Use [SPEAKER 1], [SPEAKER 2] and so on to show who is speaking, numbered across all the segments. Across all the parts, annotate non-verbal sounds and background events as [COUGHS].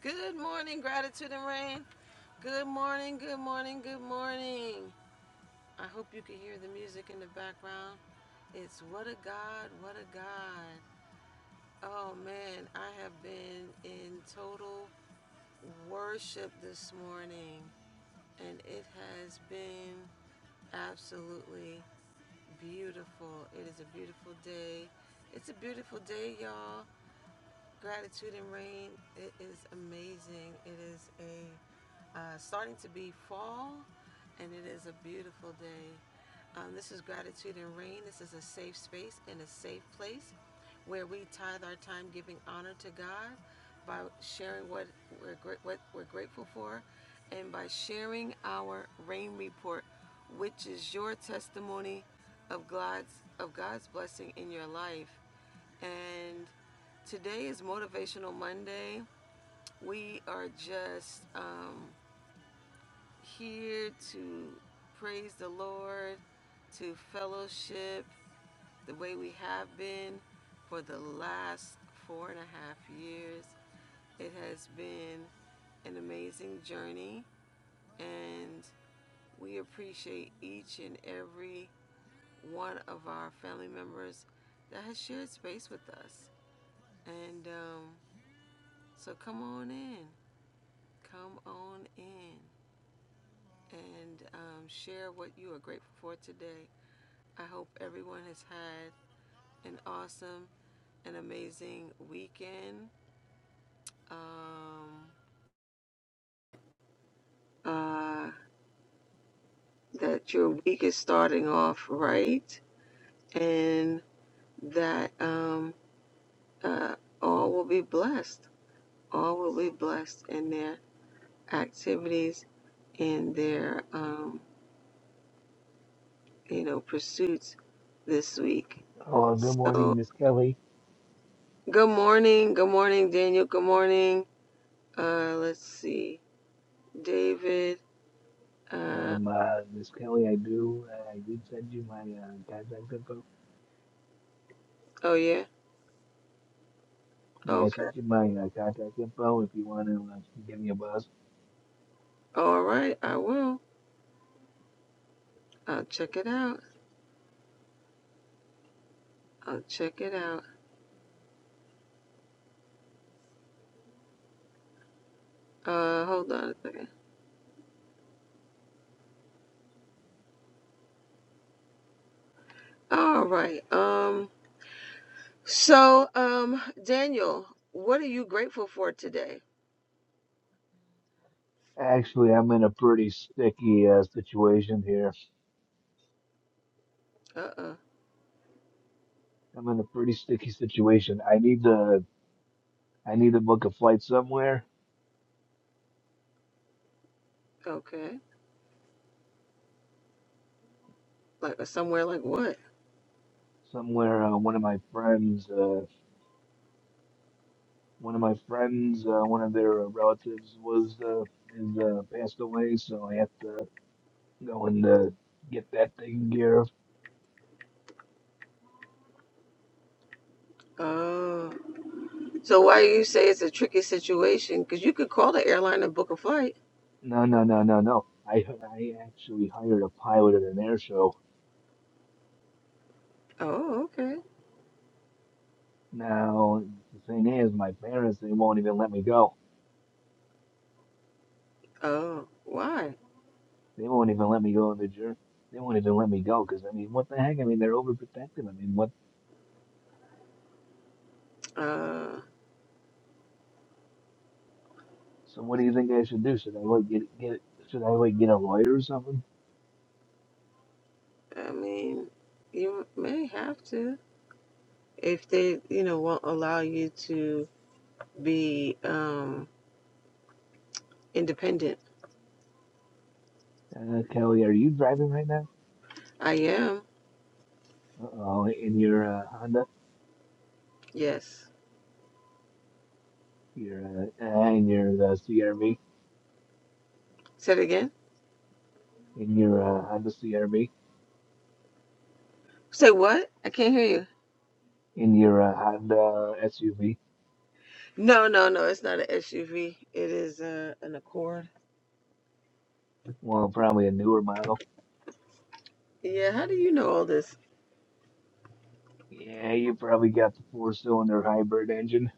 [SPEAKER 1] Good morning, gratitude and rain. Good morning, good morning, good morning. I hope you can hear the music in the background. It's what a God, what a God. Oh man, I have been in total worship this morning and it has been absolutely beautiful. It is a beautiful day. It's a beautiful day, y'all. Gratitude and rain. It is amazing. It is a uh, starting to be fall, and it is a beautiful day. Um, this is Gratitude and Rain. This is a safe space and a safe place where we tithe our time giving honor to God by sharing what we're, what we're grateful for and by sharing our rain report, which is your testimony of God's, of God's blessing in your life. And today is Motivational Monday. We are just. Um, here to praise the Lord, to fellowship the way we have been for the last four and a half years. It has been an amazing journey, and we appreciate each and every one of our family members that has shared space with us. And um, so come on in, come on in, and um, share what you are grateful for today. I hope everyone has had an awesome and amazing weekend. Um, uh, that your week is starting off right and that um, uh, all will be blessed. All will be blessed in their activities and their, um, you know, pursuits this week.
[SPEAKER 2] Oh, good morning,
[SPEAKER 1] So,
[SPEAKER 2] Miss Kelly.
[SPEAKER 1] good morning. Good morning, Daniel. Good morning. Uh, let's see. David. Uh,
[SPEAKER 2] Um, uh, Miss Kelly, I do, uh, I did send you my uh, contact info.
[SPEAKER 1] Oh yeah.
[SPEAKER 2] Yeah, I
[SPEAKER 1] Okay.
[SPEAKER 2] sent you my uh, contact info if you want to uh, give me a buzz.
[SPEAKER 1] All right. I will. I'll check it out. I'll check it out. Uh, hold on a second. All right. Um. So, um, Daniel, what are you grateful for today?
[SPEAKER 2] Actually, I'm in a pretty sticky uh, situation here.
[SPEAKER 1] Uh. uh
[SPEAKER 2] I'm in a pretty sticky situation. I need to, I need to book a flight somewhere.
[SPEAKER 1] Okay. Like uh, somewhere like what?
[SPEAKER 2] Somewhere, uh, one of my friends, uh, one of my friends, uh, one of their uh, relatives was uh, is uh, passed away, so I have to go and uh, get that taken care of.
[SPEAKER 1] Oh. So why do you say it's a tricky situation? Because you could call the airline and book a flight.
[SPEAKER 2] No, no, no, no, no. I I actually hired a pilot at an air show.
[SPEAKER 1] Oh. Okay.
[SPEAKER 2] Now the thing is, my parents they won't even let me go.
[SPEAKER 1] Oh. Why?
[SPEAKER 2] They won't even let me go on the journey. They won't even let me go because I mean, what the heck? I mean, they're overprotective. I mean, what?
[SPEAKER 1] Uh.
[SPEAKER 2] So what do you think I should do? Should I like get get? Should I like get a lawyer or something?
[SPEAKER 1] I mean, you may have to if they, you know, won't allow you to be um independent.
[SPEAKER 2] Uh, Kelly, are you driving right now?
[SPEAKER 1] I am.
[SPEAKER 2] Uh oh, in your uh, Honda,
[SPEAKER 1] Yes.
[SPEAKER 2] your uh, uh, in your uh, CRV,
[SPEAKER 1] Say it again.
[SPEAKER 2] in your uh, Honda CRV,
[SPEAKER 1] Say what? I can't hear you.
[SPEAKER 2] in your uh, Honda SUV.
[SPEAKER 1] No, no, no. It's not an SUV. It is uh, an Accord.
[SPEAKER 2] Well, probably a newer model.
[SPEAKER 1] Yeah. How do you know all this?
[SPEAKER 2] Yeah, you probably got the four cylinder hybrid engine.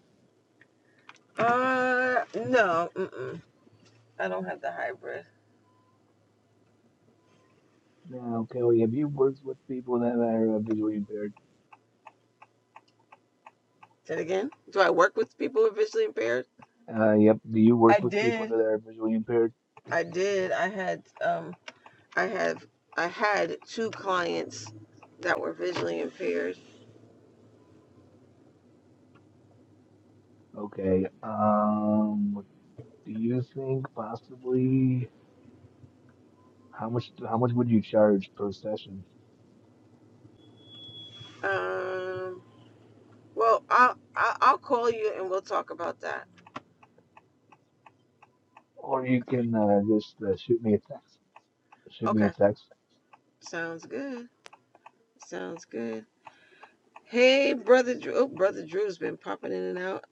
[SPEAKER 1] Uh, no. Mm-mm. I don't have the hybrid.
[SPEAKER 2] Now, Kelly, have you worked with people that are visually impaired?
[SPEAKER 1] Say it again. Do I work with people who are visually impaired?
[SPEAKER 2] Uh, yep. Do you
[SPEAKER 1] I
[SPEAKER 2] work with people that
[SPEAKER 1] did.
[SPEAKER 2] are visually impaired?
[SPEAKER 1] I did. I had um. I have. I had two clients that were visually impaired.
[SPEAKER 2] Okay. Um, do you think possibly how much how much would you charge per session?
[SPEAKER 1] Um. Well, I'll, I'll I'll call you and we'll talk about that.
[SPEAKER 2] Or you
[SPEAKER 1] Okay.
[SPEAKER 2] can uh, just uh, shoot me a text. Shoot me a
[SPEAKER 1] Okay.
[SPEAKER 2] text.
[SPEAKER 1] Sounds good. Sounds good. Hey, brother Drew. Oh, brother Drew's been popping in and out.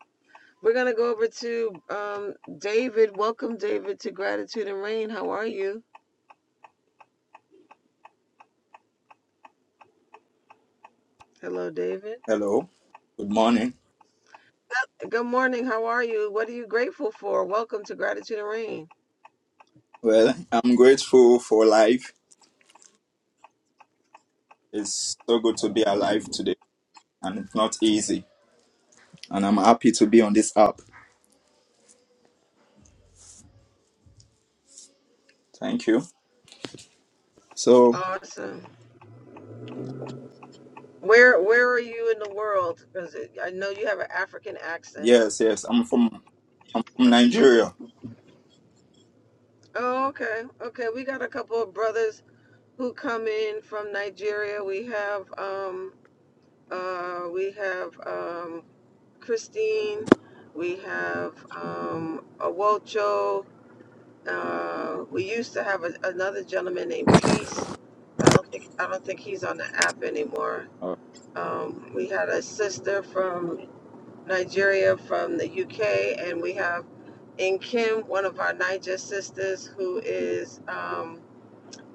[SPEAKER 1] We're gonna go over to um David. Welcome, David, to Gratitude and Rain. How are you? Hello, David.
[SPEAKER 3] Hello. Good morning.
[SPEAKER 1] Good morning. How are you? What are you grateful for? Welcome to Gratitude and Rain.
[SPEAKER 3] Well, I'm grateful for life. It's so good to be alive today, and it's not easy. And I'm happy to be on this app. Thank you. So,
[SPEAKER 1] Awesome. Where Where are you in the world? Because I know you have an African accent.
[SPEAKER 3] yes, yes, I'm from, from Nigeria.
[SPEAKER 1] Oh, okay. Okay. We got a couple of brothers who come in from Nigeria. We have um, uh, we have um, Christine. We have um, Awocho. Uh, we used to have a, another gentleman named Peace, but I don't think I don't think he's on the app anymore.
[SPEAKER 3] Uh,
[SPEAKER 1] Um, we had a sister from Nigeria, from the UK, and we have in Kim, one of our Niger sisters, who is um,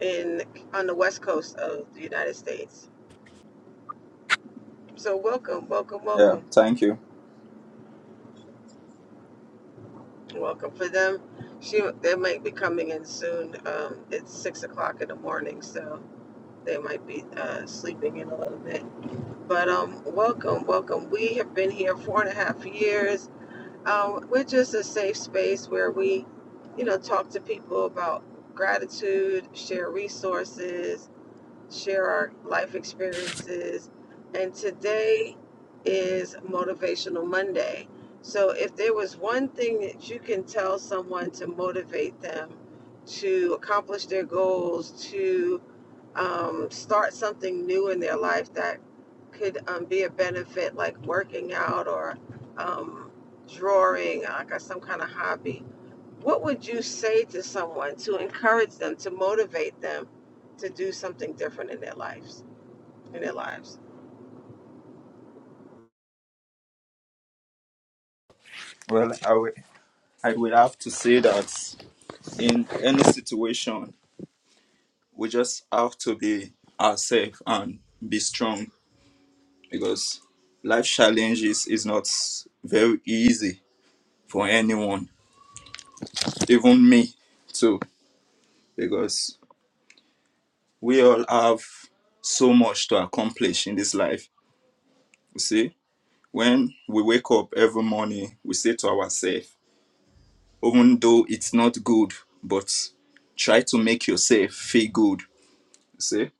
[SPEAKER 1] in on the west coast of the United States. So welcome, welcome,
[SPEAKER 3] yeah,
[SPEAKER 1] welcome,
[SPEAKER 3] thank you.
[SPEAKER 1] welcome for them. She they might be coming in soon. Um, it's six o'clock in the morning, so they might be uh, sleeping in a little bit. But um, welcome, welcome. We have been here four and a half years. Um, we're just a safe space where we, you know, talk to people about gratitude, share resources, share our life experiences. And today is Motivational Monday. So, if there was one thing that you can tell someone to motivate them to accomplish their goals, to um, start something new in their life that could um, be a benefit, like working out or um, drawing, like uh, some kind of hobby, what would you say to someone to encourage them, to motivate them to do something different in their lives? In their lives.
[SPEAKER 3] Well, I will, I will have to say that in any situation, we just have to be ourselves and be strong because life challenges is not very easy for anyone even me too, because we all have so much to accomplish in this life. You see, when we wake up every morning, we say to ourselves, even though it's not good, but try to make yourself feel good. You see,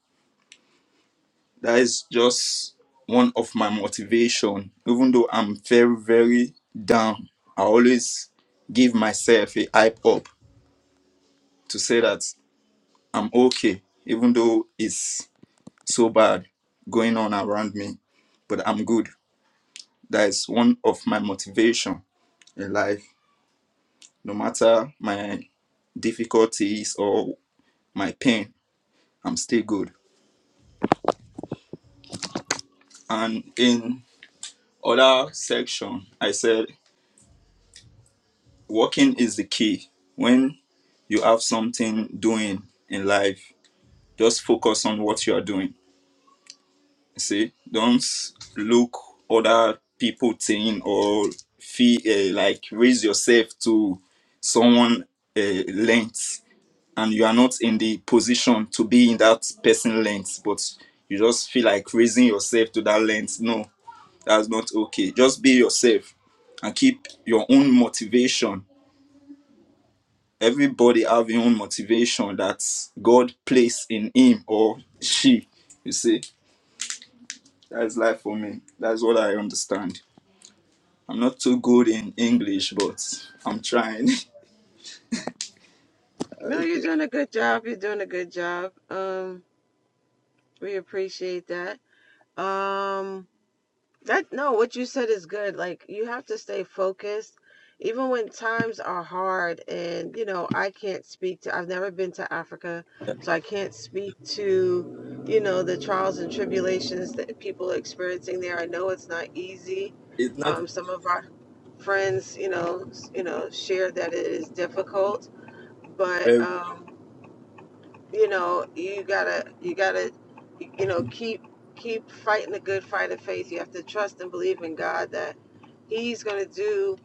[SPEAKER 3] that is just one of my motivation. Even though I'm very, very down, I always give myself a hype up to say that I'm okay, even though it's so bad going on around me, but I'm good. That is one of my motivation in life. No matter my difficulties or my pain, I'm still good. And in other section, I said working is the key. When you have something doing in life, just focus on what you are doing See, don't look other people thing or feel uh, like raise yourself to someone uh, length, and you are not in the position to be in that person length, but you just feel like raising yourself to that length. No, that's not okay. Just be yourself and keep your own motivation. Everybody have your own motivation that God placed in him or she. You see, that's life for me. That's what I understand. I'm not too good in English, but I'm trying.
[SPEAKER 1] No, you're doing a good job. You're doing a good job. Um, we appreciate that. Um, That no, what you said is good. Like you have to stay focused, even when times are hard. And you know, I can't speak to. I've never been to Africa, so I can't speak to, you know, the trials and tribulations that people are experiencing there. I know it's not easy.
[SPEAKER 3] [LAUGHS] it's not
[SPEAKER 1] Um, some of our friends, you know, s- you know, share that it is difficult, but
[SPEAKER 3] very
[SPEAKER 1] um, you know you gotta you gotta you know keep keep fighting the good fight of faith you have to trust and believe in god that he's gonna do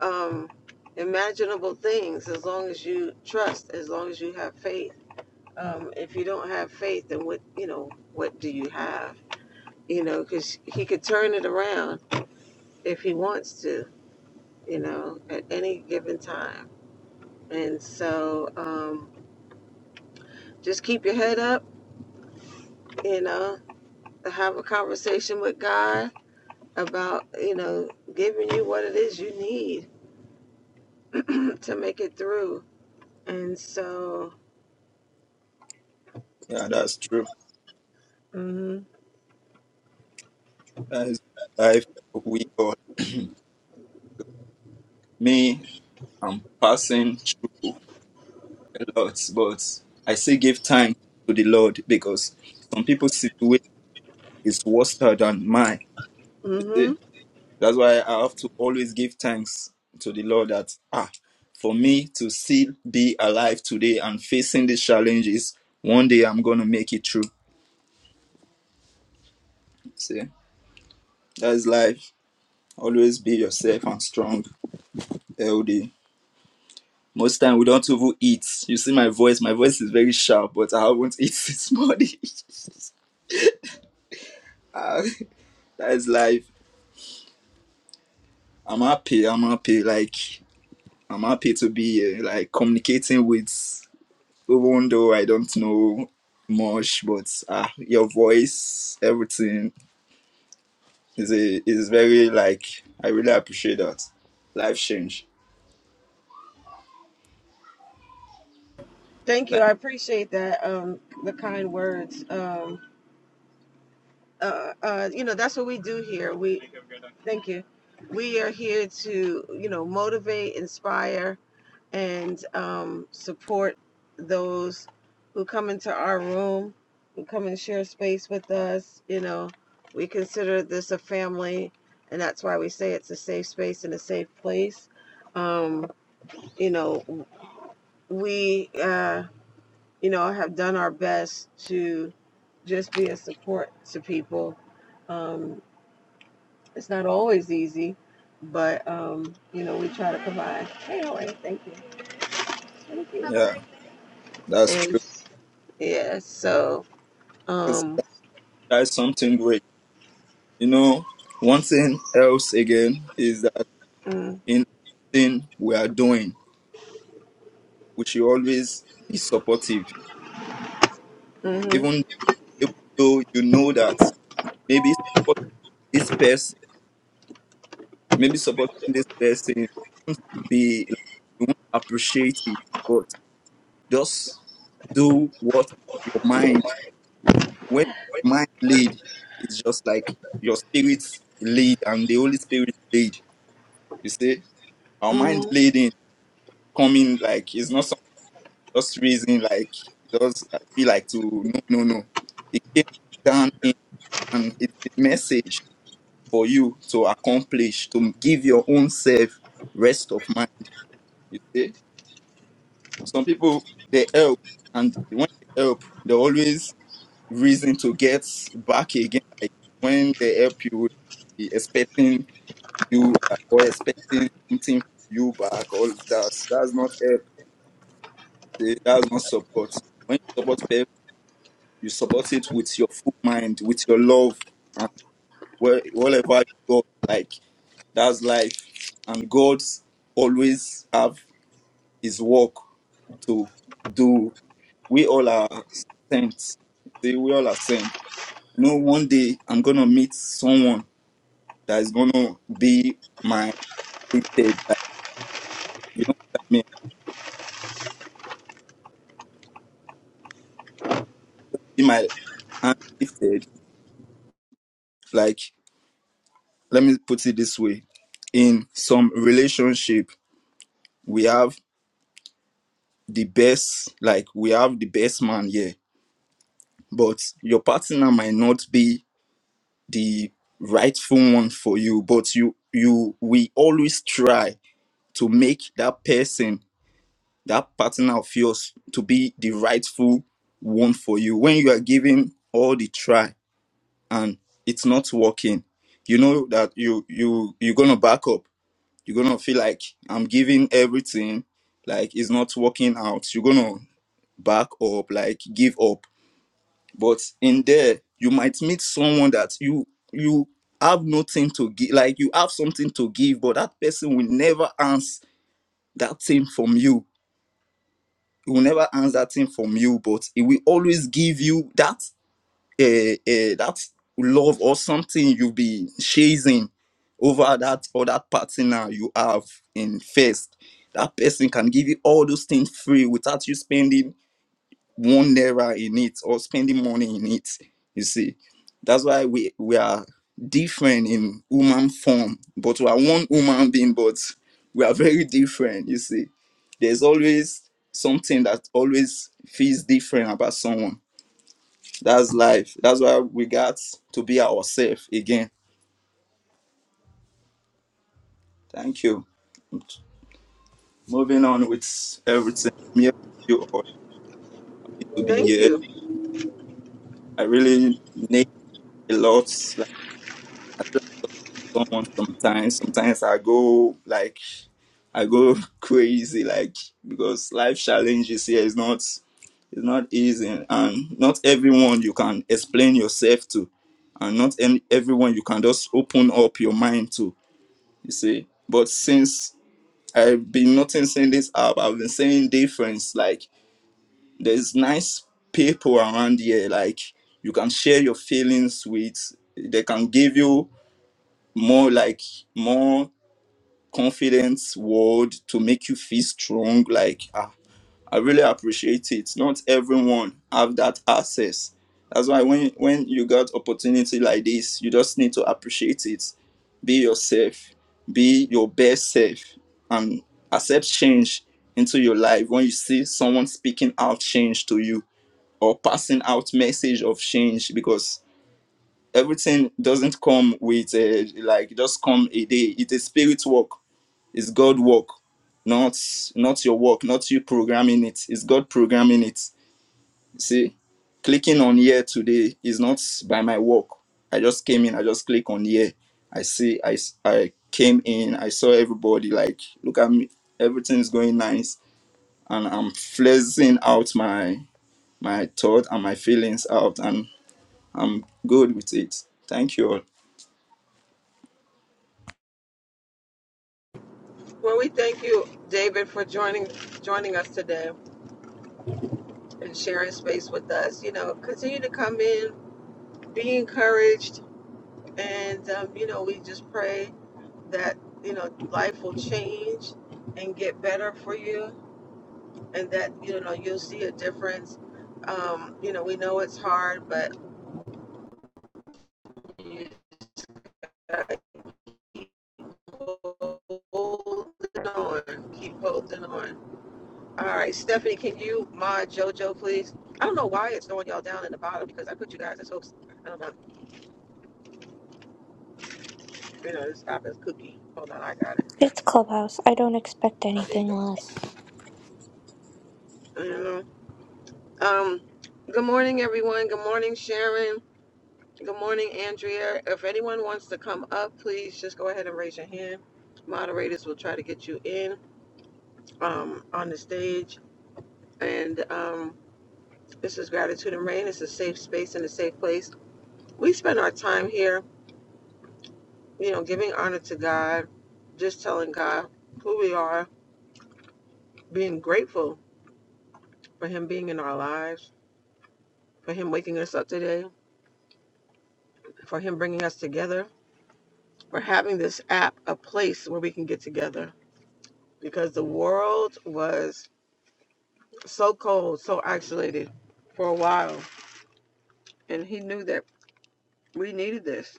[SPEAKER 1] um imaginable things as long as you trust as long as you have faith um if you don't have faith then what you know what do you have you know because he could turn it around if he wants to you know at any given time and so um just keep your head up you know have a conversation with God about, you know, giving you what it is you need [CLEARS THROAT] to make it through. And so,
[SPEAKER 3] yeah, that's true.
[SPEAKER 1] mhm.
[SPEAKER 3] That is life we all me, I'm passing through a lot, but I still give time to the Lord because some people's situation is worse than mine. You see?
[SPEAKER 1] Mhm.
[SPEAKER 3] That's why I have to always give thanks to the Lord that ah for me to still be alive today and facing these challenges, one day I'm gonna make it through. See? That's life. Always be yourself and strong, healthy. Most time we don't even eat. You see my voice. My voice is very sharp, but I haven't [LAUGHS] eaten this morning. [LAUGHS] Ah, That's life. I'm happy. I'm happy. Like I'm happy to be here. Like communicating with, even though I don't know much, but ah, your voice, everything is a, is very like. I really appreciate that. Life change.
[SPEAKER 1] Thank you.
[SPEAKER 3] Thank-
[SPEAKER 1] I appreciate that um the kind words. Um uh, uh, you know, that's what we do here. We thank you. We are here to, you know, motivate, inspire, and um, support those who come into our room, who come and share space with us. You know, we consider this a family, and that's why we say it's a safe space and a safe place. Um, you know, we, uh, you know, have done our best to just be a support to people. Um, it's not always easy, but um, you know, we try to provide. Hey, all right, thank you. Thank you.
[SPEAKER 3] Yeah, that's true.
[SPEAKER 1] And yeah, so
[SPEAKER 3] That's,
[SPEAKER 1] um
[SPEAKER 3] that's something great. You know, one thing else again is that
[SPEAKER 1] mm,
[SPEAKER 3] in anything we are doing, we should always be supportive.
[SPEAKER 1] hmm
[SPEAKER 3] Even, even though you know that maybe supporting this person, maybe supporting this person won't be like, you won't appreciate it, but just do what your mind, when your mind lead, it's just like your spirit lead and the Holy Spirit lead. You see, our mind
[SPEAKER 1] mm-hmm.
[SPEAKER 3] leading coming like it's not. just reason like it does feel like to no no no it came down in and it's a message for you to accomplish to give your own self rest of mind you see some people they help and when they help they always reason to get back again like when they help you be expecting you uh, or expecting something from you back all that that's not help see, that's not support when you support people. You support it with your full mind, with your love, and where, wherever you go, like that's life. And God always have His work to do. We all are saints. See, we all are saints. You know, one day I'm gonna meet someone that is gonna be my lifted. Like, you know what I mean? Be my hand lifted. Like, let me put it this way: in some relationship, we have the best like we have the best man here but your partner might not be the rightful one for you but you you we always try to make that person that partner of yours to be the rightful one for you when you are giving all the try and it's not working you know that you you you're gonna back up you're gonna feel like i'm giving everything like it's not working out you're gonna back up like give up but in there you might meet someone that you you have nothing to give like you have something to give but that person will never answer that thing from you he will never answer that thing from you but he will always give you that uh, uh that love or something you've been chasing over that or that partner you have in first that person can give you all those things free without you spending one naira in it or spending money in it. You see, that's why we we are different in human form, but we are one human being, but we are very different. You see, there's always something that always feels different about someone. That's life. That's why we got to be ourselves again. Thank you. Moving on with everything. I'm here with you all to be
[SPEAKER 1] thank
[SPEAKER 3] here.
[SPEAKER 1] you.
[SPEAKER 3] I really need a lot. Like, someone sometimes. Sometimes I go like I go [LAUGHS] crazy, like because life challenges here is not it's not easy, and not everyone you can explain yourself to, and not any, everyone you can just open up your mind to. You see, but since I've been noticing this app, I've been seeing difference. Like there's nice people around here, like you can share your feelings with. They can give you more, like more. confidence word to make you feel strong like ah, i really appreciate it not everyone have that access that's why when when you got opportunity like this you just need to appreciate it be yourself be your best self and accept change into your life when you see someone speaking out change to you or passing out message of change because everything doesn't come with uh, like just come a day it's a spirit work it's God work, not not your work, not you programming it. It's God programming it. see, clicking on here today is not by my work. I just came in. I just click on here. I see. I I came in. I saw everybody. Like, look at me. Everything's going nice, and I'm flexing out my my thought and my feelings out, and I'm good with it. Thank you all.
[SPEAKER 1] Well we thank you, David, for joining joining us today and sharing space with us. You know, continue to come in, be encouraged and um, you know, we just pray that you know life will change and get better for you and that you know you'll see a difference. Um, you know, we know it's hard, but you gotta hold on, keep holding on. All right, Stephanie, can you mod JoJo, please? I don't know why it's throwing y'all down in the bottom because I put you guys as hopes. I don't know. You know, this happens. Cookie. Hold on, I got it.
[SPEAKER 4] It's Clubhouse. I don't expect
[SPEAKER 1] Oh, there you
[SPEAKER 4] anything
[SPEAKER 1] go.
[SPEAKER 4] less.
[SPEAKER 1] Mhm. Um, good morning, everyone. Good morning, Sharon. Good morning, Andrea. If anyone wants to come up, please just go ahead and raise your hand. Moderators will try to get you in um, on the stage. And um, this is Gratitude and Rain. It's a safe space and a safe place. We spend our time here, you know, giving honor to God, just telling God who we are, being grateful for Him being in our lives, for Him waking us up today, for Him bringing us together, for having this app a place where we can get together. Because the world was so cold, so isolated for a while. And he knew that we needed this.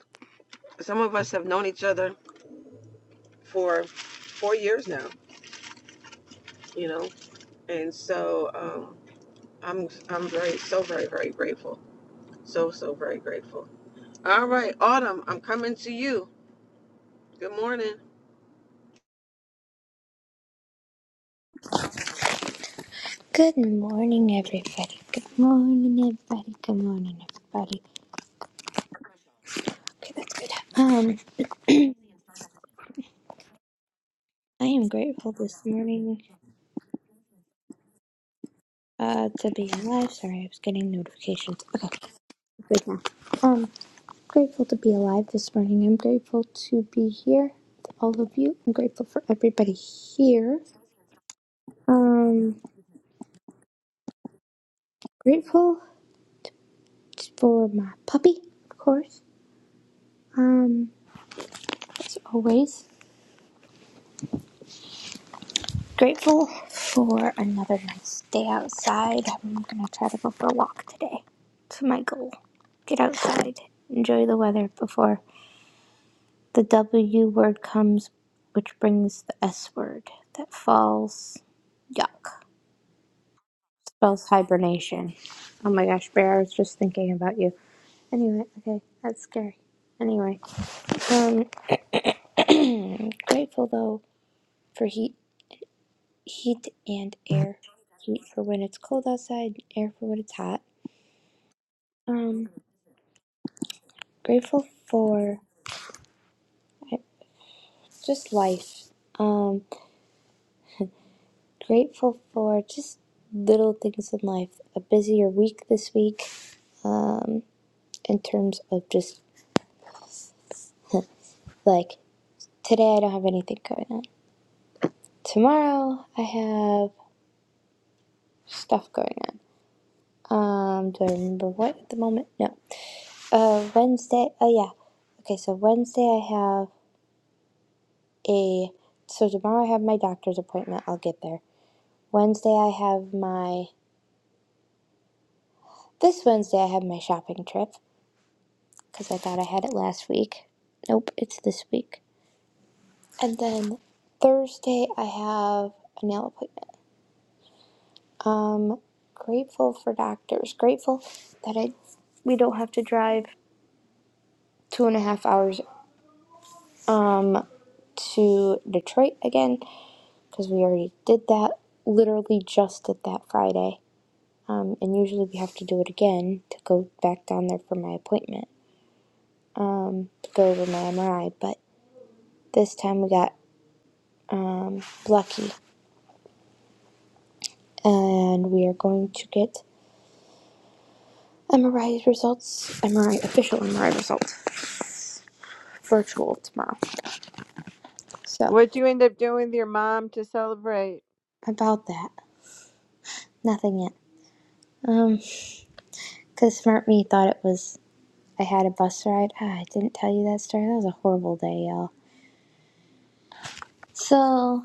[SPEAKER 1] Some of us have known each other for four years now, you know, and so um, I'm I'm very so very very grateful, so so very grateful. All right, Autumn, I'm coming to you. Good morning.
[SPEAKER 4] Good morning, everybody. Good morning, everybody. Good morning, everybody. Okay, that's good. Um, I am grateful this morning uh, to be alive. Sorry, I was getting notifications. Okay, good now. Um, grateful to be alive this morning. I'm grateful to be here, to all of you. I'm grateful for everybody here. Um, grateful for my puppy, of course. Um, as always. Grateful for another nice day outside. I'm gonna try to go for a walk today. It's my goal. Get outside, enjoy the weather before the W word comes, which brings the S word that falls. Yuck. Spells hibernation. Oh my gosh, Bear, I was just thinking about you. Anyway, okay, that's scary. Anyway, um, I'm grateful though for heat, heat and air. Heat for when it's cold outside, air for when it's hot. Um, grateful for just life. Um, grateful for just little things in life. A busier week this week um, in terms of just like today, I don't have anything going on. Tomorrow, I have stuff going on. Um, do I remember what at the moment? No. Uh, Wednesday. Oh yeah. Okay, so Wednesday I have a. So tomorrow I have my doctor's appointment. I'll get there. Wednesday I have my. This Wednesday I have my shopping trip. because I thought I had it last week. Nope, it's this week. And then Thursday, I have a nail appointment. Grateful for doctors. Grateful that I we don't have to drive two and a half hours um to Detroit again because we already did that. Literally just did that Friday. Um, and usually we have to do it again to go back down there for my appointment. Um, to go over my MRI, but this time we got um lucky, and we are going to get MRI results, MRI official MRI results, virtual tomorrow. So
[SPEAKER 5] What'd you end up doing with your mom to celebrate?
[SPEAKER 4] about that, nothing yet. Um, cause Smart Me thought it was I had a bus ride. Ah, I didn't tell you that story. That was a horrible day, y'all. So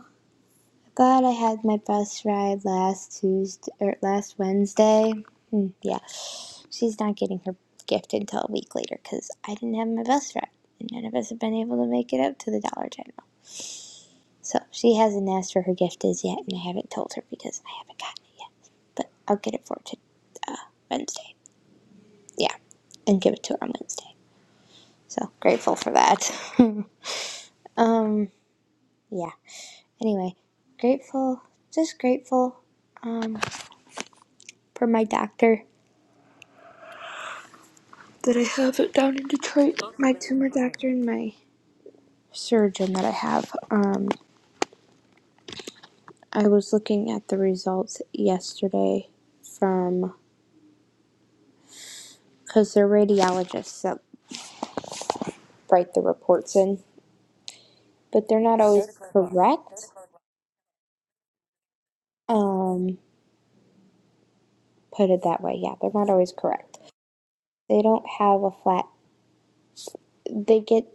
[SPEAKER 4] glad I had my bus ride last Tuesday or last Wednesday. Hmm, yeah, she's not getting her gift until a week later because I didn't have my bus ride, and none of us have been able to make it up to the Dollar General. So she hasn't asked for her gift as yet, and I haven't told her because I haven't gotten it yet. But I'll get it for her to uh, Wednesday. Yeah, and give it to her on Wednesday. So grateful for that. [LAUGHS] um, yeah. Anyway, grateful, just grateful for my doctor that I have it down in Detroit. My tumor doctor and my surgeon that I have. Um, I was looking at the results yesterday from because they're radiologists that write the reports in but they're not always correct. Um, put it that way. Yeah, they're not always correct. They don't have a flat. They get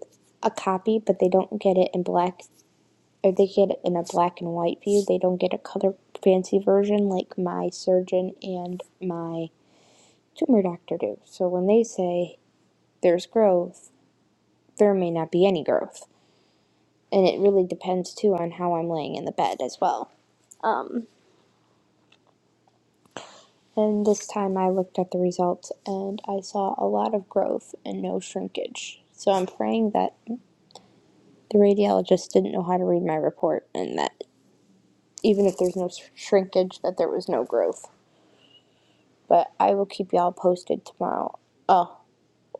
[SPEAKER 4] a copy, but they don't get it in black, or they get it in a black and white view. They don't get a color fancy version like my surgeon and my tumor doctor do. So when they say there's growth, there may not be any growth, and it really depends too on how I'm laying in the bed as well. And this time I looked at the results and I saw a lot of growth and no shrinkage. So I'm praying that the radiologist didn't know how to read my report and that even if there's no shrinkage that there was no growth. But I will keep y'all posted tomorrow. Oh,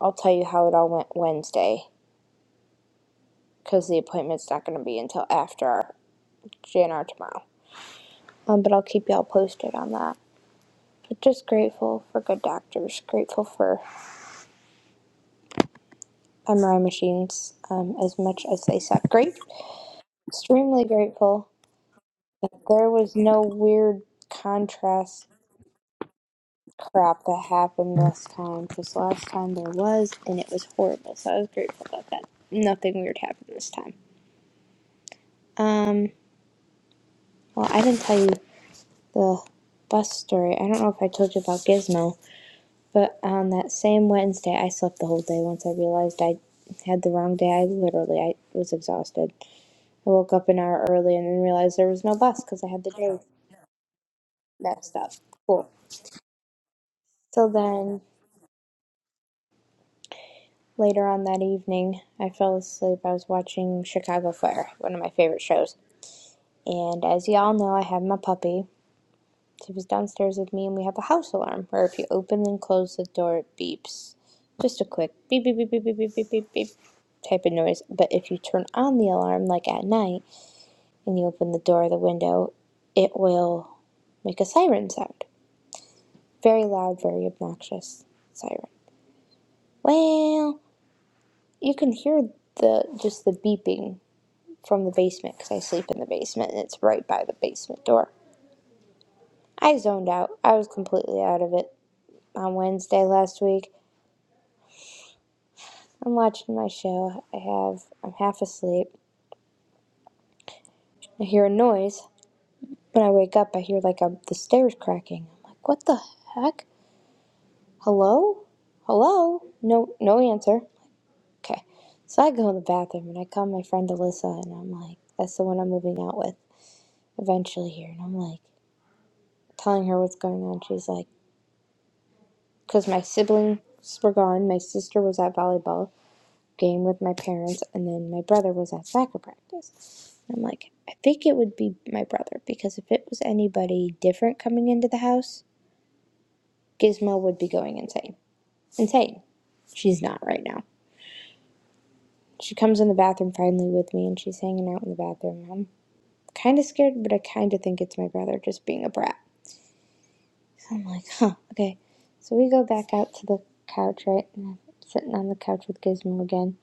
[SPEAKER 4] I'll tell you how it all went Wednesday cuz the appointment's not going to be until after our JNR tomorrow. Um, but I'll keep y'all posted on that. But just grateful for good doctors, grateful for MRI machines um, as much as they suck. Grateful Extremely grateful that there was no weird contrast crap that happened this time because last time there was and it was horrible. So I was grateful about that. Nothing weird happened this time. Um, well, I didn't tell you the bus story. I don't know if I told you about Gizmo, but on that same Wednesday, I slept the whole day once I realized I had the wrong day. I literally I was exhausted. I woke up an hour early and then realized there was no bus because I had the day messed up. Cool. So then Later on that evening, I fell asleep. I was watching Chicago Fire, one of my favorite shows. And as y'all know, I have my puppy. She was downstairs with me, and we have a house alarm where if you open and close the door, it beeps. Just a quick beep, beep, beep, beep, beep, beep, beep, beep, beep type of noise. But if you turn on the alarm, like at night, and you open the door or the window, it will make a siren sound. Very loud, very obnoxious siren. Well, you can hear the just the beeping from the basement because I sleep in the basement and it's right by the basement door. I zoned out. I was completely out of it on Wednesday last week. I'm watching my show. I have I'm half asleep. I hear a noise. When I wake up, I hear like a, the stairs cracking. I'm like, what the heck? Hello? Hello? No, no answer. Okay. So I go in the bathroom and I call my friend Alyssa and I'm like, that's the one I'm moving out with eventually here. And I'm like, telling her what's going on. She's like. because my siblings were gone. My sister was at volleyball game with my parents, and then my brother was at soccer practice. And I'm like, I think it would be my brother because if it was anybody different coming into the house, Gizmo would be going insane. Insane. She's not right now. She comes in the bathroom finally with me, and she's hanging out in the bathroom. I'm kind of scared, but I kind of think it's my brother just being a brat. So I'm like, huh, okay. So we go back out to the couch, right? And I'm sitting on the couch with Gizmo again.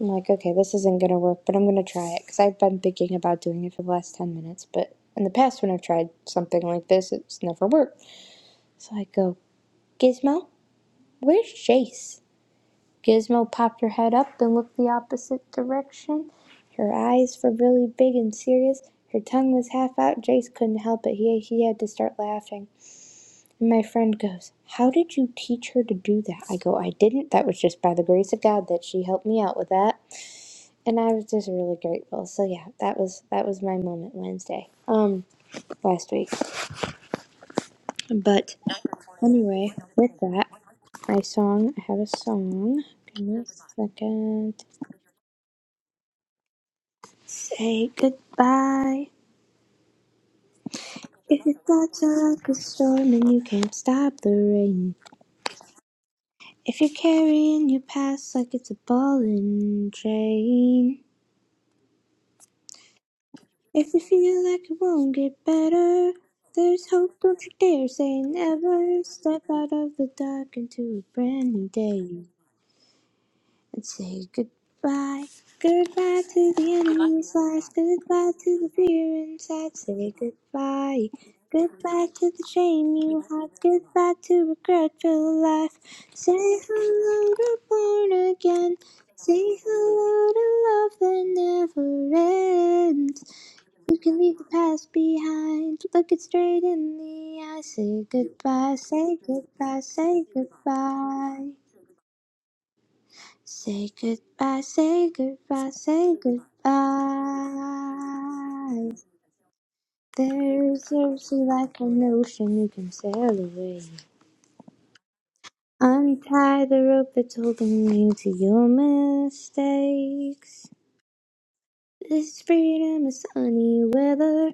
[SPEAKER 4] I'm like, okay, this isn't gonna work, but I'm gonna try it because I've been thinking about doing it for the last 10 minutes. But in the past, when I've tried something like this, it's never worked. So I go, Gizmo, where's Jace? Gizmo popped her head up and looked the opposite direction. Her eyes were really big and serious. Her tongue was half out. Jace couldn't help it. He, he had to start laughing. And my friend goes, How did you teach her to do that? I go, I didn't. That was just by the grace of God that she helped me out with that. and I was just really grateful. So yeah, that was that was my moment Wednesday, um, last week. But anyway, with that, my song. I have a song. Give me a second. Say goodbye. If it starts like a storm and you can't stop the rain. If you're carrying your past like it's a ball and chain. If you feel like it won't get better, there's hope, don't you dare say never. Step out of the dark into a brand new day and say goodbye. Goodbye to the enemy's lies, goodbye to the fear inside, say goodbye. Goodbye to the shame you hide, goodbye to regretful life. Say hello to born again, say hello to love that never ends. We can leave the past behind. Look it straight in the eye. Say goodbye, say goodbye, say goodbye. Say goodbye, say goodbye, say goodbye. There's a sea like an ocean you can sail away. Untie the rope that's holding you to your mistakes. This freedom is sunny weather.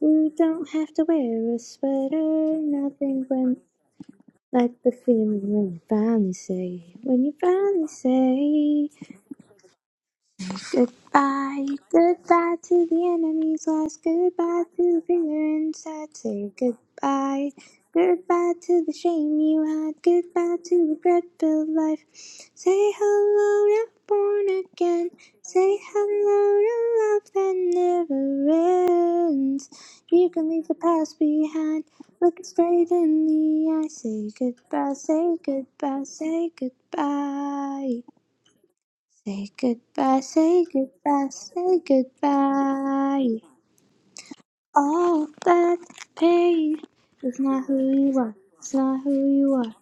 [SPEAKER 4] You don't have to wear a sweater, nothing when Like the feeling when you finally say, when you finally say Goodbye, goodbye to the enemy's last. Goodbye to the fear inside. Say goodbye, goodbye to the shame you had. Goodbye to the regret-filled life. Say hello to born again. Say hello to love that never ends. You can leave the past behind. Look it straight in the eye. Say goodbye. Say goodbye. Say goodbye. Say goodbye, say goodbye, say goodbye. All that pain is not who you are, it's not who you are.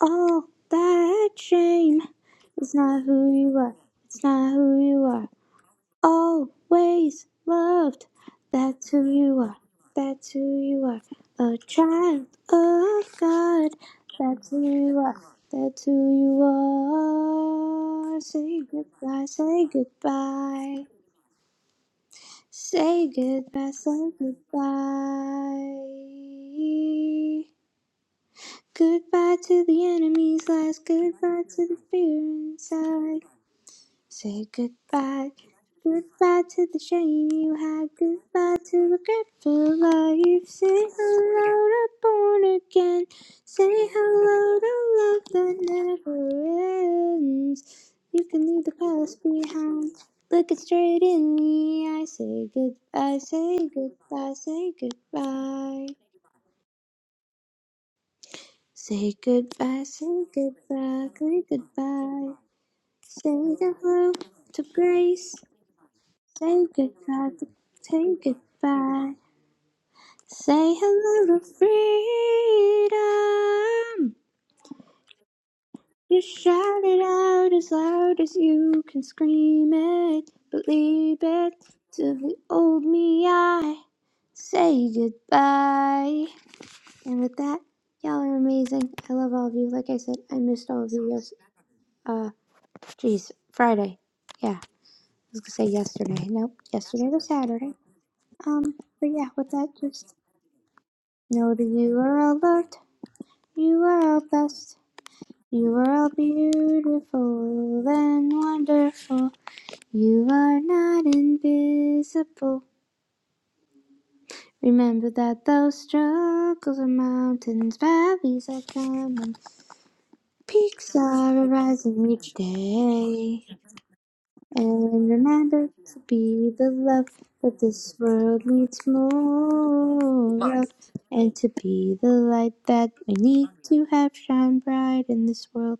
[SPEAKER 4] All that shame is not who you are, it's not who you are always loved. That's who you are. That's who you are. A child of God. That's who you are. That's who you are. Say goodbye. Say goodbye. Say goodbye. Say goodbye. Goodbye to the enemy's lies. Goodbye to the fear inside. Say goodbye. Goodbye to the shame you had. Goodbye to the grateful life. Say hello to born again. Say hello to love that never ends. You can leave the past behind. Look it straight in the eye. Say goodbye. Say goodbye. Say goodbye. Say goodbye. Say goodbye. Say goodbye. Say hello to grace. Say goodbye, say goodbye. Say hello to freedom. You shout it out as loud as you can scream it. Believe it to the old me. I say goodbye. And with that, y'all are amazing. I love all of you. Like I said, I missed all of you. Yes. Uh, geez, Friday. Yeah, I was gonna say yesterday. Nope, yesterday was Saturday. Um, but yeah, with that, just Know that you are all loved, you are all blessed, you are all beautiful and wonderful. You are not invisible. Remember that those struggles are mountains, valleys are coming, peaks are arising each day. And remember to be the love that this world needs more of. And to be the light that we need to have shine bright in this world.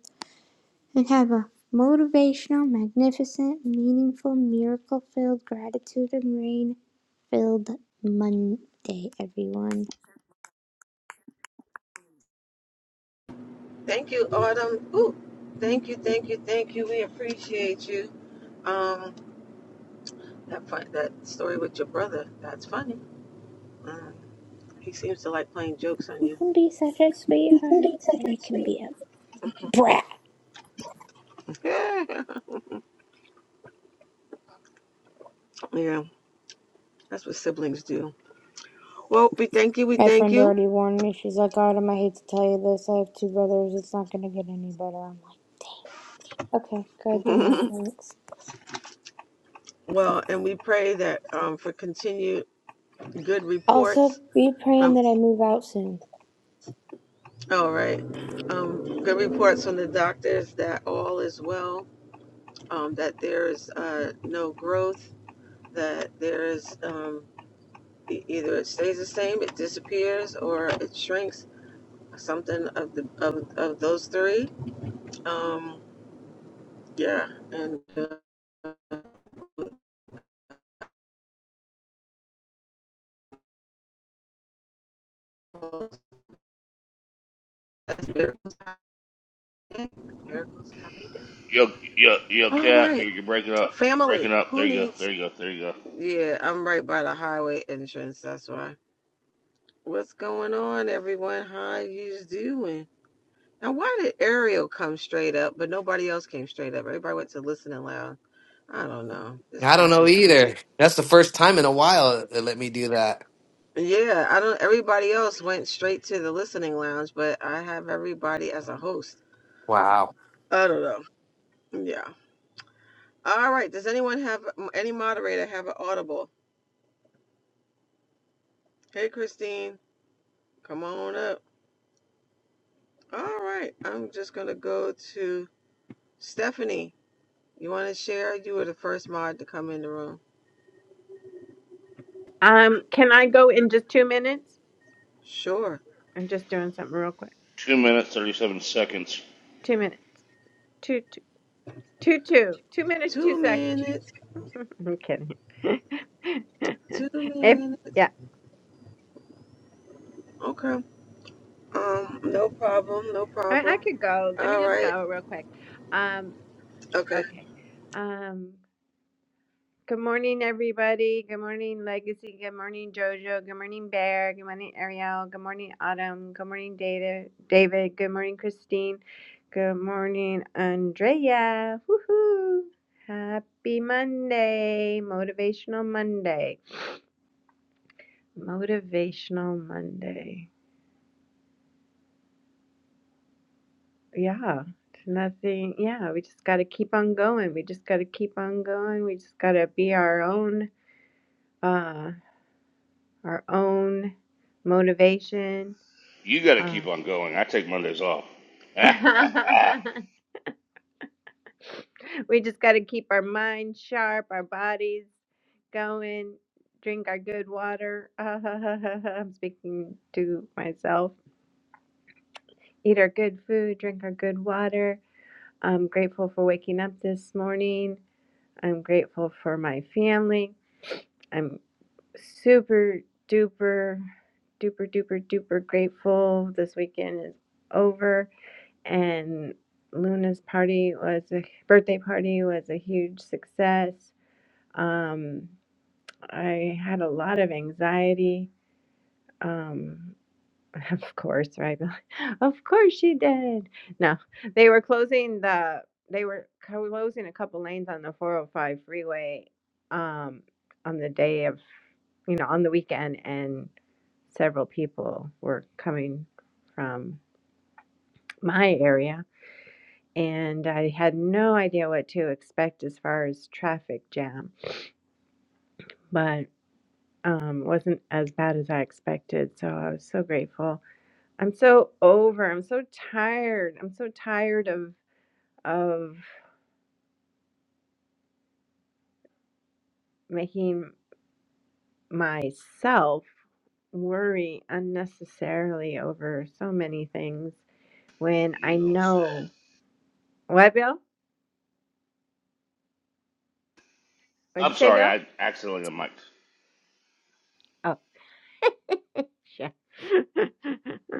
[SPEAKER 4] And have a motivational, magnificent, meaningful, miracle filled, gratitude and rain filled Monday, everyone.
[SPEAKER 1] Thank you, Autumn. Ooh, thank you, thank you, thank you. We appreciate you. Um, that fun, that story with your brother. That's funny. Mm, he seems to like playing jokes on
[SPEAKER 4] You
[SPEAKER 1] you.
[SPEAKER 4] can be such a
[SPEAKER 1] [LAUGHS]
[SPEAKER 4] sweetheart.
[SPEAKER 1] including
[SPEAKER 4] And you
[SPEAKER 1] second
[SPEAKER 4] can
[SPEAKER 1] speed.
[SPEAKER 4] be a brat.
[SPEAKER 1] [LAUGHS] yeah, that's what siblings do. Well, we thank you. We
[SPEAKER 4] My
[SPEAKER 1] thank
[SPEAKER 4] friend
[SPEAKER 1] you.
[SPEAKER 4] already warned me. She's like, Autumn, I hate to tell you this. I have two brothers. It's not going to get any better. I'm like, Okay, good to know.
[SPEAKER 1] [LAUGHS]
[SPEAKER 4] Thanks.
[SPEAKER 1] well, and we pray that um, for continued good
[SPEAKER 4] Also,
[SPEAKER 1] reports
[SPEAKER 4] be praying
[SPEAKER 1] from.
[SPEAKER 4] that I move out soon.
[SPEAKER 1] All right, um, good reports from the doctors that all is well. Um, that there is uh, no growth. That there is um, e- either it stays the same, it disappears, or it shrinks. Something of the of, of those three. Um, yeah, and. Uh, miracles every day.
[SPEAKER 6] Yo, yo, yo,
[SPEAKER 1] All
[SPEAKER 6] Cap,
[SPEAKER 1] right,
[SPEAKER 6] you're, you're breaking up. You're breaking
[SPEAKER 1] family.
[SPEAKER 6] up. There
[SPEAKER 1] Who
[SPEAKER 6] you go.
[SPEAKER 1] needs?
[SPEAKER 6] There you go. There you go.
[SPEAKER 1] Yeah, I'm right by the highway entrance. That's why. What's going on, everyone? How you doing? Now, why did Ariel come straight up, but nobody else came straight up? Everybody went to listening loud. I don't know. This
[SPEAKER 7] I don't
[SPEAKER 1] app
[SPEAKER 7] know
[SPEAKER 1] is kooky.
[SPEAKER 7] either. That's the first time in a while they let me do that.
[SPEAKER 1] Yeah, I don't. Everybody else went straight to the listening lounge, but I have everybody as a host.
[SPEAKER 7] Wow.
[SPEAKER 1] I don't know. Yeah. All right. Does anyone have any moderator have an audible? Hey, Christine. Come on up. All right. I'm just going to go to Stephanie. You want to share? You were the first mod to come in the room.
[SPEAKER 5] Um, can I go in just two minutes?
[SPEAKER 1] Sure.
[SPEAKER 5] I'm just doing something real quick.
[SPEAKER 6] Two minutes, 37 seconds.
[SPEAKER 5] Two minutes. Two, two, two, two. Two minutes, two
[SPEAKER 1] Two
[SPEAKER 5] seconds.
[SPEAKER 1] minutes.
[SPEAKER 5] I'm kidding.
[SPEAKER 1] Two
[SPEAKER 5] [LAUGHS] if
[SPEAKER 1] minutes.
[SPEAKER 5] yeah,
[SPEAKER 1] Okay. Um, no problem. No
[SPEAKER 5] I mean I
[SPEAKER 1] problem.
[SPEAKER 5] could go. Let me
[SPEAKER 1] All
[SPEAKER 5] just
[SPEAKER 1] right.
[SPEAKER 5] go real quick. Um,
[SPEAKER 1] Okay.
[SPEAKER 5] okay. Um. Good morning, everybody. Good morning, Legacy. Good morning, Jojo. Good morning, Bear. Good morning, Ariel. Good morning, Autumn. Good morning, Data. David. Good morning, Christine. Good morning, Andrea. Woohoo! Happy Monday, Motivational Monday. Motivational Monday. Yeah, it's nothing. Yeah, we just got to keep on going. We just got to keep on going. We just got to be our own, uh, our own motivation
[SPEAKER 6] You got to
[SPEAKER 5] Uh.
[SPEAKER 6] keep on going. I take Mondays off. [LAUGHS] you
[SPEAKER 5] [LAUGHS] we just got to keep our minds sharp, our bodies going, drink our good water. [LAUGHS] I'm speaking to myself. Eat our good food, drink our good water. I'm grateful for waking up this morning. I'm grateful for my family. I'm super duper, duper, duper, duper grateful. This weekend is over. and Luna's party was a birthday party was a huge success. Um, I had a lot of anxiety. Um, [LAUGHS] of course, right? [LAUGHS] of course she did. No, they were closing the they were closing a couple lanes on the 405 freeway um, on the day of you know on the weekend, and several people were coming from my area and I had no idea what to expect as far as traffic jam, but um, wasn't as bad as I expected. So I was so grateful. I'm so over. I'm so tired. I'm so tired of of making myself worry unnecessarily over so many things when I
[SPEAKER 6] don't say.
[SPEAKER 5] know what Bill? what did
[SPEAKER 6] I'm
[SPEAKER 5] you say,
[SPEAKER 6] sorry.
[SPEAKER 5] Bill?
[SPEAKER 6] I accidentally mic.
[SPEAKER 5] Oh, shit. [LAUGHS]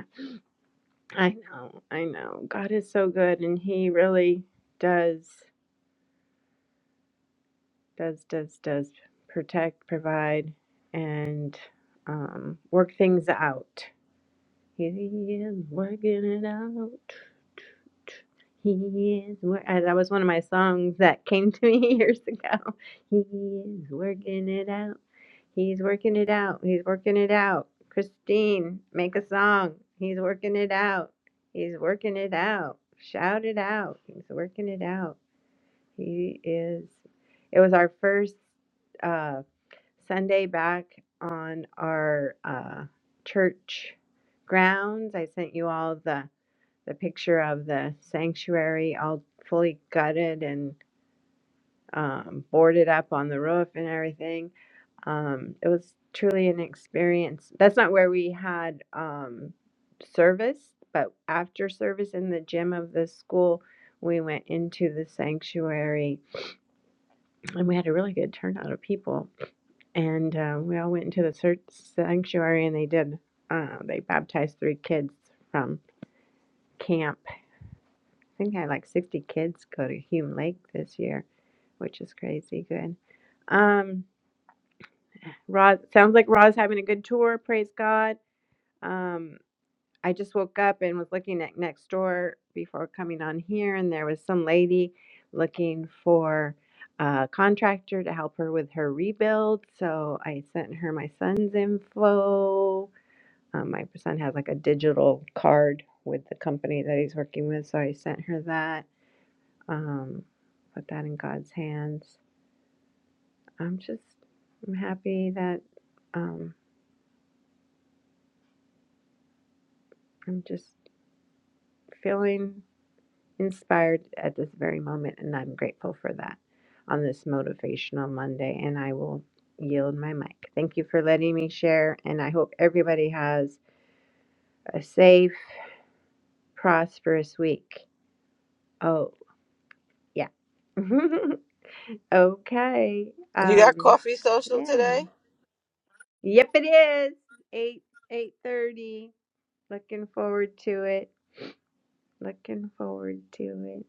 [SPEAKER 5] I know, I know. God is so good and he really does does does does protect, provide and um work things out. He is working it out. He is wor- uh, that was one of my songs that came to me [LAUGHS] years ago. He is working it out. He's working it out. He's working it out. Christine, make a song. He's working it out. He's working it out. Shout it out. He's working it out. He is. It was our first uh, Sunday back on our uh, church grounds. I sent you all the the picture of the sanctuary, all fully gutted and um, boarded up on the roof and everything. Um, it was truly an experience. That's not where we had um, service, but after service in the gym of the school, we went into the sanctuary and we had a really good turnout of people. And uh, we all went into the search sanctuary, and they did. Uh, they baptized three kids from camp. I think I had like 60 kids go to Hume Lake this year, which is crazy good. Um, Roz sounds like Roz having a good tour. Praise God. Um, I just woke up and was looking at next door before coming on here, and there was some lady looking for a contractor to help her with her rebuild. So I sent her my son's info. Um, my son has like a digital card with the company that he's working with, so I sent her that. Um, put that in God's hands. I'm just I'm happy that um, I'm just feeling inspired at this very moment, and I'm grateful for that on this Motivational Monday. And I will yield my mic. Thank you for letting me share, and I hope everybody has a safe, prosperous week. Oh, yeah. [LAUGHS] okay.
[SPEAKER 1] You got
[SPEAKER 5] Um,
[SPEAKER 1] coffee social
[SPEAKER 5] yeah.
[SPEAKER 1] today?
[SPEAKER 5] Yep, it is eight eight thirty. Looking forward to it. Looking forward to it.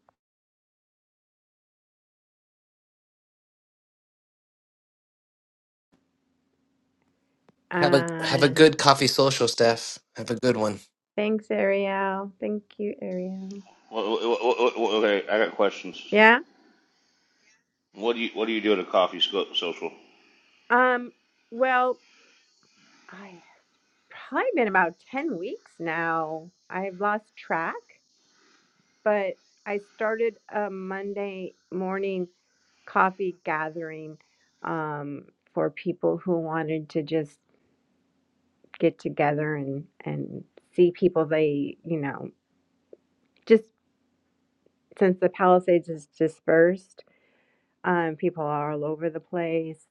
[SPEAKER 7] Have a have a
[SPEAKER 5] Uh,
[SPEAKER 7] good coffee social, Steph. Have a good one.
[SPEAKER 5] thanks, Ariel. Thank you, Ariel.
[SPEAKER 6] Okay, I got questions.
[SPEAKER 5] Yeah.
[SPEAKER 6] What do you What do you do at a coffee sco- social?
[SPEAKER 5] Um, well, I probably been about 10 weeks now. I've lost track, but I started a Monday morning coffee gathering um, for people who wanted to just get together and and see people they, you know, just since the Palisades is dispersed, um, people are all over the place.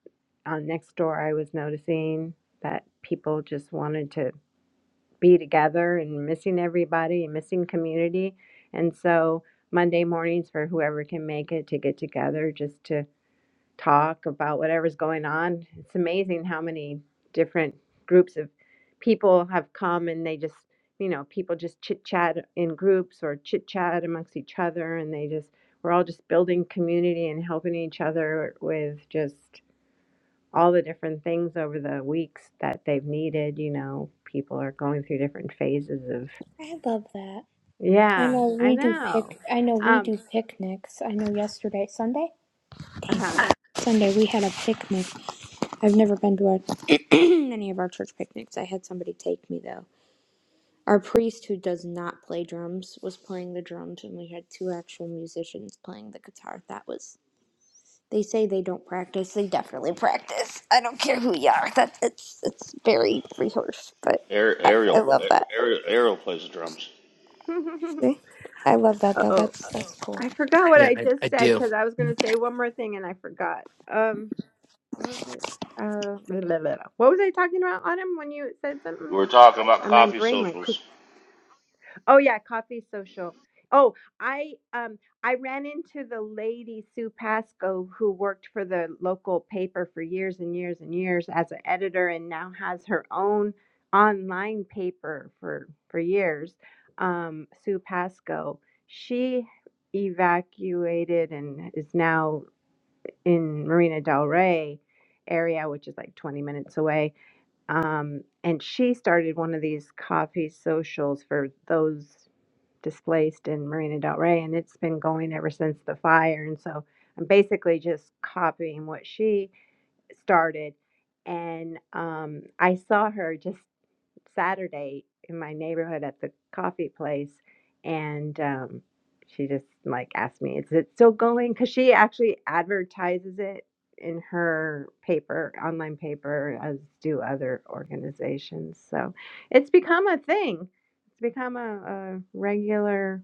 [SPEAKER 5] On next door, I was noticing that people just wanted to be together and missing everybody and missing community. And so Monday mornings for whoever can make it to get together just to talk about whatever's going on. It's amazing how many different groups of people have come and they just, you know, people just chit chat in groups or chit chat amongst each other and they just, we're all just building community and helping each other with just all the different things over the weeks that they've needed. You know, people are going through different phases of.
[SPEAKER 4] I love that. I
[SPEAKER 5] Yeah,
[SPEAKER 4] know
[SPEAKER 5] I
[SPEAKER 4] we do
[SPEAKER 5] know.
[SPEAKER 4] pic. I know we
[SPEAKER 5] Um,
[SPEAKER 4] do picnics. I know yesterday, Sunday,
[SPEAKER 5] uh huh.
[SPEAKER 4] Sunday we had a picnic. I've never been to a, [CLEARS THROAT] any of our church picnics. I had somebody take me though. Our priest, who does not play drums, was playing the drums, and we had two actual musicians playing the guitar. That was They say they don't practice. They definitely practice. I don't care who you are. That's it's it's very rehearsed, but
[SPEAKER 6] Ar-
[SPEAKER 4] I, I
[SPEAKER 6] Ariel,
[SPEAKER 4] love that.
[SPEAKER 6] Ariel, Ariel plays the drums.
[SPEAKER 4] See? I love that
[SPEAKER 5] [LAUGHS]
[SPEAKER 4] though.
[SPEAKER 5] oh,
[SPEAKER 4] That's that's cool.
[SPEAKER 5] I forgot what
[SPEAKER 7] Yeah,
[SPEAKER 5] I
[SPEAKER 7] I, I
[SPEAKER 5] just said
[SPEAKER 7] do.
[SPEAKER 5] because I was going to say one more thing and I forgot. Um, what was it? Uh, blah, blah, blah. what was I talking about, Autumn? When you said
[SPEAKER 6] We
[SPEAKER 5] something,
[SPEAKER 6] were talking about
[SPEAKER 5] Uh, my
[SPEAKER 6] coffee
[SPEAKER 5] brain went.
[SPEAKER 6] socials.
[SPEAKER 5] Oh yeah, coffee social. Oh, I um I ran into the lady Sue Pasco who worked for the local paper for years and years and years as an editor and now has her own online paper for for years. Um, Sue Pasco. She evacuated and is now in Marina Del Rey area, which is like 20 minutes away um, and she started one of these coffee socials for those displaced in Marina Del Rey, and it's been going ever since the fire. And so I'm basically just copying what she started. And um, I saw her just Saturday in my neighborhood at the coffee place, and um, she just like asked me, "Is it still going?" Because she actually advertises it in her paper, online paper, as do other organizations. So it's become a thing. It's become a, a regular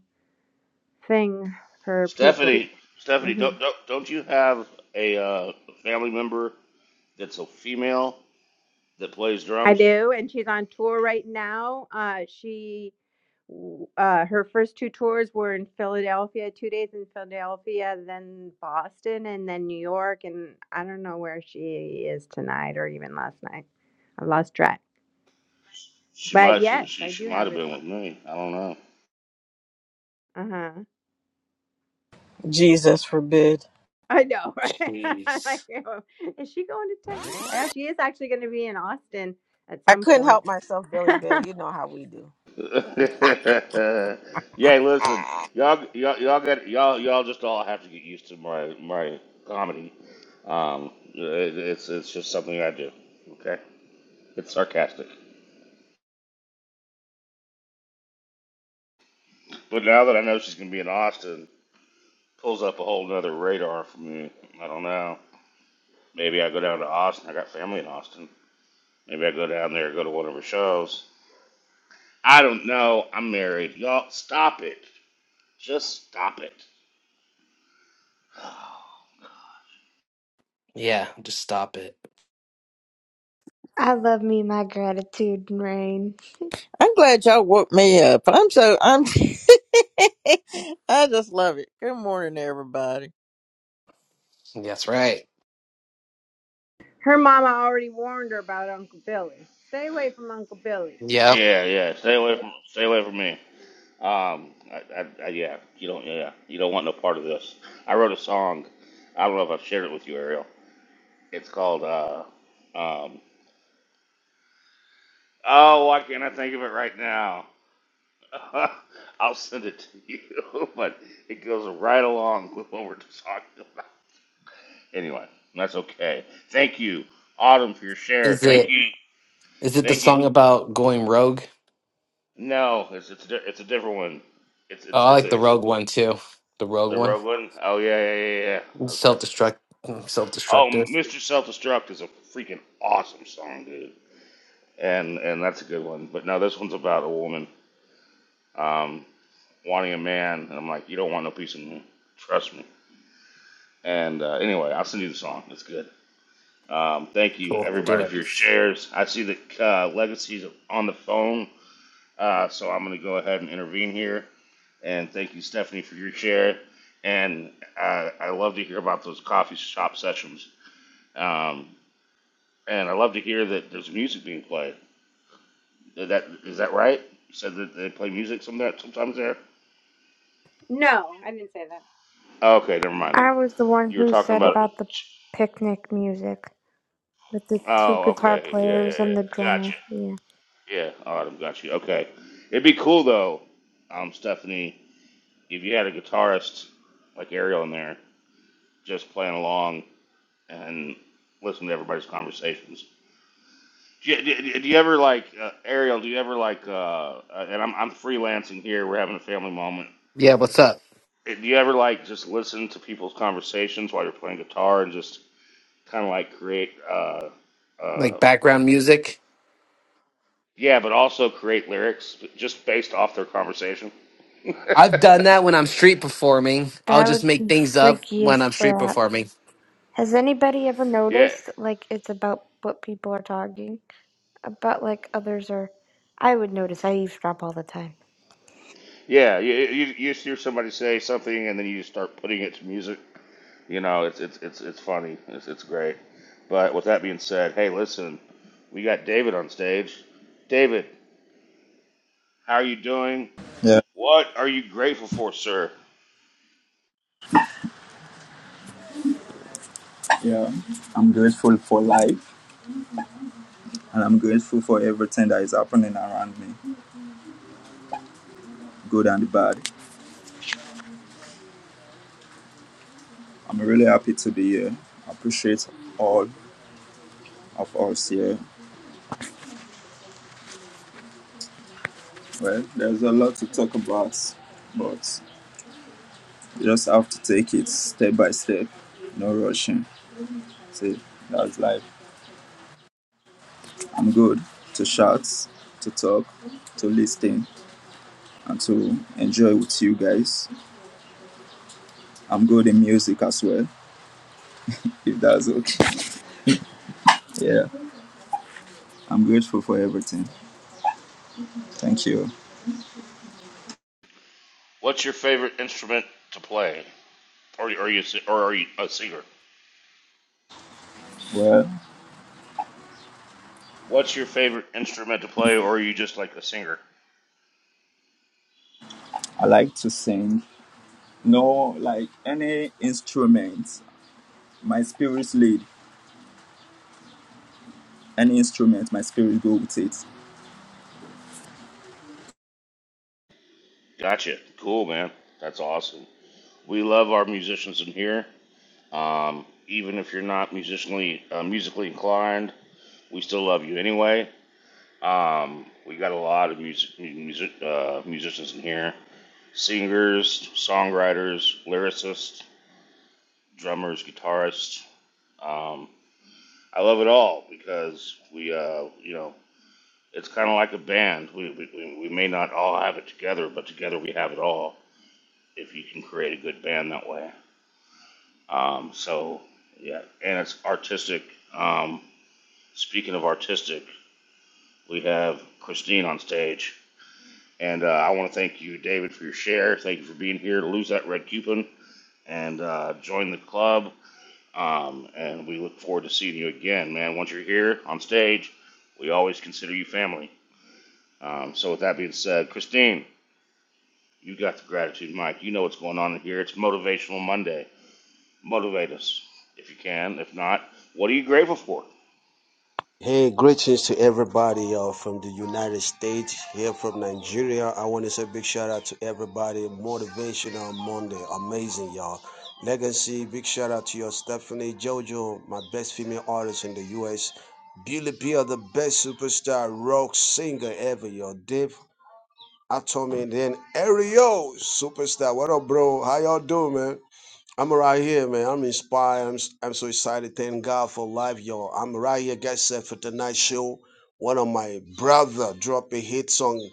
[SPEAKER 5] thing for people.
[SPEAKER 6] Stephanie, Stephanie,
[SPEAKER 5] hmm
[SPEAKER 6] don't don't don't you have a uh, family member that's a female that plays
[SPEAKER 5] I
[SPEAKER 6] drums.
[SPEAKER 5] do, and she's on tour right now. Uh, she, w- uh, her first two tours were in Philadelphia, two days in Philadelphia, then Boston, and then New York. And I don't know where she is tonight or even last night. I've lost track.
[SPEAKER 6] She
[SPEAKER 5] But
[SPEAKER 6] might she
[SPEAKER 5] yes,
[SPEAKER 6] she,
[SPEAKER 5] I
[SPEAKER 6] she
[SPEAKER 5] do
[SPEAKER 6] might
[SPEAKER 5] have
[SPEAKER 6] have
[SPEAKER 5] it.
[SPEAKER 6] been with me. I don't know.
[SPEAKER 5] Uh huh.
[SPEAKER 1] Jesus forbid.
[SPEAKER 5] I know, [LAUGHS] right? I'm like,
[SPEAKER 7] Jeez.
[SPEAKER 5] "Oh, is she going to Texas? Yeah, she is actually going to be in Austin at
[SPEAKER 1] I
[SPEAKER 5] some
[SPEAKER 1] couldn't
[SPEAKER 5] point.
[SPEAKER 1] help myself, Billy
[SPEAKER 5] [LAUGHS]
[SPEAKER 1] Bear. You know how we do.
[SPEAKER 6] [LAUGHS] yeah, listen,
[SPEAKER 1] Ah,
[SPEAKER 6] y'all y'all y'all got y'all y'all just all have to get used to my my comedy. Um, it, it's it's just something I do. Okay, it's sarcastic. But now that I know she's gonna be in Austin, pulls up a whole nother radar for me. I don't know. Maybe I go down to Austin. I got family in Austin. Maybe I go down there, go to one of her shows. I don't know. I'm married. Y'all stop it. Just stop it.
[SPEAKER 7] Yeah, just stop it.
[SPEAKER 4] I love me my gratitude rain.
[SPEAKER 8] I'm glad y'all woke me up. I'm so I'm [LAUGHS] I just love it. Good morning everybody.
[SPEAKER 7] That's right.
[SPEAKER 5] Her mama already warned her about Uncle Billy. Stay away from Uncle Billy.
[SPEAKER 7] Yeah.
[SPEAKER 6] Yeah, yeah. Stay away from stay away from me. Um, I, I, I, yeah, you don't, yeah, yeah. you don't want no part of this. I wrote a song. I don't know if I've shared it with you, Ariel. It's called. Uh, um, oh, why can't I think of it right now? [LAUGHS] I'll send it to you, [LAUGHS] but it goes right along with what we're talking about. Anyway, that's okay. Thank you, Autumn, for your share.
[SPEAKER 7] Is
[SPEAKER 6] Thank
[SPEAKER 7] it
[SPEAKER 6] you,
[SPEAKER 7] is it the
[SPEAKER 6] thank you.
[SPEAKER 7] song about going rogue?
[SPEAKER 6] No, it's it's a di- it's a different one. It's
[SPEAKER 7] Oh,
[SPEAKER 6] it's
[SPEAKER 7] I
[SPEAKER 6] it's
[SPEAKER 7] like
[SPEAKER 6] a
[SPEAKER 7] the rogue one too. The rogue
[SPEAKER 6] The
[SPEAKER 7] one.
[SPEAKER 6] Rogue One? Oh yeah, yeah, yeah, yeah. That's,
[SPEAKER 7] Self
[SPEAKER 6] that's it.
[SPEAKER 7] destruct self
[SPEAKER 6] oh,
[SPEAKER 7] destructive.
[SPEAKER 6] Mr. Self Destruct is a freaking awesome song, dude. And and that's a good one. But no, this one's about a woman um, wanting a man, and I'm like, you don't want no piece of me. Trust me. And uh, anyway, I'll send you the song. It's good. Um, thank you
[SPEAKER 7] Cool. Do
[SPEAKER 6] everybody
[SPEAKER 7] it.
[SPEAKER 6] for your shares. I see the uh, legacies on the phone, uh, so I'm gonna go ahead and intervene here. And thank you, Stephanie, for your share. And uh, I love to hear about those coffee shop sessions Um, and I love to hear that there's music being played. Is that is that right? You said that they play music some there, sometimes there.
[SPEAKER 5] No, I didn't say that.
[SPEAKER 6] Oh, Okay, never mind then.
[SPEAKER 4] I was the one
[SPEAKER 6] You were
[SPEAKER 4] who
[SPEAKER 6] talking
[SPEAKER 4] said
[SPEAKER 6] about.
[SPEAKER 4] about the picnic music with the two
[SPEAKER 6] Oh,
[SPEAKER 4] guitar
[SPEAKER 6] okay. Yeah,
[SPEAKER 4] players
[SPEAKER 6] yeah,
[SPEAKER 4] and the
[SPEAKER 6] yeah. Gotcha.
[SPEAKER 4] drummer. Yeah.
[SPEAKER 6] Yeah, Autumn. Got you. Okay. It'd be cool though, um, Stephanie, if you had a guitarist like Ariel in there just playing along and listen to everybody's conversations. Do you, do, do you ever like uh, Ariel? Do you ever like? Uh, uh, and I'm I'm freelancing here. We're having a family moment.
[SPEAKER 7] Yeah, what's up?
[SPEAKER 6] Do you ever like just listen to people's conversations while you're playing guitar and just kind of like create, uh, uh,
[SPEAKER 7] Like background music?
[SPEAKER 6] yeah, but also create lyrics just based off their conversation? [LAUGHS]
[SPEAKER 7] I've done that when I'm street performing. I'll
[SPEAKER 4] That
[SPEAKER 7] just
[SPEAKER 4] would
[SPEAKER 7] make
[SPEAKER 4] be
[SPEAKER 7] things up
[SPEAKER 4] freaky
[SPEAKER 7] when
[SPEAKER 4] as
[SPEAKER 7] I'm street
[SPEAKER 4] crap.
[SPEAKER 7] performing.
[SPEAKER 4] Has anybody ever
[SPEAKER 6] yeah,
[SPEAKER 4] noticed like it's about what people are talking? But like others are, I would notice I eavesdrop all the time.
[SPEAKER 6] yeah. You, you you just hear somebody say something and then you just start putting it to music. You know, it's it's it's it's funny. It's it's great. But with that being said, hey, listen, we got David on stage. David, how are you doing?
[SPEAKER 3] Yeah,
[SPEAKER 6] What are you grateful for, sir?
[SPEAKER 3] yeah. I'm grateful for life, and I'm grateful for everything that is happening around me. good and bad. I'm really happy to be here. I appreciate all of us here. Well, there's a lot to talk about, but you just have to take it step by step, no rushing. See, that's life. I'm good to shout, to talk, to listen, and to enjoy with you guys. I'm good in music as well, if that's okay. [LAUGHS] Yeah, I'm grateful for everything. Thank you.
[SPEAKER 6] What's your favorite instrument to play? Or, are you si- or are you a singer?
[SPEAKER 3] Well,
[SPEAKER 6] What's your favorite instrument to play, or are you just like a singer?
[SPEAKER 3] I like to sing. No, like any instrument. My spirit's lead. Any instrument, my spirit go with it.
[SPEAKER 6] Gotcha. Cool, man. That's awesome. We love our musicians in here. Um, even if you're not musically uh, musically inclined, we still love you anyway. Um, we got a lot of music, music uh, musicians in here: singers, songwriters, lyricists, drummers, guitarists. Um, I love it all because we, uh, you know, It's kind of like a band. We, we, we may not all have it together, but together we have it all if you can create a good band that way. Um, so, yeah, and it's artistic. Um, speaking of artistic, we have Christine on stage. And uh, I want to thank you, David, for your share. Thank you for being here lose that red coupon and uh, join the club. Um, and we look forward to seeing you again, man. Once you're here on stage, we always consider you family. Um, so, with that being said, Christine. You got the gratitude, Mike. You know what's going on in here. It's Motivational Monday. Motivate us if you can. If not, what are you grateful for?
[SPEAKER 9] Hey, greetings to everybody uh, from the United States, here from Nigeria. I want to say big shout out to everybody. Motivational Monday, amazing, y'all. Legacy, big shout out to your Stephanie Jojo, my best female artist in the US. Beauty P, the best superstar rock singer ever, y'all. Dave Atomy, and then Ariel, superstar. What up, bro? How y'all doing, man? I'm right here, man. I'm inspired. I'm, s- I'm so excited. Thank God for life, y'all. I'm right here, guys. Set for tonight's show. One of my brother dropped a hit song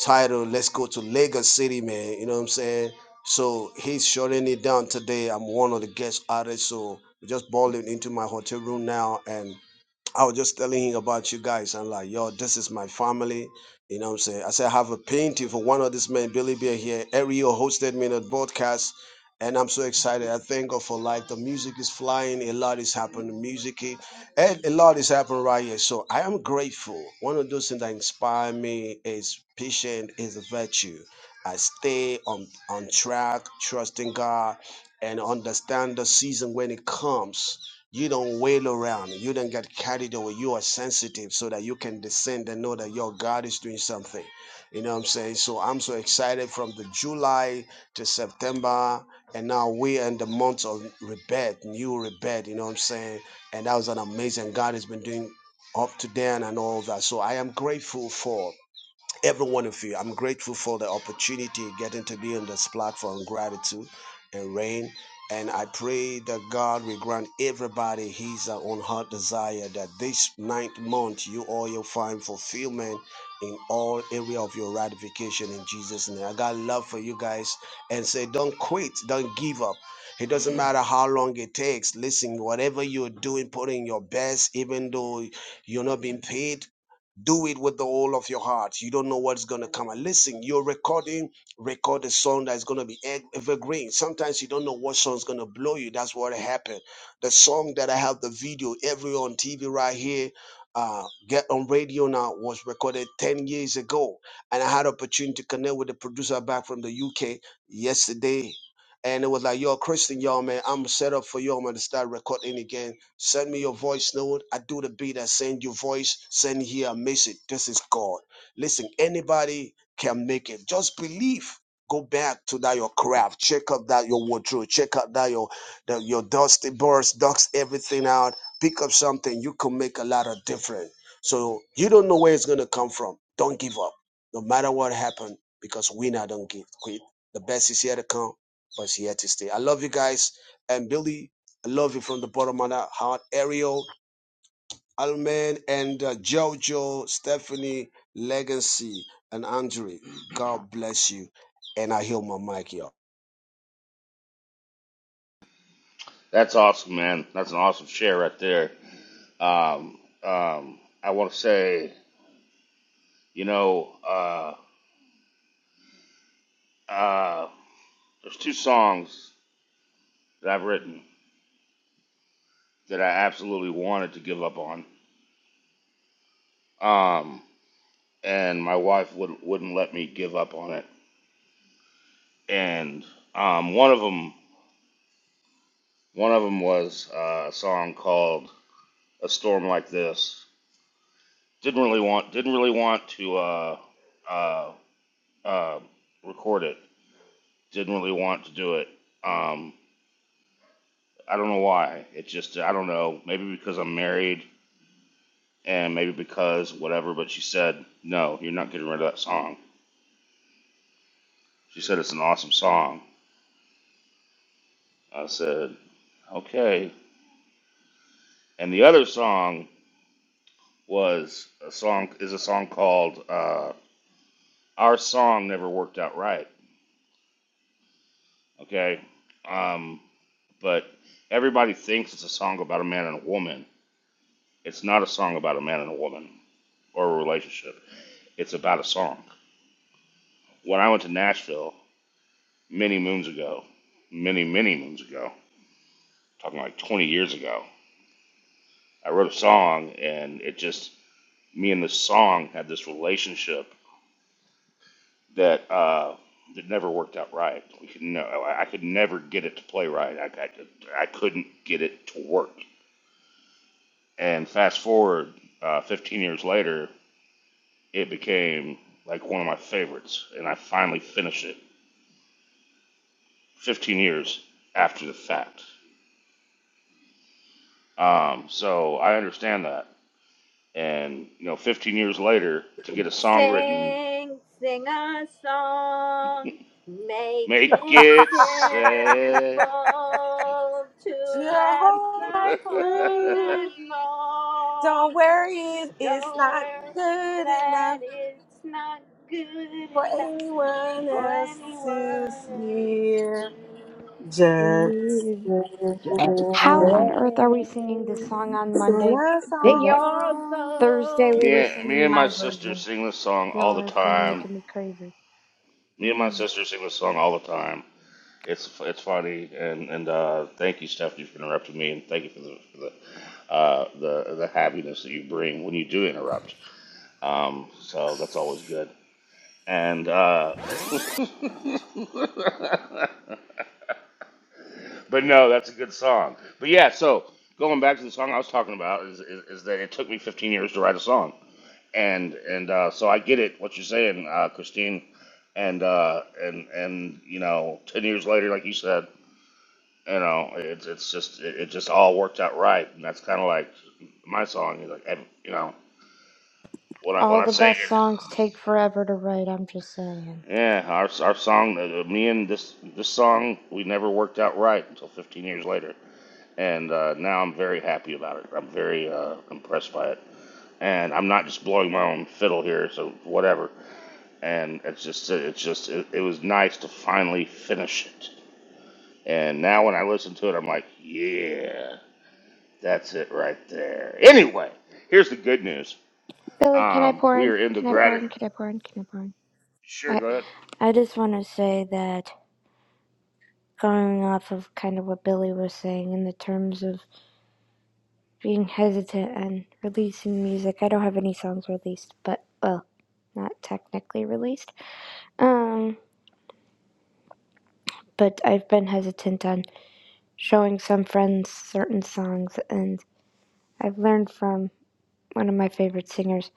[SPEAKER 9] titled "Let's Go to Lagos City," man. You know what I'm saying? So he's shutting it down today. I'm one of the guest artists, so I just balled into my hotel room now, and I was just telling him about you guys. I'm like, yo, this is my family. You know what I'm saying? I said, I have a painting for one of these men, Billy Bear here. Ariel hosted me in a broadcast. And I'm so excited. I thank God for life. The music is flying. A lot is happening. Music, is- and a lot is happening right here. So I am grateful. One of those things that inspire me is patient is a virtue. I stay on, on track, trusting God, and understand the season when it comes you don't wail around. You don't get carried away. You are sensitive so that you can descend and know that your God is doing something. You know what I'm saying? So I'm so excited from the July to September. And now we're in the month of rebirth, new rebirth, you know what I'm saying? And that was an amazing God has been doing up to then and all that. So I am grateful for. Every one of you. I'm grateful for the opportunity getting to be on this platform. Gratitude and rain. And I pray that God will grant everybody his uh, own heart desire that this ninth month you all will find fulfillment in all area of your ratification in Jesus' name. I got love for you guys and say don't quit, don't give up. It doesn't matter how long it takes. Listen, whatever you're doing, put in your best, even though you're not being paid do it with the whole of your heart. You don't know what's going to come. And listen, you're recording, record a song that's going to be e- evergreen. Sometimes you don't know what song's going to blow you. That's what happened. The song that I have the video every on TV right here, uh, get on radio now was recorded 10 years ago. And I had opportunity to connect with the producer back from the UK yesterday. And it was like, yo, Christian, y'all, man, I'm set up for y'all, man, to start recording again Send me your voice, note. I do the beat. I send you voice. Send here a message. This is God. Listen, anybody can make it. Just believe. Go back to that your craft. Check up that your wardrobe. Check out that your that your dusty bars, Dust everything out. Pick up something. You can make a lot of difference. So you don't know where it's gonna come from. Don't give up. No matter what happened, because winner don't give quit. The best is yet to come, but it's here to stay. I love you guys. And Billy, I love you from the bottom of my heart. Ariel, Alman, and uh, Jojo, Stephanie, Legacy, and Andre. God bless you. And I heal my mic, y'all.
[SPEAKER 6] That's awesome, man. That's an awesome share right there. Um, um, I want to say, you know, uh, uh, there's two songs that I've written that I absolutely wanted to give up on, um, and my wife would, wouldn't let me give up on it. And um, one of them, one of them was uh, a song called "A Storm Like This," Didn't really want didn't really want to uh, uh, uh, record it. Didn't really want to do it. Um, I don't know why. It just I don't know. Maybe because I'm married and maybe because whatever. But she said no, you're not getting rid of that song. She said it's an awesome song. I said okay. And the other song was a song is a song called uh, "Our Song Never Worked Out Right." Okay, um, but everybody thinks it's a song about a man and a woman It's not a song about a man and a woman or a relationship. It's about a song. When I went to Nashville many moons ago, many, many moons ago, talking like 20 years ago, I wrote a song and it just, me and the song had this relationship that, uh, that never worked out right. We could no, I could never get it to play right. I, I, could- I couldn't get it to work. And fast forward uh, 15 years later, it became like one of my favorites, and I finally finished it 15 years after the fact. Um, so I understand that. And, you know, 15 years later, to get a song written,
[SPEAKER 5] Sing, sing a song, make
[SPEAKER 6] make
[SPEAKER 5] it
[SPEAKER 6] it
[SPEAKER 5] simple
[SPEAKER 6] sad.
[SPEAKER 5] to
[SPEAKER 1] your
[SPEAKER 5] last
[SPEAKER 1] whole
[SPEAKER 5] the
[SPEAKER 1] life
[SPEAKER 6] [LAUGHS]
[SPEAKER 5] whole
[SPEAKER 1] through.
[SPEAKER 5] night
[SPEAKER 1] Don't
[SPEAKER 5] long.
[SPEAKER 1] worry, it's
[SPEAKER 5] Don't
[SPEAKER 1] not
[SPEAKER 5] worry
[SPEAKER 1] good
[SPEAKER 5] that
[SPEAKER 1] enough.
[SPEAKER 5] it's not good
[SPEAKER 1] for
[SPEAKER 5] enough
[SPEAKER 1] anyone
[SPEAKER 5] for
[SPEAKER 1] else to
[SPEAKER 5] anyone else
[SPEAKER 1] hear.
[SPEAKER 5] to
[SPEAKER 1] Just
[SPEAKER 5] hear.
[SPEAKER 1] me.
[SPEAKER 5] Just
[SPEAKER 4] How on
[SPEAKER 5] say,
[SPEAKER 4] earth are we singing this song on Monday, but
[SPEAKER 5] Sing
[SPEAKER 4] yet
[SPEAKER 5] your
[SPEAKER 4] Thursday
[SPEAKER 5] song.
[SPEAKER 4] we
[SPEAKER 6] me,
[SPEAKER 4] were
[SPEAKER 6] and, me
[SPEAKER 4] singing
[SPEAKER 6] and my
[SPEAKER 4] my
[SPEAKER 6] sister
[SPEAKER 4] version?
[SPEAKER 6] sing this song all
[SPEAKER 4] Y'all
[SPEAKER 6] the
[SPEAKER 4] are going
[SPEAKER 6] time.
[SPEAKER 4] making me crazy.
[SPEAKER 6] Me and my
[SPEAKER 4] Mm.
[SPEAKER 6] sister sing this song all the time. It's it's funny and and uh, thank you Stephanie for interrupting me and thank you for the for the uh, the the happiness that you bring when you do interrupt. Um, so that's always good. And uh, [LAUGHS] but no, that's a good song. But yeah, so going back to the song I was talking about is, is, is that it took me 15 years to write a song, and and uh, so I get it what you're saying, uh, Christine, and uh, and and you know, 10 years later, like you said, you know, it's it's just it, it just all worked out right, and that's kind of like my song. Like and, you know, when I when
[SPEAKER 4] All
[SPEAKER 6] I
[SPEAKER 4] the
[SPEAKER 6] say
[SPEAKER 4] best
[SPEAKER 6] it,
[SPEAKER 4] songs take forever to write. I'm just saying.
[SPEAKER 6] yeah, our our song, uh, uh, me and this this song, we never worked out right until 15 years later. and uh, now I'm very happy about it. I'm very uh, impressed by it, and I'm not just blowing my own fiddle here, so whatever. And it's just, it's just, it, it was nice to finally finish it. And now when I listen to it, I'm like, yeah, that's it right there. Anyway, here's the good news.
[SPEAKER 4] Billy, can I
[SPEAKER 6] Um,
[SPEAKER 4] pour
[SPEAKER 6] we
[SPEAKER 4] in?
[SPEAKER 6] are in the
[SPEAKER 4] Can I pour
[SPEAKER 6] gratitude.
[SPEAKER 4] in? Can I pour in? Can I pour in?
[SPEAKER 6] Sure,
[SPEAKER 4] I
[SPEAKER 6] go ahead.
[SPEAKER 4] I just want to say that going off of kind of what Billy was saying in the terms of being hesitant and releasing music. I don't have any songs released, but well, not technically released. Um, but I've been hesitant on showing some friends certain songs, and I've learned from one of my favorite singers.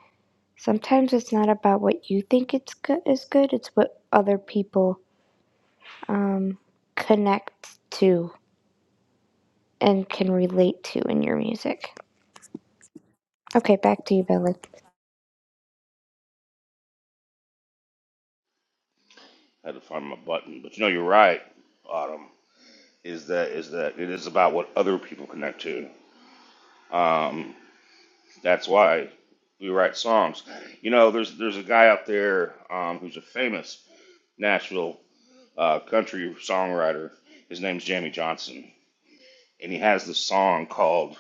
[SPEAKER 4] Sometimes it's not about what you think it's good is good; it's what other people um, connect to and can relate to in your music. Okay, back to you, Billy.
[SPEAKER 6] I had to find my button, but you know you're right. Autumn is that is that it is about what other people connect to. Um, That's why we write songs. You know, there's there's a guy out there um, who's a famous Nashville uh, country songwriter. His name's Jamie Johnson, and he has this song called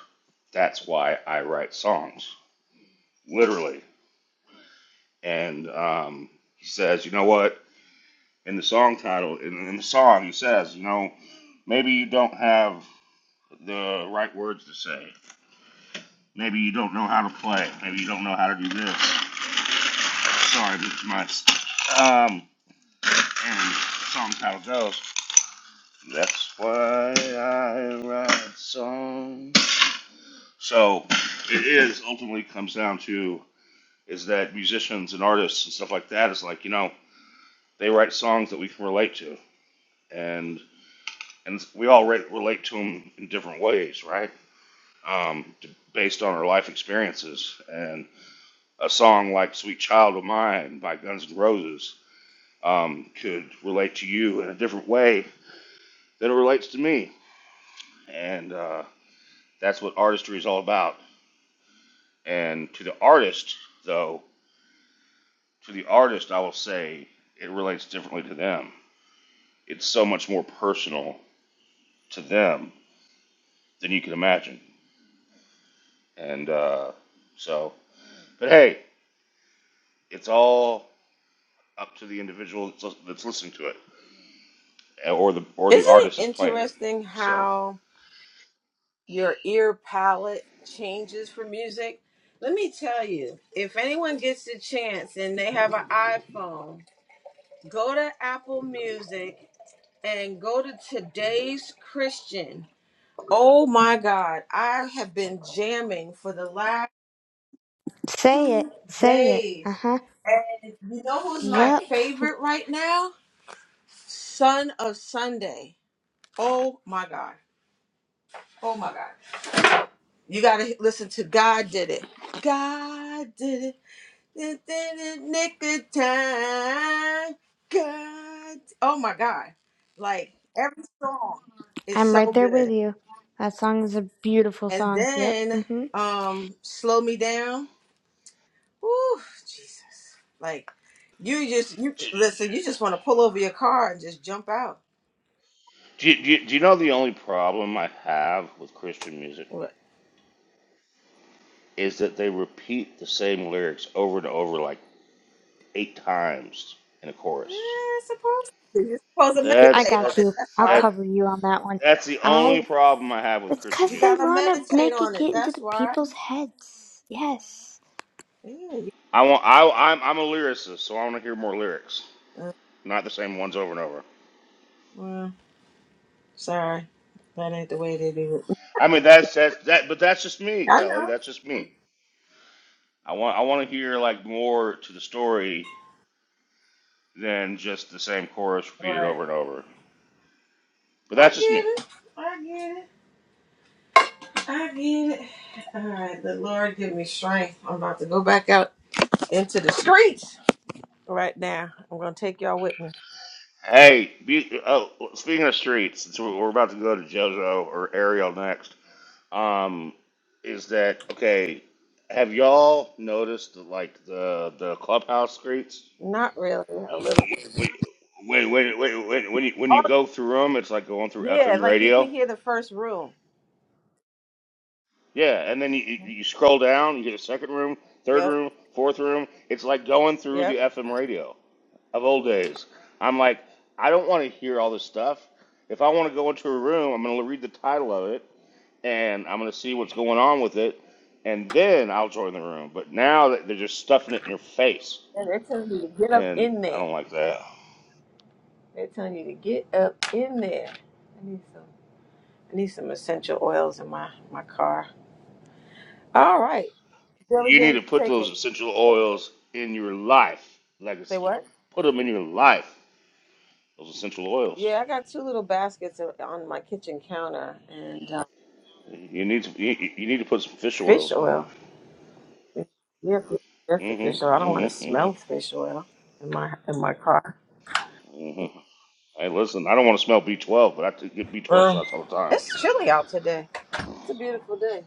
[SPEAKER 6] "That's Why I Write Songs," literally. And um, he says, you know what? In the song title, in, in the song, he says, you know, maybe you don't have the right words to say. Maybe you don't know how to play. Maybe you don't know how to do this. Sorry, this is my. Um, And the song title goes, That's Why I Write Songs. So it is ultimately comes down to is that musicians and artists and stuff like that is like, you know, they write songs that we can relate to. And and we all re- relate to them in different ways, right? Um, d- based on our life experiences. And a song like Sweet Child of Mine by Guns N' Roses um, could relate to you in a different way than it relates to me. And, uh, That's what artistry is all about. And to the artist, though, to the artist, I will say it relates differently to them. It's so much more personal to them than you can imagine. And uh, so, but hey, it's all up to the individual that's, that's listening to it, or the
[SPEAKER 1] Isn't
[SPEAKER 6] or the
[SPEAKER 1] it
[SPEAKER 6] artist that's playing it.
[SPEAKER 1] interesting
[SPEAKER 6] So,
[SPEAKER 1] how your ear palette changes for music? Let me tell you, if anyone gets the chance and they have an iPhone, go to Apple Music and go to today's Christian. Oh my God, I have been jamming for the last.
[SPEAKER 4] Say it.
[SPEAKER 1] two
[SPEAKER 4] Say it.
[SPEAKER 1] days.
[SPEAKER 4] Uh huh.
[SPEAKER 1] And you know who's my
[SPEAKER 4] Yup.
[SPEAKER 1] favorite right now? Son of Sunday. Oh my God. Oh my God. You got to listen to God Did It. God Did It. It Did it nick of time. God. Oh my God. Like every song is
[SPEAKER 4] I'm
[SPEAKER 1] so
[SPEAKER 4] right there with
[SPEAKER 1] good.
[SPEAKER 4] you. That song is a beautiful
[SPEAKER 1] And
[SPEAKER 4] song. Yep.
[SPEAKER 1] then
[SPEAKER 4] hmm
[SPEAKER 1] um Slow Me Down. Ooh, Jesus. Like you just you
[SPEAKER 6] do,
[SPEAKER 1] listen, you just want to pull over your car and just jump out.
[SPEAKER 6] do, do, do you know the only problem I have with Christian music
[SPEAKER 1] What?
[SPEAKER 6] is that they repeat the same lyrics over and over like eight times in a chorus.
[SPEAKER 1] Eh, supposed to. You're supposed to
[SPEAKER 4] I
[SPEAKER 6] That's
[SPEAKER 1] meditate on
[SPEAKER 4] got
[SPEAKER 1] it.
[SPEAKER 6] that's
[SPEAKER 4] you.
[SPEAKER 1] That's
[SPEAKER 4] I'll
[SPEAKER 1] why.
[SPEAKER 6] that
[SPEAKER 4] cover you on that one.
[SPEAKER 6] that's the only
[SPEAKER 4] I.
[SPEAKER 6] problem I have with
[SPEAKER 4] It's 'cause
[SPEAKER 6] Christian
[SPEAKER 1] You
[SPEAKER 4] because they
[SPEAKER 6] music.
[SPEAKER 1] gotta
[SPEAKER 4] want to
[SPEAKER 1] meditate
[SPEAKER 4] make it
[SPEAKER 1] on it.
[SPEAKER 4] get into
[SPEAKER 1] That's
[SPEAKER 4] the
[SPEAKER 1] why.
[SPEAKER 4] people's heads. Yes.
[SPEAKER 1] Yeah, you,
[SPEAKER 6] I want I I'm I'm a lyricist, so I want to hear more lyrics,
[SPEAKER 1] uh,
[SPEAKER 6] not the same ones over and over.
[SPEAKER 1] well, sorry. That ain't the way they do it.
[SPEAKER 6] I mean that's that's that, but that's just me,
[SPEAKER 1] I
[SPEAKER 6] Kelly.
[SPEAKER 1] know.
[SPEAKER 6] That's just me. I want I want to hear like more to the story than just the same chorus repeated
[SPEAKER 1] Right.
[SPEAKER 6] over and over. But
[SPEAKER 1] I
[SPEAKER 6] that's just me.
[SPEAKER 1] get it. I get it. I get it. All right, the Lord give me strength. I'm about to go back out into the streets right now. I'm gonna take y'all with me.
[SPEAKER 6] Hey, be, oh, speaking of streets, since we we're about to go to JoJo or Ariel next. um, is that okay? Have y'all noticed that, like the the clubhouse streets?
[SPEAKER 1] Not really. A little
[SPEAKER 6] When when when when when when you, when
[SPEAKER 1] Oh,
[SPEAKER 6] you go through them, it's like going through
[SPEAKER 1] yeah,
[SPEAKER 6] FM
[SPEAKER 1] like you
[SPEAKER 6] radio.
[SPEAKER 1] can hear the first room.
[SPEAKER 6] Yeah, and then you, you you scroll down, you get a second room, third
[SPEAKER 1] Yep,
[SPEAKER 6] room, fourth room. It's like going through the
[SPEAKER 1] yep.
[SPEAKER 6] FM radio of old days. I'm like, I don't want to hear all this stuff. If I want to go into a room, I'm going to read the title of it and I'm gonna see what's going on with it, and then I'll join the room. But now that they're just stuffing it in your face,
[SPEAKER 1] And they're telling you to get up
[SPEAKER 6] and
[SPEAKER 1] in
[SPEAKER 6] I
[SPEAKER 1] there.
[SPEAKER 6] don't like that.
[SPEAKER 1] They're telling you to get up in there. I need some. I need some essential oils in my my car. All right, Billy
[SPEAKER 6] You
[SPEAKER 1] Bear,
[SPEAKER 6] need to
[SPEAKER 1] you
[SPEAKER 6] put
[SPEAKER 1] take
[SPEAKER 6] those
[SPEAKER 1] it.
[SPEAKER 6] essential oils in your life,
[SPEAKER 1] Say
[SPEAKER 6] legacy.
[SPEAKER 1] what?
[SPEAKER 6] Put them in your life. Those essential oils.
[SPEAKER 1] Yeah, I got two little baskets of- on my kitchen counter and uh,
[SPEAKER 6] You need to you, you need to put some fish
[SPEAKER 1] fish
[SPEAKER 6] oils in your
[SPEAKER 1] oil.
[SPEAKER 6] life.
[SPEAKER 1] Yeah, fish- just the fish oil. I
[SPEAKER 6] Mm-hmm.
[SPEAKER 1] don't want to smell
[SPEAKER 6] Mm-hmm.
[SPEAKER 1] fish oil in my in my car.
[SPEAKER 6] Mm-hmm. hmm Hey, listen, I don't want to smell B12, but I t- get B12
[SPEAKER 1] Well,
[SPEAKER 6] shots all the time.
[SPEAKER 1] it's chilly out today. It's a beautiful day.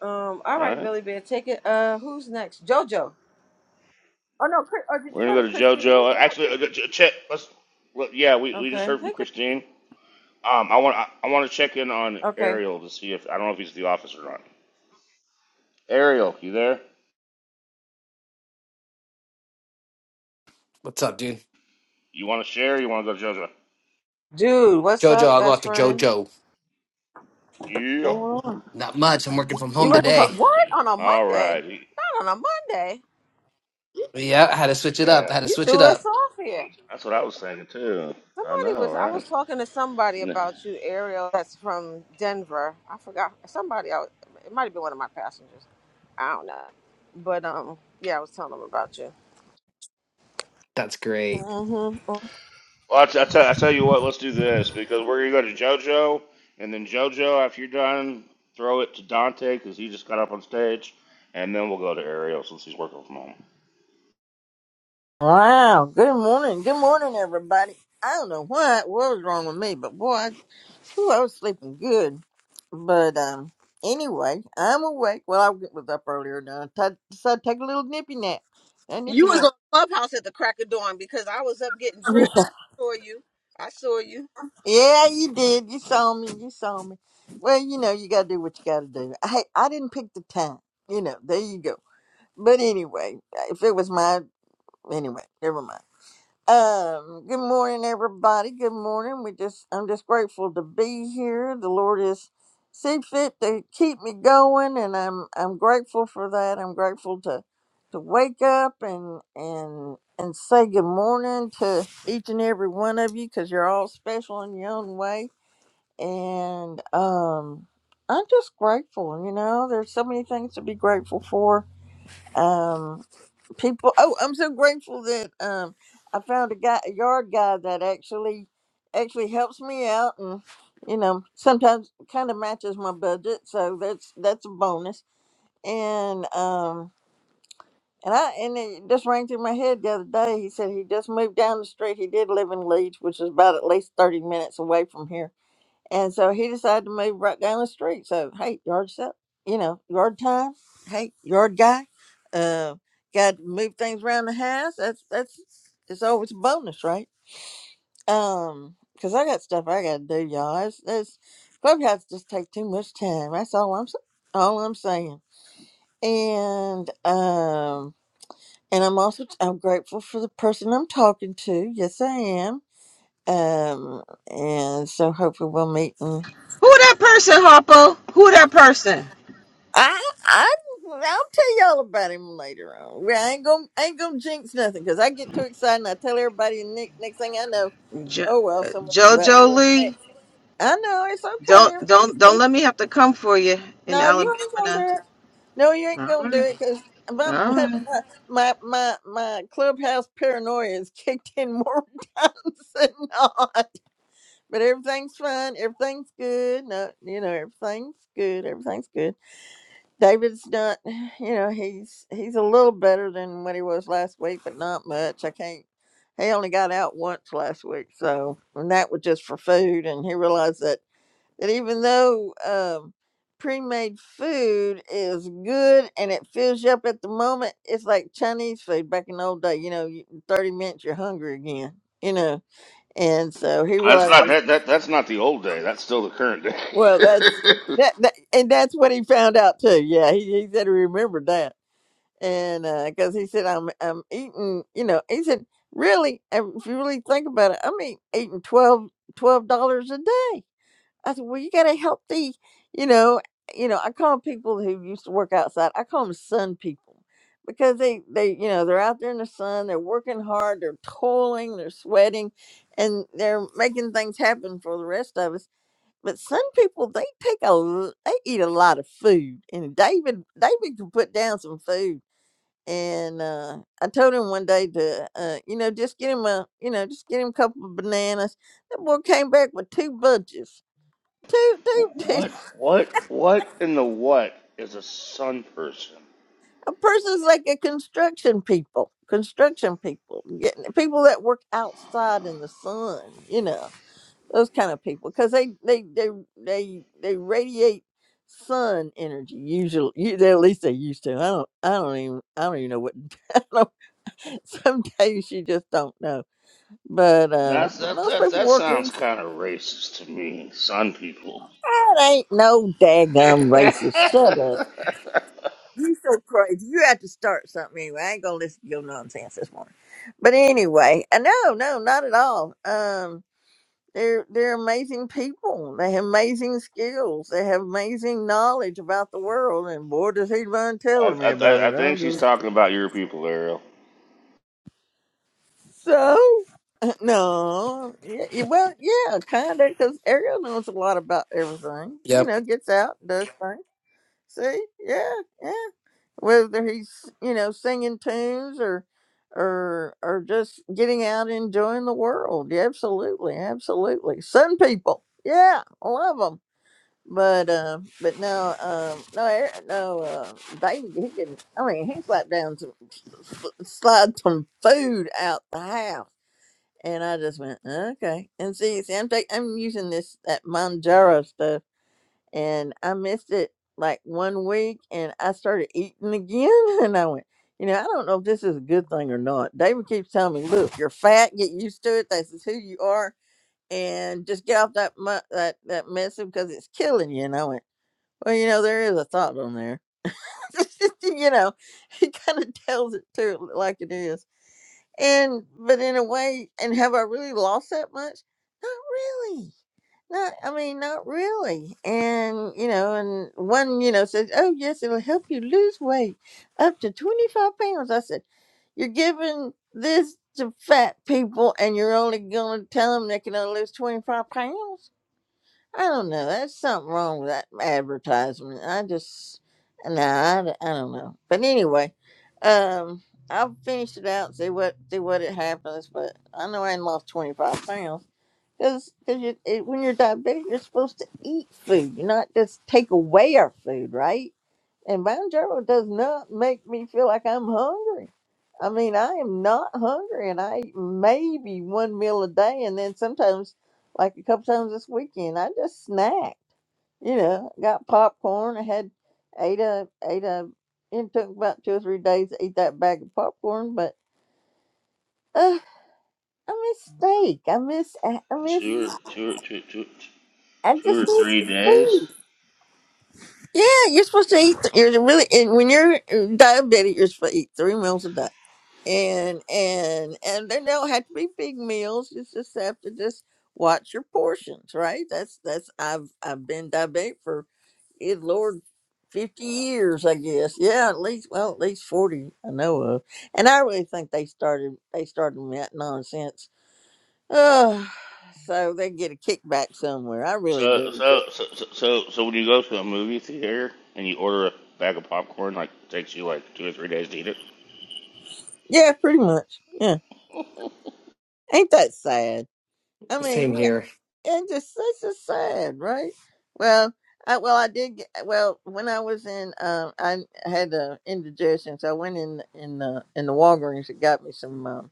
[SPEAKER 1] Um, all
[SPEAKER 6] All
[SPEAKER 1] right,
[SPEAKER 6] right,
[SPEAKER 1] Billy Bear, take it. Uh, who's next? JoJo. Oh no, Chris, or did you
[SPEAKER 6] we're gonna
[SPEAKER 1] go
[SPEAKER 6] go
[SPEAKER 1] to
[SPEAKER 6] to
[SPEAKER 1] Christine?
[SPEAKER 6] JoJo. Actually, uh, Ch- Chet, let's. Well, yeah, we, we just
[SPEAKER 1] Okay.
[SPEAKER 6] heard from
[SPEAKER 1] Hey, Chris.
[SPEAKER 6] Christine. Um, I want I, I want to check in on
[SPEAKER 1] Okay.
[SPEAKER 6] Ariel to see if I don't know if he's at the office or not. Ariel, you there?
[SPEAKER 7] What's up, dude?
[SPEAKER 6] You want to share? Or you want to go to JoJo?
[SPEAKER 1] Dude, what's
[SPEAKER 7] JoJo,
[SPEAKER 1] up,
[SPEAKER 7] I'll go
[SPEAKER 1] best
[SPEAKER 7] after
[SPEAKER 1] friend?
[SPEAKER 7] JoJo.
[SPEAKER 6] Yeah.
[SPEAKER 1] What's going on?
[SPEAKER 7] Not much. I'm working from
[SPEAKER 1] You
[SPEAKER 7] home
[SPEAKER 1] working for
[SPEAKER 7] today.
[SPEAKER 1] what on a
[SPEAKER 6] All
[SPEAKER 1] Monday?
[SPEAKER 6] right. He-
[SPEAKER 1] Not on a Monday.
[SPEAKER 7] But yeah, I had to switch it up. I
[SPEAKER 6] Yeah.
[SPEAKER 7] had to
[SPEAKER 1] You
[SPEAKER 7] switch it
[SPEAKER 1] threw us
[SPEAKER 7] up.
[SPEAKER 1] off here.
[SPEAKER 6] That's what I was thinking too. I
[SPEAKER 1] Somebody
[SPEAKER 6] know,
[SPEAKER 1] was. I
[SPEAKER 6] right?
[SPEAKER 1] was talking to somebody
[SPEAKER 6] No.
[SPEAKER 1] about you, Ariel. That's from Denver. I forgot somebody. else. it might have been one of my passengers. I don't know. But um, yeah, I was telling them about you.
[SPEAKER 7] That's great.
[SPEAKER 1] Mm-hmm.
[SPEAKER 6] Well, I, t- I, tell- I tell you what. Let's do this because we're gonna go to JoJo, and then JoJo, after you're done, throw it to Dante because he just got up on stage, and then we'll go to Ariel since he's working from home.
[SPEAKER 8] Wow. Good morning. Good morning everybody. I don't know what what was wrong with me, but boy, I, whew, I was sleeping good. But um anyway, I'm awake. Well, I was up earlier now. I t- decided to take a little nippy nap. A
[SPEAKER 1] You
[SPEAKER 8] nippy
[SPEAKER 1] was
[SPEAKER 8] nap.
[SPEAKER 1] on Clubhouse at the crack of dawn because I was up getting
[SPEAKER 8] [LAUGHS]
[SPEAKER 1] dressed. I saw you. I saw you.
[SPEAKER 8] Yeah, you did. You saw me. You saw me. Well, you know, you gotta do what you gotta do. Hey, I didn't pick the time. You know, there you go. But anyway, if it was my anyway, never mind. Um, good morning, everybody. Good morning. We just I'm just grateful to be here. The Lord is see fit to keep me going, and I'm I'm grateful for that. I'm grateful to to wake up and and and say good morning to each and every one of you because you're all special in your own way. And um, I'm just grateful. You know, there's so many things to be grateful for. Um, people oh i'm so grateful that um i found a guy a yard guy that actually actually helps me out and you know sometimes kind of matches my budget so that's that's a bonus and um and i and it just rang through my head the other day he said he just moved down the street he did live in leeds which is about at least 30 minutes away from here and so he decided to move right down the street. So hey, yard stuff, you know, yard time. Hey, yard guy. Uh, got to move things around the house. That's that's it's always a bonus, right? Um, because I got stuff I gotta do, y'all. It's, it's clubhouse just take too much time. That's all I'm s- all I'm saying. And um, and I'm also I'm grateful for the person I'm talking to. Yes, I am. Um, and so hopefully we'll meet.
[SPEAKER 1] Who that person, Harpo? Who that person?
[SPEAKER 8] I, I, I'll tell y'all about him later on. Well, I ain't gonna, I ain't gonna jinx nothing because I get too excited and I tell everybody, and next, next thing I know,
[SPEAKER 1] Jo-
[SPEAKER 8] oh well,
[SPEAKER 1] uh,
[SPEAKER 8] someone for that
[SPEAKER 1] Jojo
[SPEAKER 8] for
[SPEAKER 1] Lee.
[SPEAKER 8] next. I know it's okay.
[SPEAKER 1] Don't
[SPEAKER 8] Everything's
[SPEAKER 1] don't don't
[SPEAKER 8] good.
[SPEAKER 1] let me have to come for you in
[SPEAKER 8] No, you
[SPEAKER 1] Alabama.
[SPEAKER 8] ain't gonna
[SPEAKER 1] now.
[SPEAKER 8] do it. No, you ain't
[SPEAKER 1] All
[SPEAKER 8] gonna do
[SPEAKER 1] right,
[SPEAKER 8] it because my,
[SPEAKER 1] all
[SPEAKER 8] [LAUGHS]
[SPEAKER 1] right.
[SPEAKER 8] my my my my my clubhouse paranoia is kicked in more [LAUGHS] times than not. But everything's fine. Everything's good. No, you know everything's good. Everything's good. David's not, you know, he's he's a little better than what he was last week, but not much. I can't. He only got out once last week, so and that was just for food. And he realized that that even though um, pre-made food is good and it fills you up at the moment, it's like Chinese food back in the old day. You know, you- in thirty minutes you're hungry again. You know, and so he
[SPEAKER 6] That's
[SPEAKER 8] realized.
[SPEAKER 6] not that, that that's not the old day. That's still the current
[SPEAKER 8] Well, that's
[SPEAKER 6] day. [LAUGHS]
[SPEAKER 8] that, that and that's what he found out too. Yeah, he, he said he remembered that. and because he said I'm I'm eating, you know, he said really, um, if you really think about it, I'm eat- eating twelve twelve dollars a day. I said, well, you got a healthy, you know, you know, I call people who used to work outside, I call them sun people because they they you know they're out there in the sun, they're working hard, they're toiling, they're sweating, and they're making things happen for the rest of us. But sun people, they take a, l- they eat a lot of food, and David, David can put down some food and uh, I told him one day to, uh, you know, just get him a, you know, just get him a couple of bananas. That boy came back with two bunches. Two, two, [LAUGHS] two.
[SPEAKER 6] What what what in the what is a sun person?
[SPEAKER 8] A person's like a construction people, construction people, getting people that work outside in the sun. You know, those kind of people, because they, they, they, they, they radiate sun energy usually you, they- at least they used to i don't i don't even i don't even know what [LAUGHS] I don't, sometimes you just don't know But um,
[SPEAKER 6] That's
[SPEAKER 8] but
[SPEAKER 6] that
[SPEAKER 8] most
[SPEAKER 6] that
[SPEAKER 8] people
[SPEAKER 6] that sounds
[SPEAKER 8] working
[SPEAKER 6] kind of racist to me. Sun people.
[SPEAKER 8] that ain't no
[SPEAKER 6] [LAUGHS]
[SPEAKER 8] daggum
[SPEAKER 6] I,
[SPEAKER 8] racist. Shut up. You so crazy. You have to start something anyway. I ain't gonna listen to your nonsense this morning. But anyway, uh, no, no, not at all. Um, they're they're amazing people. They have amazing skills. They have amazing knowledge about the world. And boy, does he run telling
[SPEAKER 6] I
[SPEAKER 8] me about
[SPEAKER 6] I
[SPEAKER 8] it. I'm
[SPEAKER 6] think she's
[SPEAKER 8] just
[SPEAKER 6] talking about your people, Ariel.
[SPEAKER 8] so [LAUGHS] no. Yeah, yeah, well, yeah, kind of, because Ariel knows a lot about everything. You know,
[SPEAKER 7] Yep.
[SPEAKER 8] gets out, does things. See, yeah, yeah. Whether he's you know singing tunes or or or just getting out and enjoying the world, yeah, absolutely, absolutely. Sun people, yeah, I love them. But uh, but no, um, no, Eric- no. Uh, David, he can. I mean, he slapped down some, slide some food out the house, and I just went okay. And see, see, I'm take, I'm using this that Manjaro stuff and I missed it like one week and I started eating again [LAUGHS] and I went, you know, I don't know if this is a good thing or not. David keeps telling me, look, you're fat, get used to it. This is who you are. And just get off that mu- that that mess because it's killing you. And I went, well, you know, there is a thought on there. [LAUGHS] you know, he kind of tells it to it like it is. And but in a way, and have I really lost that much? Not really not, I mean, not really. And, you know, and one, you know, says, oh, yes, it'll help you lose weight up to 25 pounds. I said, you're giving this to fat people and you're only going to tell them they can only lose 25 pounds? I don't know. That's something wrong with that advertisement. I just, no, I, d- I don't know. But anyway, um, I'll finish it out, see what, see what it happens. But I know I ain't lost 25 pounds. Because you when you're diabetic, you're supposed to eat food, not just take away our food, right? And Bonjoro does not make me feel like I'm hungry. I mean, I am not hungry, and I eat maybe one meal a day, and then sometimes, like a couple times this weekend, I just snack. You know, got popcorn. I had ate a ate a. It took about two or three days to eat that bag of popcorn, but uh, I miss steak. I miss I miss
[SPEAKER 6] Two two two two two or
[SPEAKER 8] I just miss
[SPEAKER 6] three
[SPEAKER 8] food.
[SPEAKER 6] days.
[SPEAKER 8] Yeah, you're supposed to eat. You're really and when you're uh, diabetic, you're supposed to eat three meals a day, and and and they don't have to be big meals. You just have to just watch your portions, right? That's that's I've I've been diabetic for good lord, fifty years, I guess. Yeah, at least well, at least forty I know of, and I really think they started they started me that nonsense. Oh, so they get a kickback somewhere. I really
[SPEAKER 6] So
[SPEAKER 8] do.
[SPEAKER 6] so so so so so when you go to a movie theater and you order a bag of popcorn, like it takes you like two or three days to eat it.
[SPEAKER 8] Yeah, pretty much. Yeah, ain't that sad? I mean,
[SPEAKER 7] Same here.
[SPEAKER 8] yeah, and just such a sad, right? Well, I well I did get, well when I was in um I had uh, indigestion, so I went in in the in the Walgreens and got me some um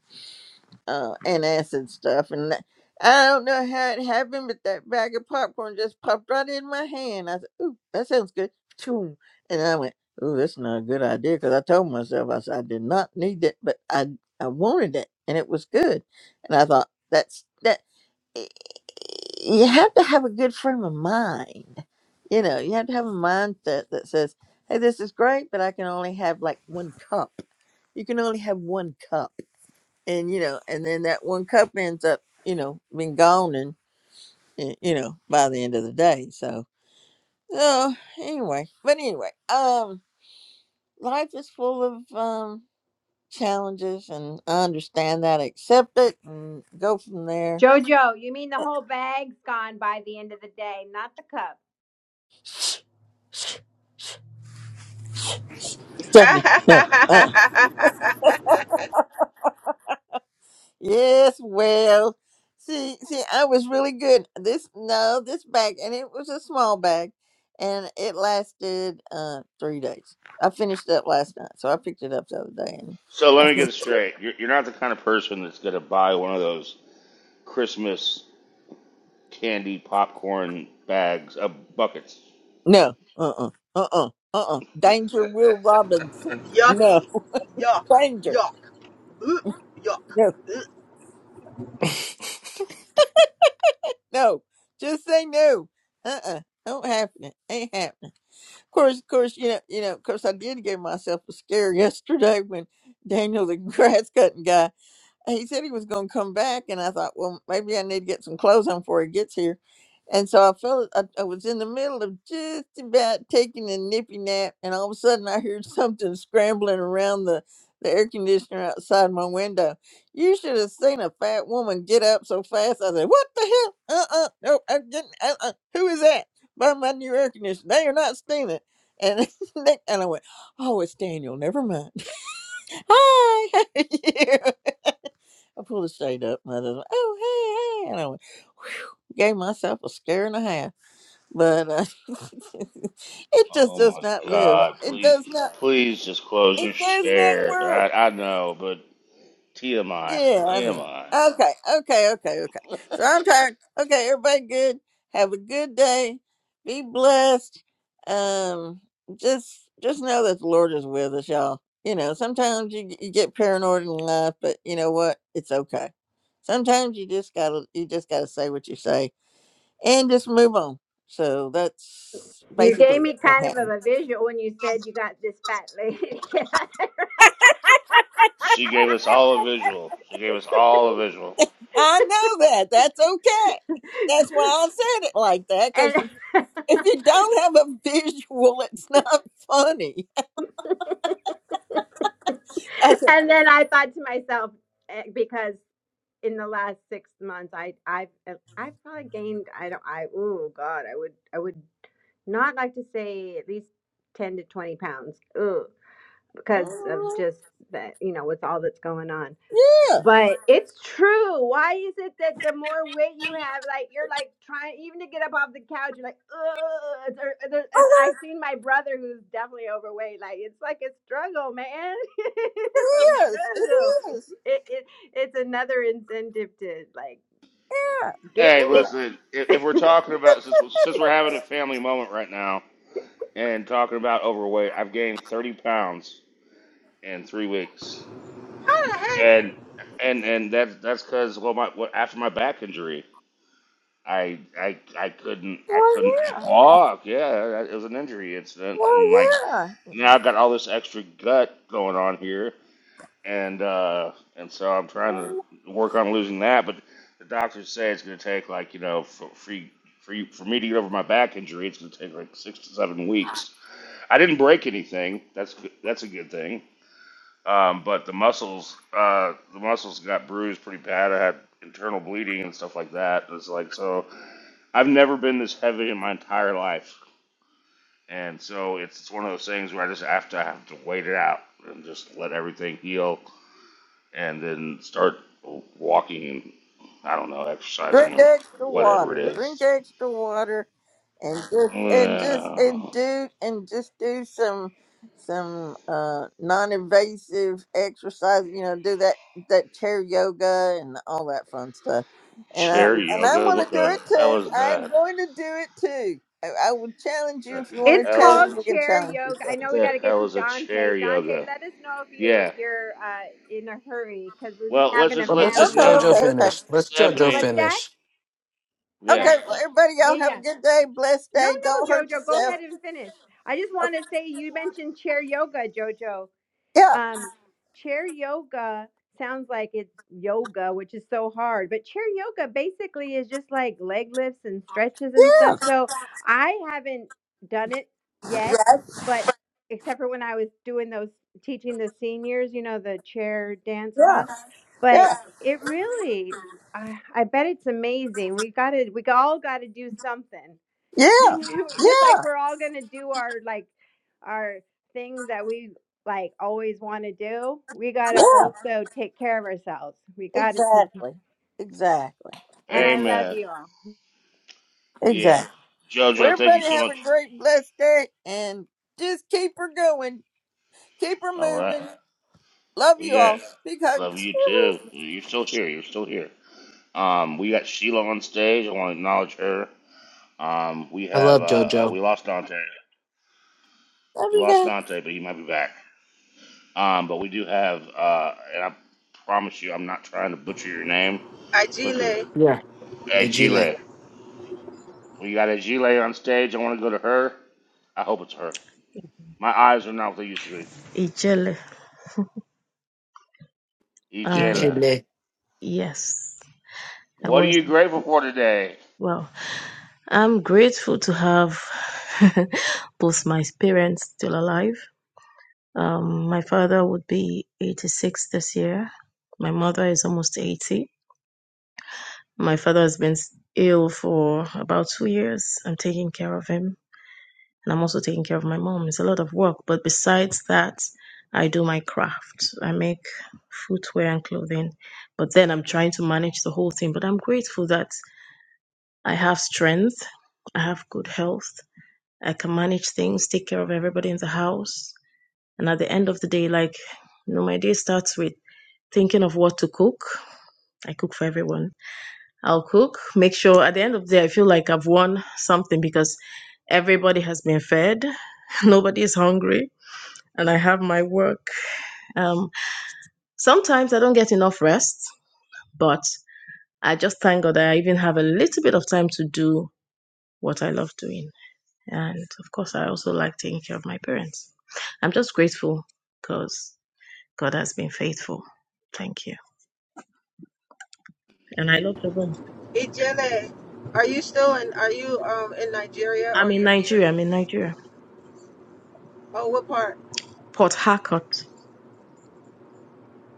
[SPEAKER 8] uh, antacid stuff, and that, I don't know how it happened, but that bag of popcorn just popped right in my hand. I said, "Ooh, that sounds good," Choom. and I went, "Ooh, that's not a good idea," because I told myself I said I did not need that, but I I wanted it, and it was good, and I thought that's that you have to have a good frame of mind. You know, you have to have a mindset that says, hey, this is great, but I can only have like one cup. You can only have one cup. And, you know, and then that one cup ends up, you know, being gone and, y- you know, by the end of the day. So, so anyway, but anyway, um, life is full of, um, challenges and I understand that, accept it and go from there.
[SPEAKER 5] Jojo, you mean the whole bag's gone by the end of the day, not the cup.
[SPEAKER 8] Stephanie, no, uh,
[SPEAKER 1] [LAUGHS]
[SPEAKER 8] Yes, well, see, see, I was really good. This no, this bag, and it was a small bag, and it lasted uh three days. I finished up last night, so I picked it up the other day. And
[SPEAKER 6] So let me get this straight. You're, you're not the kind of person that's going to buy one of those Christmas candy popcorn bags, uh, buckets.
[SPEAKER 8] no, uh, uh-uh, uh, uh, uh, uh, Danger Will Robinson. No,
[SPEAKER 1] Yucky. Yuck.
[SPEAKER 8] [LAUGHS] danger.
[SPEAKER 1] Yuck. Ugh. Yuck.
[SPEAKER 8] No,
[SPEAKER 1] Ugh.
[SPEAKER 7] [LAUGHS] well,
[SPEAKER 8] no. Just say no. Uh, uh-uh, uh. Don't happen. Ain't happening. Of course, of course, you know, you know. Of course, I did give myself a scare [LAUGHS] yesterday when Daniel, the [LAUGHS] grass cutting guy. and he said he was going to come back and i thought well maybe i need to get some clothes on before he gets here and so i felt I, I was in the middle of just about taking a nippy nap and all of a sudden i heard [LAUGHS] something scrambling around the the air conditioner outside my window. You should have seen a fat woman get up so fast. I said, "What the hell? Uh uh no, I'm getting uh uh. Who is that? By my new air conditioner. They are not stealing." it." And [LAUGHS] and I went, "Oh, it's Daniel. Never mind. [LAUGHS] Hi, how are you?" I pulled the shade up, and I just went, oh, hey, hey. And I went, whew, gave myself a scare and a half. But uh, [LAUGHS] it just
[SPEAKER 6] Oh
[SPEAKER 8] does
[SPEAKER 6] my
[SPEAKER 8] not live.
[SPEAKER 6] God!
[SPEAKER 8] It
[SPEAKER 6] Please,
[SPEAKER 8] does not.
[SPEAKER 6] please just close
[SPEAKER 8] It
[SPEAKER 6] your
[SPEAKER 8] does not
[SPEAKER 6] share.
[SPEAKER 8] work.
[SPEAKER 6] I, I know, but TMI,
[SPEAKER 8] Yeah, I
[SPEAKER 6] TMI.
[SPEAKER 8] know. Okay, okay, okay, okay. So I'm tired. Okay, everybody good. Have a good day. Be blessed. Um, just just know that the Lord is with us, y'all. You know, sometimes you you get paranoid in life, but you know what? It's okay. Sometimes you just gotta you just gotta say what you say and just move on. So that's
[SPEAKER 5] You
[SPEAKER 8] basically
[SPEAKER 5] gave me
[SPEAKER 8] what's
[SPEAKER 5] kind
[SPEAKER 8] gonna
[SPEAKER 5] of
[SPEAKER 8] happen.
[SPEAKER 5] a visual when you said you got this fat lady. [LAUGHS]
[SPEAKER 6] She gave us all a
[SPEAKER 8] [LAUGHS]
[SPEAKER 6] visual. She gave us all a visual.
[SPEAKER 8] I know that. That's okay. That's why I said it like that.
[SPEAKER 5] and,
[SPEAKER 8] Because
[SPEAKER 5] [LAUGHS]
[SPEAKER 8] if you don't have a visual, it's not funny. [LAUGHS] I said,
[SPEAKER 5] and then I thought to myself, eh, because in the last six months, I, I've, eh, I've probably gained, I don't, I, oh God, I would, I would not like to say at least 10 to 20 pounds. Ugh. because of
[SPEAKER 8] oh,
[SPEAKER 5] just that, you know, with all that's going on.
[SPEAKER 8] yeah,
[SPEAKER 5] But it's true. Why is it that the more weight you have, like you're like trying even to get up off the couch, you're like, ugh. there- there- And I've seen my brother who's definitely overweight. Like it's like a struggle, man. [LAUGHS] it's a
[SPEAKER 8] yes,
[SPEAKER 5] struggle.
[SPEAKER 8] it is.
[SPEAKER 5] It, it it's another incentive to like get
[SPEAKER 6] Hey,
[SPEAKER 5] fit.
[SPEAKER 6] listen, if, if we're talking about since we're- since we're having a family moment right now and talking about overweight, I've gained thirty pounds in three weeks, and and and that's that's because well, my what, after my back injury I I I couldn't I couldn't walk. Yeah, it was an injury incident,
[SPEAKER 8] Well,
[SPEAKER 6] and like
[SPEAKER 8] yeah."
[SPEAKER 6] now I've got all this extra gut going on here, and uh, and so I'm trying to work on losing that. But the doctors say it's going to take like you know for free. For, you, for me to get over my back injury, it's going to take like six to seven weeks. I didn't break anything. That's good- that's a good thing. Um, but the muscles, uh, the muscles got bruised pretty bad. I had internal bleeding and stuff like that. It's like so. I've never been this heavy in my entire life, and so it's, it's one of those things where I just have to I have to wait it out and just let everything heal, and then start walking and I don't know
[SPEAKER 8] Drink
[SPEAKER 6] exercising or
[SPEAKER 8] extra
[SPEAKER 6] whatever it
[SPEAKER 8] water. Drink
[SPEAKER 6] is.
[SPEAKER 8] extra water, and just and just and
[SPEAKER 6] Ugh.
[SPEAKER 8] do and just do some some uh non-invasive exercise. You know, do that that chair yoga and all that fun stuff. And I
[SPEAKER 6] chair
[SPEAKER 8] and I
[SPEAKER 6] yoga?
[SPEAKER 8] want
[SPEAKER 6] What
[SPEAKER 8] to do
[SPEAKER 6] the
[SPEAKER 8] it
[SPEAKER 6] hell
[SPEAKER 8] too.
[SPEAKER 6] is
[SPEAKER 8] I'm
[SPEAKER 6] that?
[SPEAKER 8] going to do it too. I, I will challenge you
[SPEAKER 6] The
[SPEAKER 8] if you
[SPEAKER 5] It's
[SPEAKER 8] want to
[SPEAKER 6] hell is
[SPEAKER 8] challenge.
[SPEAKER 5] called
[SPEAKER 8] We can
[SPEAKER 5] chair
[SPEAKER 8] challenge each
[SPEAKER 5] yoga. I
[SPEAKER 8] other.
[SPEAKER 6] what
[SPEAKER 5] know we got
[SPEAKER 6] the
[SPEAKER 5] to get
[SPEAKER 6] hell
[SPEAKER 5] to
[SPEAKER 6] is a chair
[SPEAKER 5] Dante. Dante,
[SPEAKER 6] yoga?
[SPEAKER 5] let us know if you're
[SPEAKER 6] Yeah,
[SPEAKER 5] you're uh, in a hurry because we're just
[SPEAKER 6] Well, let's
[SPEAKER 5] having a
[SPEAKER 6] just let
[SPEAKER 7] let's
[SPEAKER 6] that
[SPEAKER 7] just
[SPEAKER 5] family
[SPEAKER 6] no,
[SPEAKER 8] Okay,
[SPEAKER 7] JoJo
[SPEAKER 5] moment.
[SPEAKER 8] okay, okay,
[SPEAKER 7] finish. Let's
[SPEAKER 5] But,
[SPEAKER 7] JoJo
[SPEAKER 5] but
[SPEAKER 6] Stephanie.
[SPEAKER 5] that
[SPEAKER 7] finish.
[SPEAKER 6] Yeah,
[SPEAKER 5] that
[SPEAKER 8] okay. Well,
[SPEAKER 6] yeah.
[SPEAKER 8] everybody,
[SPEAKER 5] yeah
[SPEAKER 8] y'all have a
[SPEAKER 5] yeah
[SPEAKER 8] good day, blessed
[SPEAKER 5] no
[SPEAKER 8] day. Don't
[SPEAKER 5] no
[SPEAKER 8] hurt
[SPEAKER 5] Jojo, go
[SPEAKER 8] yourself.
[SPEAKER 5] ahead and finish. I just want
[SPEAKER 8] Okay,
[SPEAKER 5] to say you mentioned chair yoga, Jojo.
[SPEAKER 8] yeah,
[SPEAKER 5] Um, chair yoga sounds like it's yoga, which is so hard, but chair yoga basically is just like leg lifts and stretches and stuff. So I haven't done it yet,
[SPEAKER 8] yeah,
[SPEAKER 5] but except for when I was doing those teaching the seniors, you know, the chair dance
[SPEAKER 8] yeah.
[SPEAKER 5] class, but
[SPEAKER 8] Yeah.
[SPEAKER 5] it really, I, I bet it's amazing. We got to, we all got to do something.
[SPEAKER 8] Yeah,
[SPEAKER 5] [LAUGHS] just like
[SPEAKER 8] yeah,
[SPEAKER 5] we're all gonna do our like our things that we like always want to do we gotta
[SPEAKER 8] yeah.
[SPEAKER 5] also take care of ourselves we gotta take care
[SPEAKER 8] Exactly. Exactly.
[SPEAKER 5] and i love
[SPEAKER 8] Exactly.
[SPEAKER 6] Amen.
[SPEAKER 5] you all
[SPEAKER 6] Yeah.
[SPEAKER 8] Exactly. Well,
[SPEAKER 6] JoJo, thank you
[SPEAKER 8] everybody
[SPEAKER 6] so much.
[SPEAKER 8] have a great blessed day and just keep her going. Keep her
[SPEAKER 6] All right,
[SPEAKER 8] moving. Love
[SPEAKER 6] we
[SPEAKER 8] you
[SPEAKER 6] got
[SPEAKER 8] all. Big hug.
[SPEAKER 6] love you too.
[SPEAKER 8] Woo-hoo.
[SPEAKER 6] You're still here. You're still here. Um, we got Sheila on stage. I want to acknowledge her. Um, we
[SPEAKER 7] I
[SPEAKER 6] have
[SPEAKER 7] love
[SPEAKER 6] uh, uh
[SPEAKER 7] JoJo.
[SPEAKER 6] we lost Dante.
[SPEAKER 8] Love
[SPEAKER 6] We
[SPEAKER 8] you
[SPEAKER 6] lost
[SPEAKER 8] guys.
[SPEAKER 6] Dante, but he might be back. Um, but we do have uh, and I promise you, I'm not trying to butcher your name because
[SPEAKER 1] Ijele.
[SPEAKER 7] Yeah. Hey, Gile.
[SPEAKER 6] Ajile, We got Ajile on stage. I want to go to her. I hope it's her. My eyes are not what they used to be.
[SPEAKER 10] Ijele. I
[SPEAKER 6] Ijela.
[SPEAKER 7] Ichile.
[SPEAKER 10] yes, I
[SPEAKER 6] What are
[SPEAKER 10] was.
[SPEAKER 6] you grateful for today?
[SPEAKER 10] Well, I'm grateful to have [LAUGHS] both my parents still alive. Um, my father would be 86 this year. My mother is almost 80. My father has been s- ill for about two years. I'm taking care of him, and I'm also taking care of my mom. It's a lot of work, but besides that, I do my craft. I make footwear and clothing, but then I'm trying to manage the whole thing. But I'm grateful that I have strength. I have good health. I can manage things, take care of everybody in the house. And at the end of the day, like, you know, my day starts with thinking of what to cook. I cook for everyone. I'll cook, make sure at the end of the day, I feel like I've won something because everybody has been fed, [LAUGHS] nobody is hungry, and I have my work. Um, sometimes I don't get enough rest, but I just thank God that I even have a little bit of time to do what I love doing. And of course, I also like taking care of my parents. I'm just grateful because God has been faithful. Thank you. And I love the room.
[SPEAKER 1] Ijele. Are you still in are you um in Nigeria or
[SPEAKER 10] I'm in
[SPEAKER 1] you're here?
[SPEAKER 10] Nigeria. I'm in Nigeria.
[SPEAKER 1] Oh what part?
[SPEAKER 10] Port Harcourt.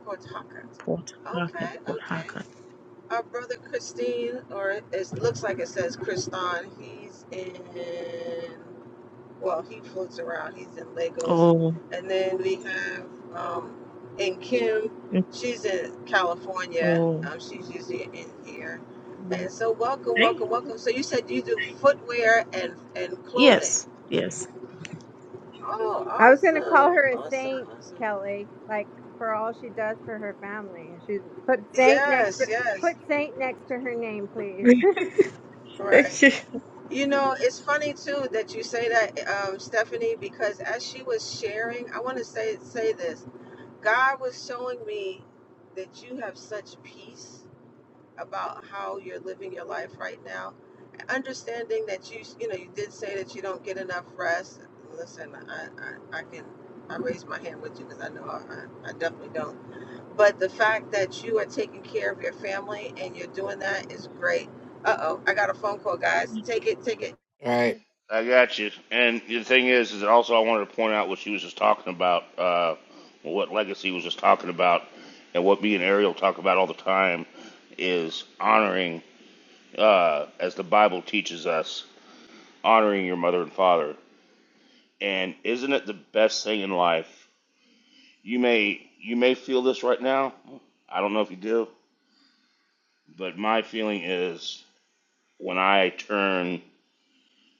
[SPEAKER 1] Coach
[SPEAKER 10] Port Harcourt.
[SPEAKER 1] Okay,
[SPEAKER 10] Port
[SPEAKER 1] okay.
[SPEAKER 10] Harcourt.
[SPEAKER 1] Our brother Christine, or it looks like it says Kriston, he's in, well, he floats around. He's in Lagos.
[SPEAKER 10] Oh.
[SPEAKER 1] And then we have um, in Kim,
[SPEAKER 10] mm,
[SPEAKER 1] she's in California.
[SPEAKER 10] Oh.
[SPEAKER 1] Um, she's usually in here. And so, welcome,
[SPEAKER 10] Hey?
[SPEAKER 1] welcome, welcome. So, you said you do footwear and, and clothing.
[SPEAKER 10] Yes. Yes.
[SPEAKER 1] Oh,
[SPEAKER 5] i was gonna call
[SPEAKER 1] awesome,
[SPEAKER 5] her a
[SPEAKER 1] awesome,
[SPEAKER 5] saint
[SPEAKER 1] awesome.
[SPEAKER 5] kelly like for all she does for her family and she's put saint next
[SPEAKER 1] Yes,
[SPEAKER 5] to put
[SPEAKER 1] yes.
[SPEAKER 5] saint next to her name please
[SPEAKER 10] [LAUGHS]
[SPEAKER 1] Right.
[SPEAKER 10] Thank you.
[SPEAKER 1] You know, it's funny too that you say that, um, Stephanie, because as she was sharing, I want to say say this. God was showing me that you have such peace about how you're living your life right now. Understanding that you, you know, you did say that you don't get enough rest. Listen, I, I, I can, I raise my hand with you because I know I, I definitely don't. But the fact that you are taking care of your family and you're doing that is great. Uh oh, I got a phone call, guys. Take it, take it.
[SPEAKER 7] All right.
[SPEAKER 6] I got you. And the thing is, is that also I wanted to point out what she was just talking about, uh, what Legacy was just talking about, and what me and Ariel talk about all the time is honoring, uh, as the Bible teaches us, honoring your mother and father. And isn't it the best thing in life? You may you may feel this right now. I don't know if you do, but my feeling is when I turn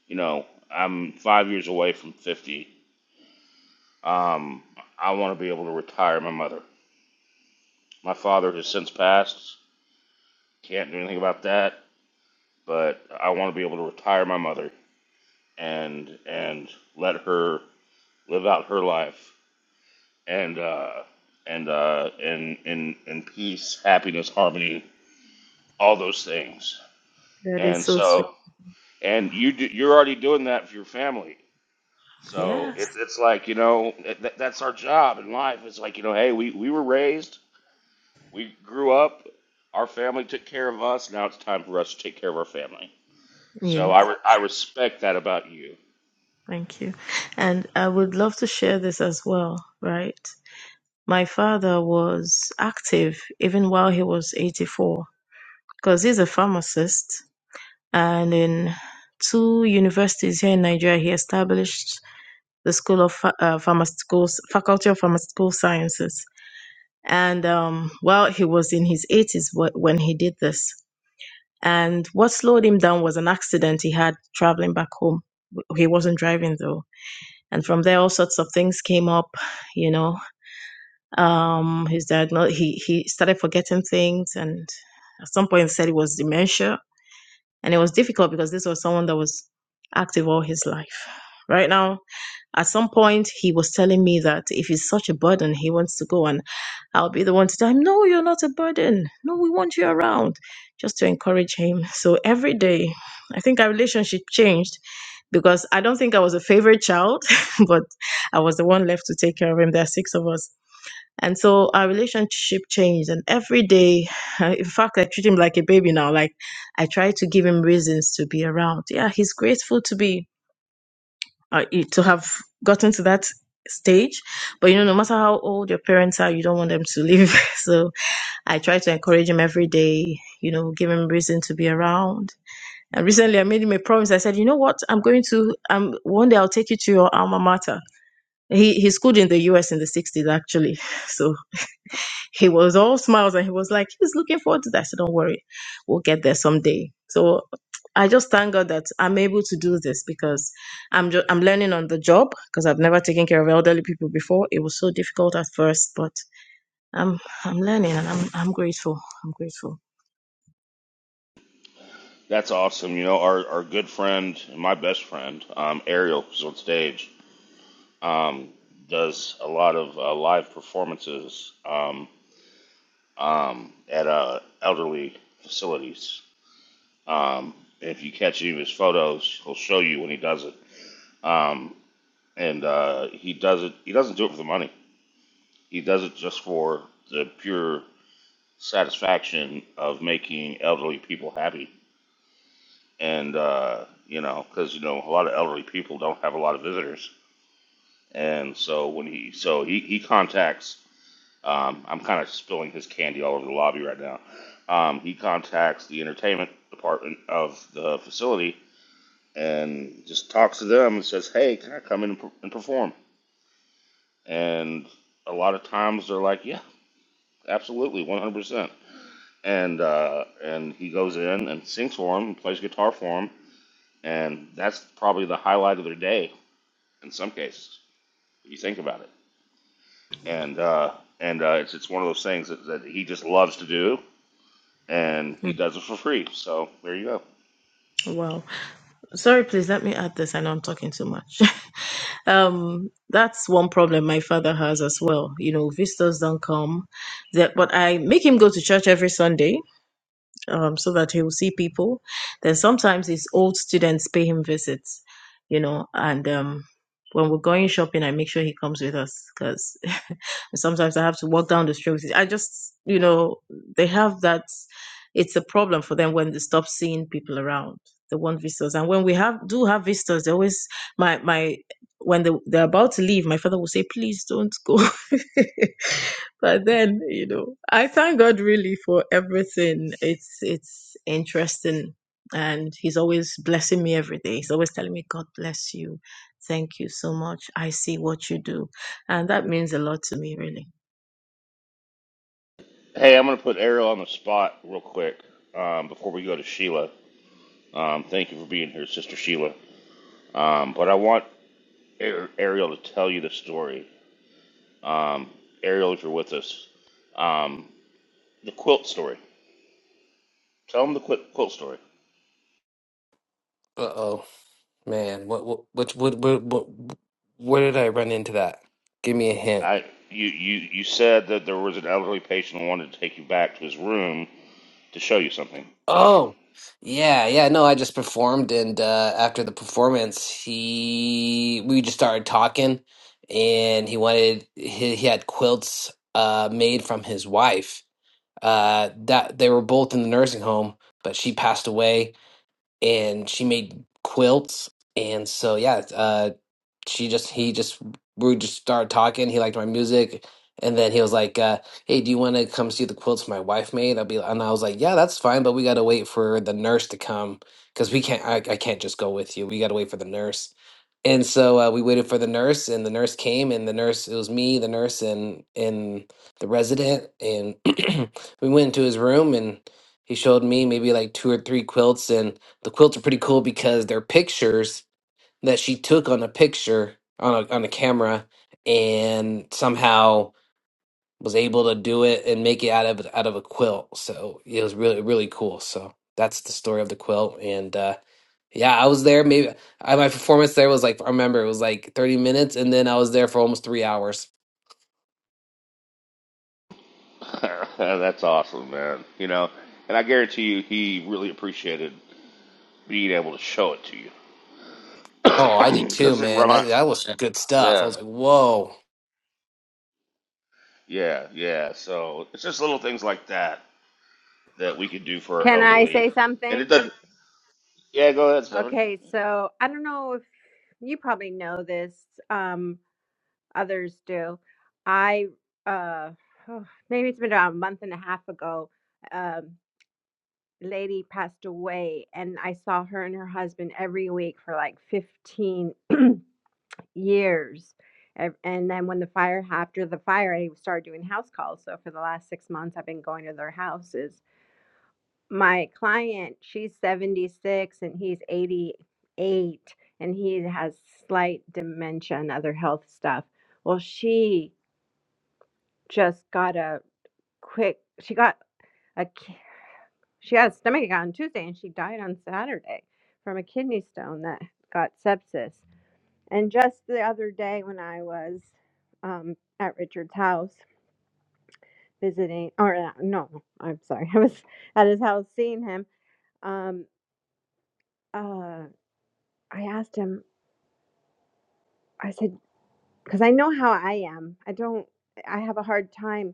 [SPEAKER 6] You know, I'm five years away from 50. Um, I want to be able to retire my mother. My father has since passed. Can't do anything about that. But I want to be able to retire my mother and and let her live out her life and uh, and uh, in in in peace, happiness, harmony, all those things.
[SPEAKER 10] That is
[SPEAKER 6] And
[SPEAKER 10] so sweet.
[SPEAKER 6] so, and you do, you're already doing that for your family. So
[SPEAKER 10] Yes.
[SPEAKER 6] it's it's like you know that, that's our job in life. It's like you know, hey, we we were raised, we grew up, our family took care of us. Now it's time for us to take care of our family. So I
[SPEAKER 10] Yes.
[SPEAKER 6] re- I respect that about you.
[SPEAKER 10] Thank you. And I would love to share this as well, right? My father was active even while he was 84 because he's a pharmacist. And in two universities here in Nigeria, he established the School of Ph- uh, Pharmaceutical Faculty of Pharmaceutical Sciences. And um, well, he was in his 80s wh- when he did this. And what slowed him down was an accident he had traveling back home. W- He wasn't driving though. And from there, all sorts of things came up. You know, um, his diagnosis. He he started forgetting things, and at some point, said it was dementia And it was difficult because this was someone that was active all his life. Right now, at some point, he was telling me that if he's such a burden, he wants to go. And I'll be the one to tell him, No, you're not a burden. No, we want you around, just to encourage him. So every day, I think our relationship changed because I don't think I was a favorite child, [LAUGHS] but I was the one left to take care of him. There are six of us and so our relationship changed. And every day, [SIGHS] [LAUGHS] in fact, I treat him like a baby now. Like I try to give him reasons to be around. Yeah, he's grateful to be uh, eh, to have gotten to that stage. But you know, no matter how old your parents are, you don't want them to leave. [LAUGHS] so I try to encourage him every day. You know, give him reason to be around. And recently, I made him a promise. I said, you know what? I'm going to. Um, one day I'll take you to your alma mater. He he schooled in the U.S. in the '60s, actually. [LAUGHS] So he was all smiles and he was like, he's looking forward to that. I said, don't worry, we'll get there someday. So I just thank God that I'm able to do this because I'm just, I'm learning on the job because I've never taken care of elderly people before. It was so difficult at first, but I'm I'm learning and I'm I'm grateful. I'm grateful.
[SPEAKER 6] That's awesome. You know, our our good friend, my best friend, um, Ariel, who's on stage, um, does a lot of uh, live performances um, um, at uh, elderly facilities. Um, if you catch any of his photos, he'll show you when he does it. Um, and uh, he does it. He doesn't do it for the money. He does it just for the pure satisfaction of making elderly people happy. And uh, you know, because you know, a lot of elderly people don't have a lot of visitors, and so when he so he he contacts. Um, I'm kind of spilling his candy all over the lobby right now. Um, he contacts the entertainment department of the facility and just talks to them and says, "Hey, can I come in and per- and perform?" And a lot of times they're like, yeah, Absolutely, 100%. And uh, and he goes in and sings for him, plays guitar for him, and that's probably the highlight of their day in some cases, if you think about it. And uh, and uh, it's it's one of those things that, that he just loves to do, and he
[SPEAKER 10] Mm,
[SPEAKER 6] does it for free. So there you go.
[SPEAKER 10] Wow. Sorry, please let me add this. I know I'm talking too much. [LAUGHS] um, that's one problem my father has as well. You know, visitors don't come. That, but I make him go to church every Sunday um, so that he will see people. Then sometimes his old students pay him visits, you know, and um, when we're going shopping, I make sure he comes with us because [LAUGHS] sometimes I have to walk down the street. with him. I just, you know, they have that. It's a problem for them when they stop seeing people around. They want visitors, and when we have do have visitors, they always my my when they, they're about to leave, my father will say, "Please don't go." [LAUGHS] but then you know i thank god really for everything it's it's interesting and he's always blessing me every day he's always telling me god bless you thank you so much i see what you do and that means a lot to me really
[SPEAKER 6] Hey, I'm gonna put Ariel on the spot real quick um, before we go to Sheila. Um, thank you for being here, Sister Sheila. Um, but I want Ar- Ariel to tell you the story. Um, Ariel, if you're with us. um, The quilt story. Tell them the quilt, quilt story.
[SPEAKER 7] Uh oh, man. What, what, what, what, what, what, where did I run into that? Give me a hint.
[SPEAKER 6] I you, you you said that there was an elderly patient who wanted to take you back to his room to show you something.
[SPEAKER 7] Oh, yeah, yeah. No, I just performed, and uh, after the performance, he we just started talking, and he wanted he, he had quilts uh, made from his wife. Uh, that they were both in the nursing home, but she passed away, and she made quilts, and so yeah. uh, she just he just we just started talking. He liked my music, and then he was like, uh, "Hey, do you want to come see the quilts my wife made?" I'll be and I was like, "Yeah, that's fine, but we got to wait for the nurse to come because we can't. I, I can't just go with you. We got to wait for the nurse." And so uh, we waited for the nurse, and the nurse came, and the nurse it was me, the nurse, and and the resident, and [CLEARS THROAT] we went into his room and. He showed me maybe like two or three quilts, and the quilts are pretty cool because they're pictures that she took on a picture on a on a camera and somehow was able to do it and make it out of out of a quilt. So it was really really cool. So that's the story of the quilt and uh yeah, I was there maybe I, my performance there was like I remember it was like 30 minutes and then I was there for almost 3 hours.
[SPEAKER 6] [LAUGHS] That's awesome, man. You know, and I guarantee you, he really appreciated being able to show it to
[SPEAKER 7] Oh, I
[SPEAKER 6] you
[SPEAKER 7] did
[SPEAKER 6] [COUGHS]
[SPEAKER 7] too,
[SPEAKER 6] because it
[SPEAKER 7] man. That
[SPEAKER 6] remind.
[SPEAKER 7] that was good stuff. I
[SPEAKER 6] Yeah,
[SPEAKER 7] was like, "Whoa,
[SPEAKER 6] yeah, yeah. So it's just little things like that that we could do
[SPEAKER 5] [LAUGHS]
[SPEAKER 6] for our
[SPEAKER 5] can i
[SPEAKER 6] elderly,
[SPEAKER 5] say
[SPEAKER 6] and it
[SPEAKER 5] something
[SPEAKER 6] doesn't. Yeah, go ahead, Stephanie.
[SPEAKER 5] okay so i don't know if you probably know this um others do. I uh oh, maybe it's been about a month and a half ago. Um, lady passed away, and I saw her and her husband every week for like fifteen [CLEARS THROAT] years. Ev- And then when the fire after the fire, I started doing house calls. So for the last six months, I've been going to their houses. My client, she's seventy six and he's eighty eight, and he has slight dementia and other health stuff. Well, she just got a quick she got a ki- she had a stomachache on Tuesday and she died on Saturday from a kidney stone that got sepsis. And just the other day when I was um, at Richard's house visiting, or uh, no, I'm sorry, [LAUGHS] I was at his house seeing him. Um, uh, I asked him, I said, because I know how I am. I don't, I have a hard time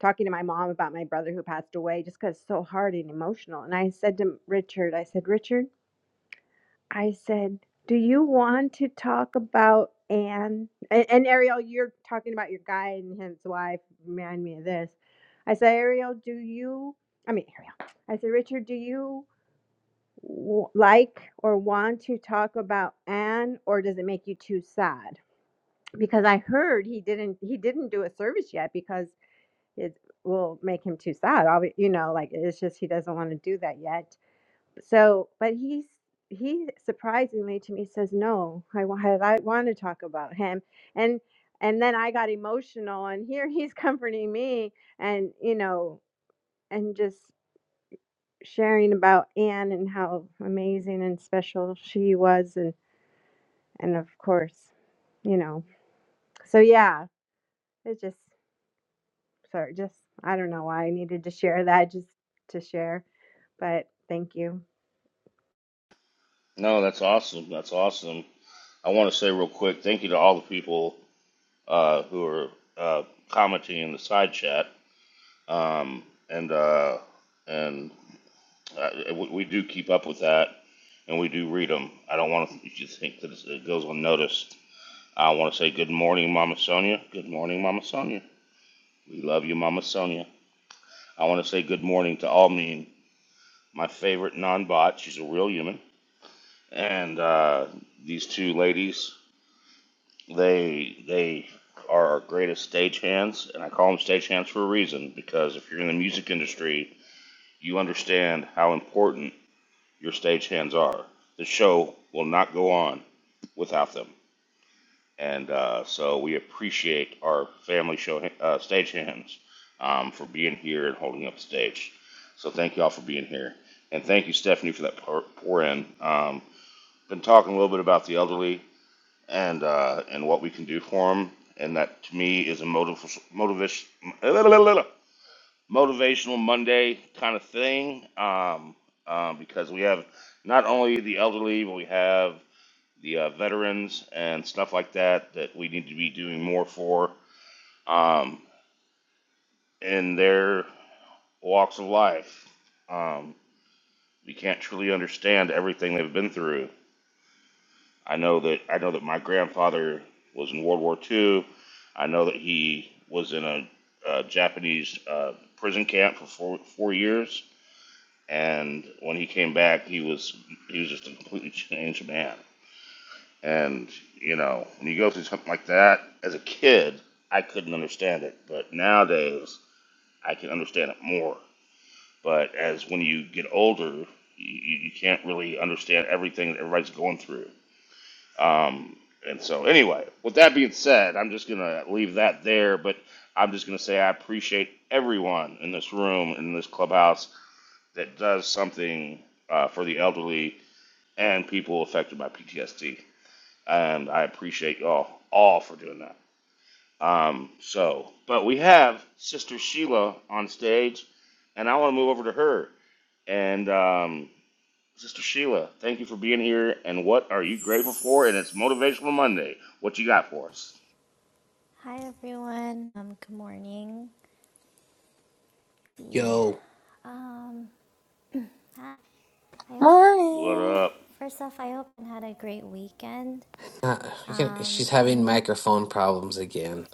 [SPEAKER 5] talking to my mom about my brother who passed away just because it's so hard and emotional. And I said to Richard, I said, Richard, I said, do you want to talk about Anne? And, and Ariel, you're talking about your guy and his wife. Remind me of this. I said, Ariel, do you, I mean, Ariel, I said, Richard, do you w- like or want to talk about Anne or does it make you too sad? Because I heard he didn't he didn't do a service yet because it will make him too sad. Obvi- You know, like it's just he doesn't want to do that yet. So, but he's he surprisingly to me says no. I wa- I want to talk about him, and and then I got emotional, and here he's [LAUGHS] comforting me, and you know, and just sharing about Anne and how amazing and special she was, and and of course, you know, so yeah, it just Sorry, just I don't know why I needed to share that just to share, but thank you.
[SPEAKER 6] No, that's awesome. That's awesome. I want to say real quick, thank you to all the people uh, who are uh, commenting in the side chat, um, and uh, and uh, we, we do keep up with that, and we do read them. I don't want to, you to think that it goes unnoticed. I want to say good morning, Mama Sonia. Good morning, Mama Sonia. We love you, Mama Sonia. I want to say good morning to Almeen, my favorite non-bot. She's a real human, and uh, these two ladies They they are our greatest stagehands, and I call them stagehands for a reason because if you're in the music industry, you understand how important your stagehands are. The show will not go on without them, and uh, so we appreciate our family show uh, stagehands um, for being here and holding up the stage. So thank you all for being here, and thank you Stephanie for that pour, pour in. Um, been talking a little bit about the elderly and uh, and what we can do for them. And that to me is a motiv- motivation, motivational Monday kind of thing um, um, because we have not only the elderly, but we have the uh, veterans and stuff like that that we need to be doing more for um, in their walks of life. Um, we can't truly understand everything they've been through I know that I know that my grandfather was in World War II. I know that he was in a, a Japanese uh, prison camp for four, four years, and when he came back, he was he was just a completely changed man. And you know, when you go through something like that as a kid, I couldn't understand it, but nowadays I can understand it more. But as when you get older, you you can't really understand everything that everybody's going through um, and so, anyway, with that being said, I'm just going to leave that there, but I'm just going to say I appreciate everyone in this room, in this clubhouse, that does something uh, for the elderly and people affected by PTSD. And I appreciate y'all all for doing that. Um, so, but we have Sister Sheila on stage, and I want to move over to her. And um, Sister Sheila, thank you for being here. And what are you grateful for? And it's Motivational Monday. What you got for us?
[SPEAKER 11] Hi everyone. Um, good morning. Yeah.
[SPEAKER 7] yo."
[SPEAKER 11] um, hi. I hope
[SPEAKER 6] What
[SPEAKER 8] Morning.
[SPEAKER 6] up?
[SPEAKER 11] first off, I hope you had a great weekend.
[SPEAKER 7] Uh, you can,
[SPEAKER 11] Um,
[SPEAKER 7] she's having
[SPEAKER 11] and
[SPEAKER 7] microphone problems again.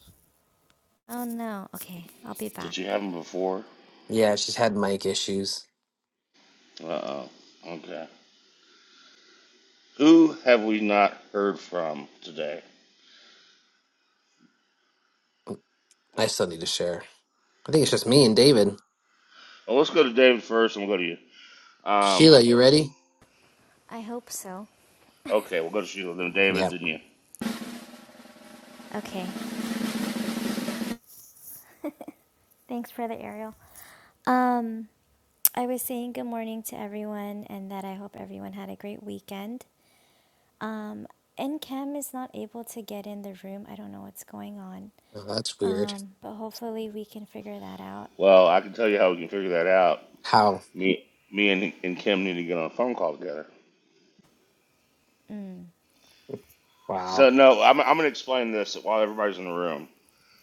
[SPEAKER 11] oh no, okay, I'll be
[SPEAKER 6] Did you
[SPEAKER 11] back.
[SPEAKER 6] have them before?
[SPEAKER 7] Yeah, she's had mic issues.
[SPEAKER 6] Uh oh. Okay. Who have we not heard from today?
[SPEAKER 7] I still need to share. I think it's just me and David.
[SPEAKER 6] Oh, let's go to David first, and we'll go to you. Um.
[SPEAKER 7] Sheila, you ready?
[SPEAKER 11] I hope so.
[SPEAKER 6] Okay, we'll go to Sheila, then David,
[SPEAKER 7] Yeah.
[SPEAKER 6] then you.
[SPEAKER 11] Okay, thanks, for the Ariel. Um, I was saying good morning to everyone, and that I hope everyone had a great weekend. Um, and Cam is not able to get in the room. I don't know what's going on.
[SPEAKER 7] Oh, that's weird.
[SPEAKER 11] Um, but hopefully we can figure that out.
[SPEAKER 6] Well, I can tell you how we can figure that out.
[SPEAKER 7] How?
[SPEAKER 6] Me, me, and, and Kim need to get on a phone call together.
[SPEAKER 11] Mm.
[SPEAKER 6] So
[SPEAKER 7] Wow.
[SPEAKER 6] no, I'm, I'm gonna explain this while everybody's in the room.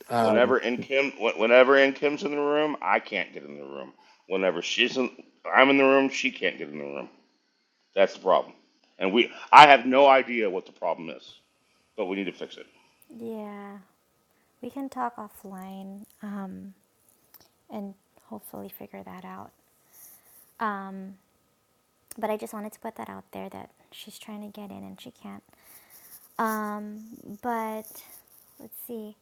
[SPEAKER 7] Um,
[SPEAKER 6] Whenever in Kim, whenever in Kim's in the room, I can't get in the room. Whenever she's in, I'm in the room, she can't get in the room. That's the problem. And we, I have no idea what the problem is, but we need to fix it.
[SPEAKER 11] Yeah. We can talk offline um, and hopefully figure that out. Um, but I just wanted to put that out there that she's trying to get in and she can't. Um, but let's see.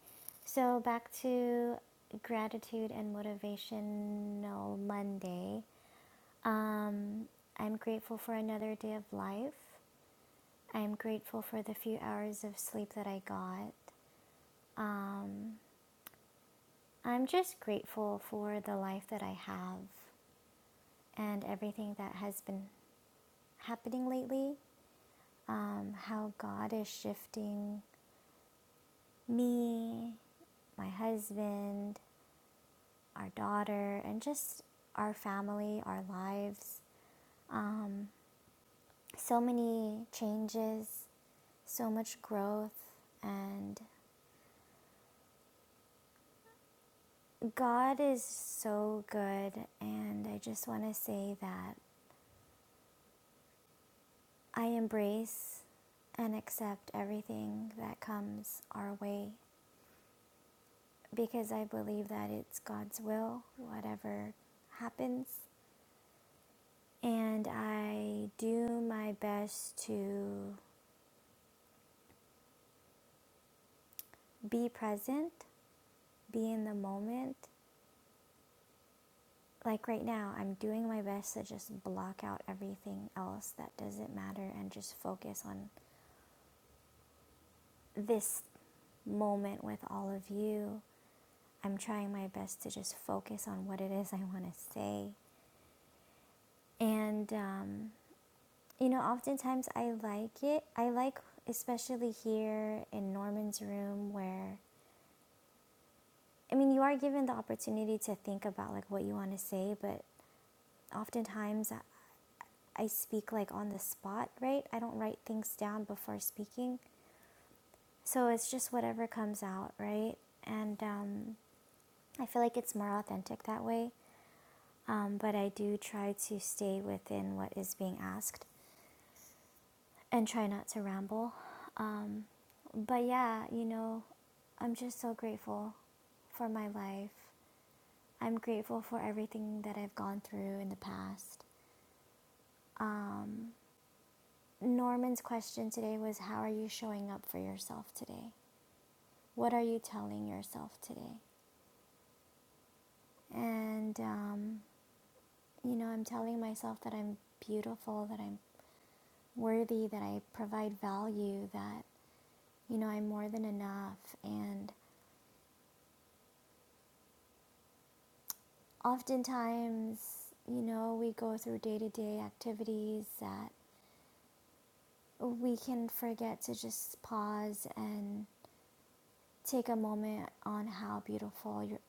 [SPEAKER 11] So back to gratitude and motivational Monday. Um, I'm grateful for another day of life. I'm grateful for the few hours of sleep that I got. Um, I'm just grateful for the life that I have. and everything that has been happening lately, um, how God is shifting me, my husband, our daughter, and just our family, our lives. Um, so many changes, so much growth, and God is so good. And I just want to say that I embrace and accept everything that comes our way because I believe that it's God's will, whatever happens. And I do my best to be present, be in the moment. Like right now, I'm doing my best to just block out everything else that doesn't matter and just focus on this moment with all of you. I'm trying my best to just focus on what it is I want to say. And um, You know, oftentimes I like it. I like, especially here in Norman's room, where I mean, you are given the opportunity to think about like what you want to say, but oftentimes I- speak like on the spot, right? I don't write things down before speaking. So it's just whatever comes out, right? And um, I feel like it's more authentic that way. Um, but I do try to stay within what is being asked. and try not to ramble. Um, but yeah, you know, I'm just so grateful for my life. I'm grateful for everything that I've gone through in the past. Norman's question today was How are you showing up for yourself today? What are you telling yourself today? And, um, you know, I'm telling myself that I'm beautiful, that I'm worthy, that I provide value, that, you know, I'm more than enough. And Oftentimes, you know, we go through day to day activities that we can forget to just pause and take a moment on how beautiful you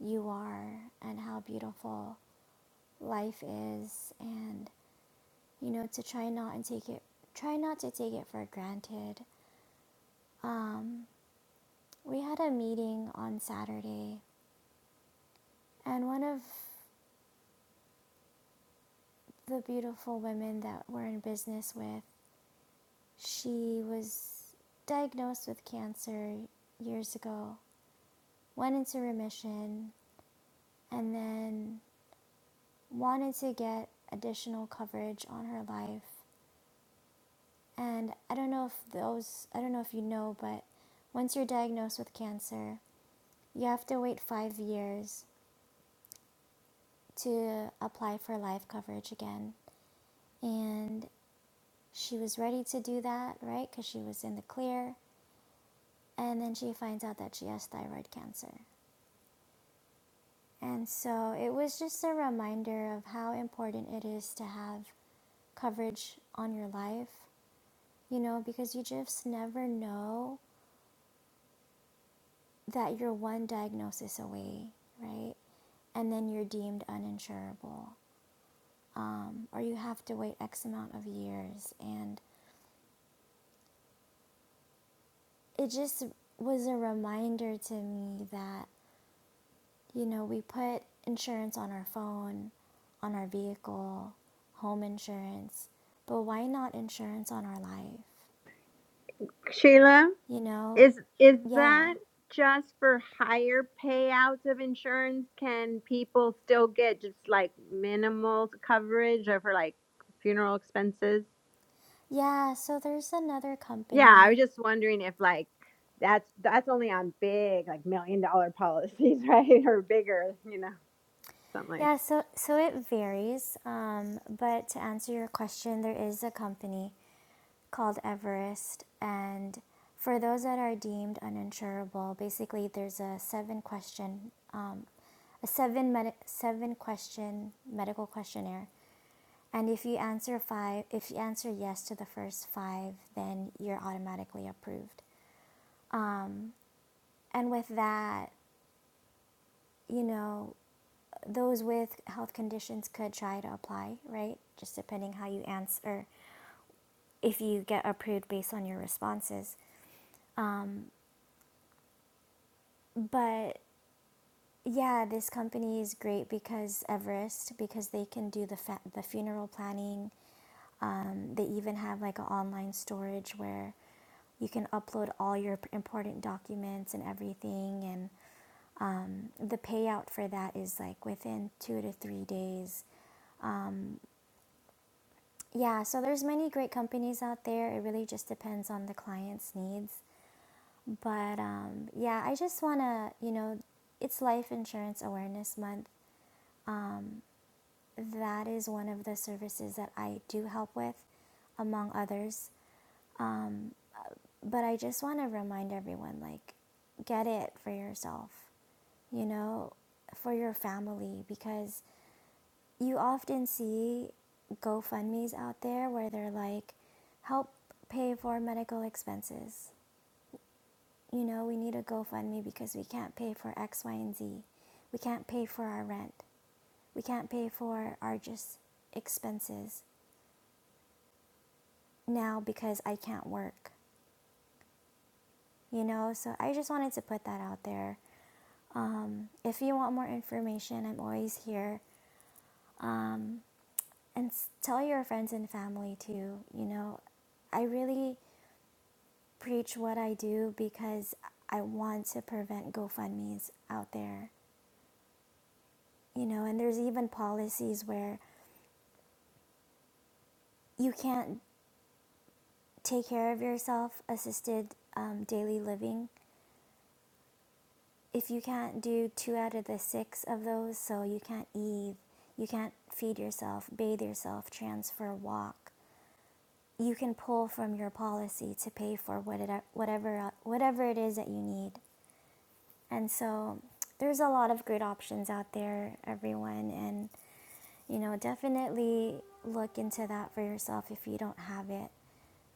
[SPEAKER 11] you are and how beautiful life is and you know to try not and take it try not to take it for granted um, we had a meeting on saturday and one of the beautiful women that we're in business with She was diagnosed with cancer years ago, went into remission, and then wanted to get additional coverage on her life. And I don't know if those, I don't know if you know, but once you're diagnosed with cancer, you have to wait five years to apply for life coverage again. And she was ready to do that, right? Because she was in the clear. And then she finds out that she has thyroid cancer. And so it was just a reminder of how important it is to have coverage on your life, you know, because you just never know that you're one diagnosis away, right? And then you're deemed uninsurable, um, or you have to wait X amount of years. And it just was a reminder to me that, you know, we put insurance on our phone, on our vehicle, home insurance, but why not insurance on our life?
[SPEAKER 5] Sheila,
[SPEAKER 11] you know
[SPEAKER 5] is is
[SPEAKER 11] yeah
[SPEAKER 5] that just for higher payouts of insurance? Can people still get just like minimal coverage or for like funeral expenses?
[SPEAKER 11] yeah so there's another
[SPEAKER 5] Yeah, I was
[SPEAKER 11] company
[SPEAKER 5] just wondering if like that's that's only on big like million dollar policies, [LAUGHS] right? Or bigger, you know, something like
[SPEAKER 11] yeah so so it varies um, but to answer your question there is a company called everest and for those that are deemed uninsurable basically there's a seven question um, a seven med- seven question medical questionnaire and if you answer five if you answer yes to the first five then you're automatically approved and with that you know Those with health conditions could try to apply, right? Just depending how you answer, if you get approved based on your responses. But yeah, this company is great because Everest, because they can do the fa- the funeral planning. Um, they even have like an online storage where you can upload all your important documents and everything and the payout for that is like within two to three days Yeah, so there's many great companies out there. It really just depends on the client's needs. But um, yeah, I just want to, you know, it's Life Insurance Awareness Month. That is one of the services that I do help with, among others. But I just want to remind everyone like, get it for yourself, you know, for your family, because you often see GoFundMe's out there where they're like, help pay for medical expenses you know, we need a GoFundMe because we can't pay for X, Y, and Z. We can't pay for our rent. We can't pay for our just expenses now because I can't work, you know? So I just wanted to put that out there. If you want more information, I'm always here. Um, and tell your friends and family too, you know? I really preach what I do because I want to prevent GoFundMe's out there, you know? And there's even policies where you can't take care of yourself, assisted um, daily living. If you can't do two out of the six of those, so you can't eat, you can't feed yourself, bathe yourself, transfer, walk, you can pull from your policy to pay for what it, whatever, whatever it is that you need. And so there's a lot of great options out there, everyone. And, you know, definitely look into that for yourself if you don't have it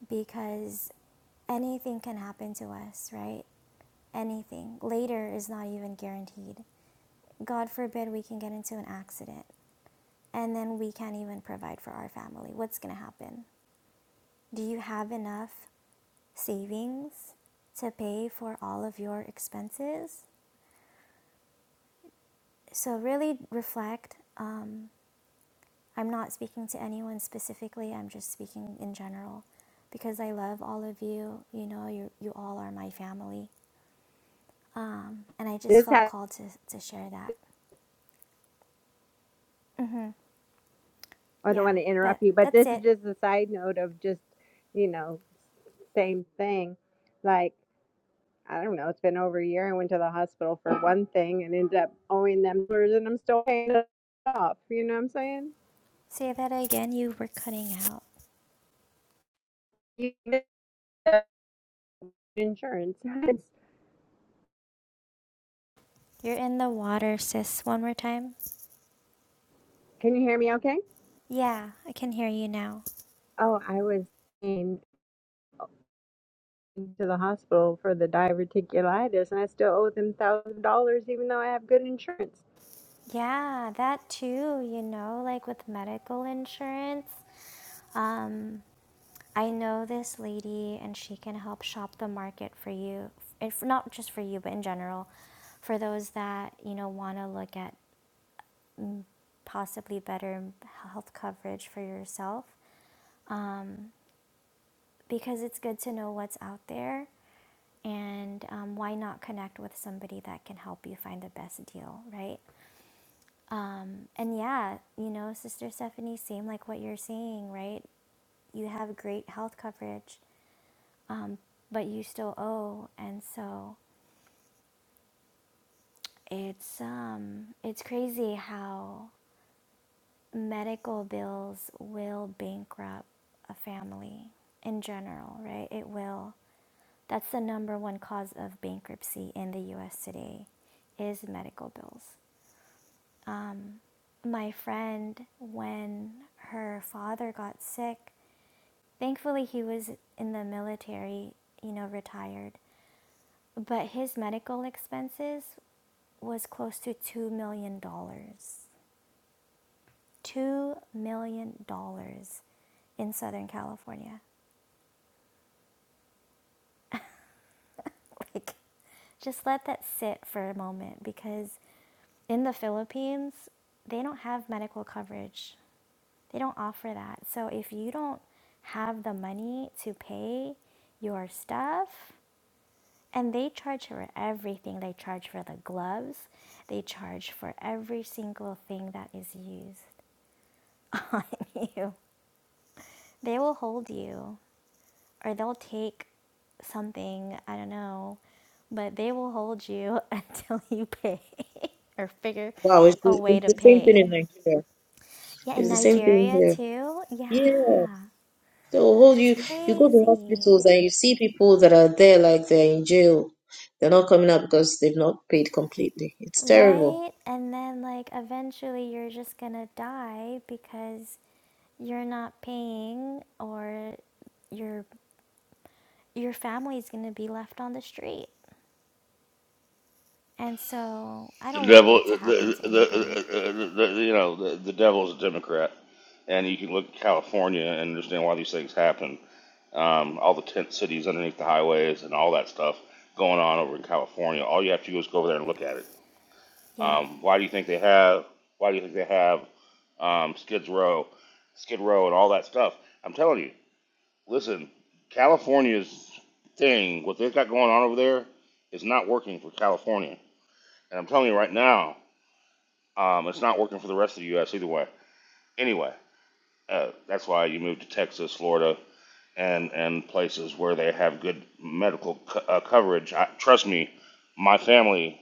[SPEAKER 11] because anything can happen to us, right? anything. Later is not even guaranteed. God forbid we can get into an accident and then we can't even provide for our family. What's going to happen? Do you have enough savings to pay for all of your expenses? So, really reflect. Um, I'm not speaking to anyone specifically, I'm just speaking in general because I love all of you. You know, you, you all are my family. Um, and I just
[SPEAKER 5] this
[SPEAKER 11] felt
[SPEAKER 5] has
[SPEAKER 11] called to, to share that. hmm
[SPEAKER 5] I don't
[SPEAKER 11] Yeah,
[SPEAKER 5] want to
[SPEAKER 11] but
[SPEAKER 5] interrupt you, but
[SPEAKER 11] that's
[SPEAKER 5] this is
[SPEAKER 11] it.
[SPEAKER 5] just a side note of just, you know, same thing. Like, I don't know, it's been over a year. I went to the hospital for one thing and ended up owing them dollars and I'm still paying it off. You know what I'm saying?
[SPEAKER 11] Say that again, you were cutting out.
[SPEAKER 5] You get Insurance. [LAUGHS] Can
[SPEAKER 11] You're in the water, sis. One more time.
[SPEAKER 5] you hear me okay?
[SPEAKER 11] Yeah, I can hear you now.
[SPEAKER 5] Oh, I was in to the hospital for the diverticulitis and I still owe them thousand dollars even though I have good insurance.
[SPEAKER 11] Yeah, that too, you know, like with medical insurance. Um, I know this lady and she can help shop the market for you. If not just for you, but in general, for those that, you know, want to look at mm, possibly better health coverage for yourself. Um, because it's good to know what's out there and um, why not connect with somebody that can help you find the best deal right um, and yeah you know sister stephanie same like what you're saying right you have great health coverage um, but you still owe and so it's um it's crazy how medical bills will bankrupt a family in general right it will that's the number one cause of bankruptcy in the US today is medical bills my friend when her father got sick. Thankfully, he was in the military, you know, retired, but his medical expenses was close to $2 million. dollars. $2 million dollars in Southern California. Like, just let that sit for a moment because in the Philippines, they don't have medical coverage They don't offer that. So if you don't have the money to pay your stuff, and they charge for everything, they charge for the gloves, they charge for every single thing that is used [LAUGHS] on you. They will hold you, or they'll take something, I don't know, but they will hold you [LAUGHS] until you pay [LAUGHS] or figure
[SPEAKER 10] Wow, it's
[SPEAKER 11] a
[SPEAKER 10] the,
[SPEAKER 11] way to
[SPEAKER 10] it's the same thing
[SPEAKER 11] pay.
[SPEAKER 10] in Nigeria.
[SPEAKER 11] Yeah,
[SPEAKER 10] It's
[SPEAKER 11] in
[SPEAKER 10] the same thing
[SPEAKER 11] Nigeria
[SPEAKER 10] here.
[SPEAKER 11] too.
[SPEAKER 10] Yeah.
[SPEAKER 11] Yeah,
[SPEAKER 10] So all
[SPEAKER 11] it's
[SPEAKER 10] you you go to
[SPEAKER 11] crazy.
[SPEAKER 10] hospitals and you see people that are there like they're in jail. They're not coming out because they've not paid completely. It's terrible.
[SPEAKER 11] Right? And then, like, eventually you're just gonna die because you're not paying or your your family's gonna be left on the street. And so I
[SPEAKER 6] The
[SPEAKER 11] don't want
[SPEAKER 6] devil,
[SPEAKER 11] that to
[SPEAKER 6] the,
[SPEAKER 11] happen
[SPEAKER 6] the,
[SPEAKER 11] to
[SPEAKER 6] the,
[SPEAKER 11] anybody.
[SPEAKER 6] the, the the you know, the, the devil is a Democrat, and you can look at California and understand why these things happen. Um, all the tent cities underneath the highways and all that stuff going on over in California. All you have to do is go over there and look at it
[SPEAKER 11] Yeah.
[SPEAKER 6] Um, why do you think they have? Why do you think they have um, Skid Row, Skid Row, and all that stuff? I'm telling you. Listen, California's thing, what they've got going on over there, is not working for California. And I'm telling you right now, um, it's not working for the rest of the U.S. either way. Anyway, uh, that's why you move to Texas, Florida, and and places where they have good medical co- uh, coverage. I, trust me, my family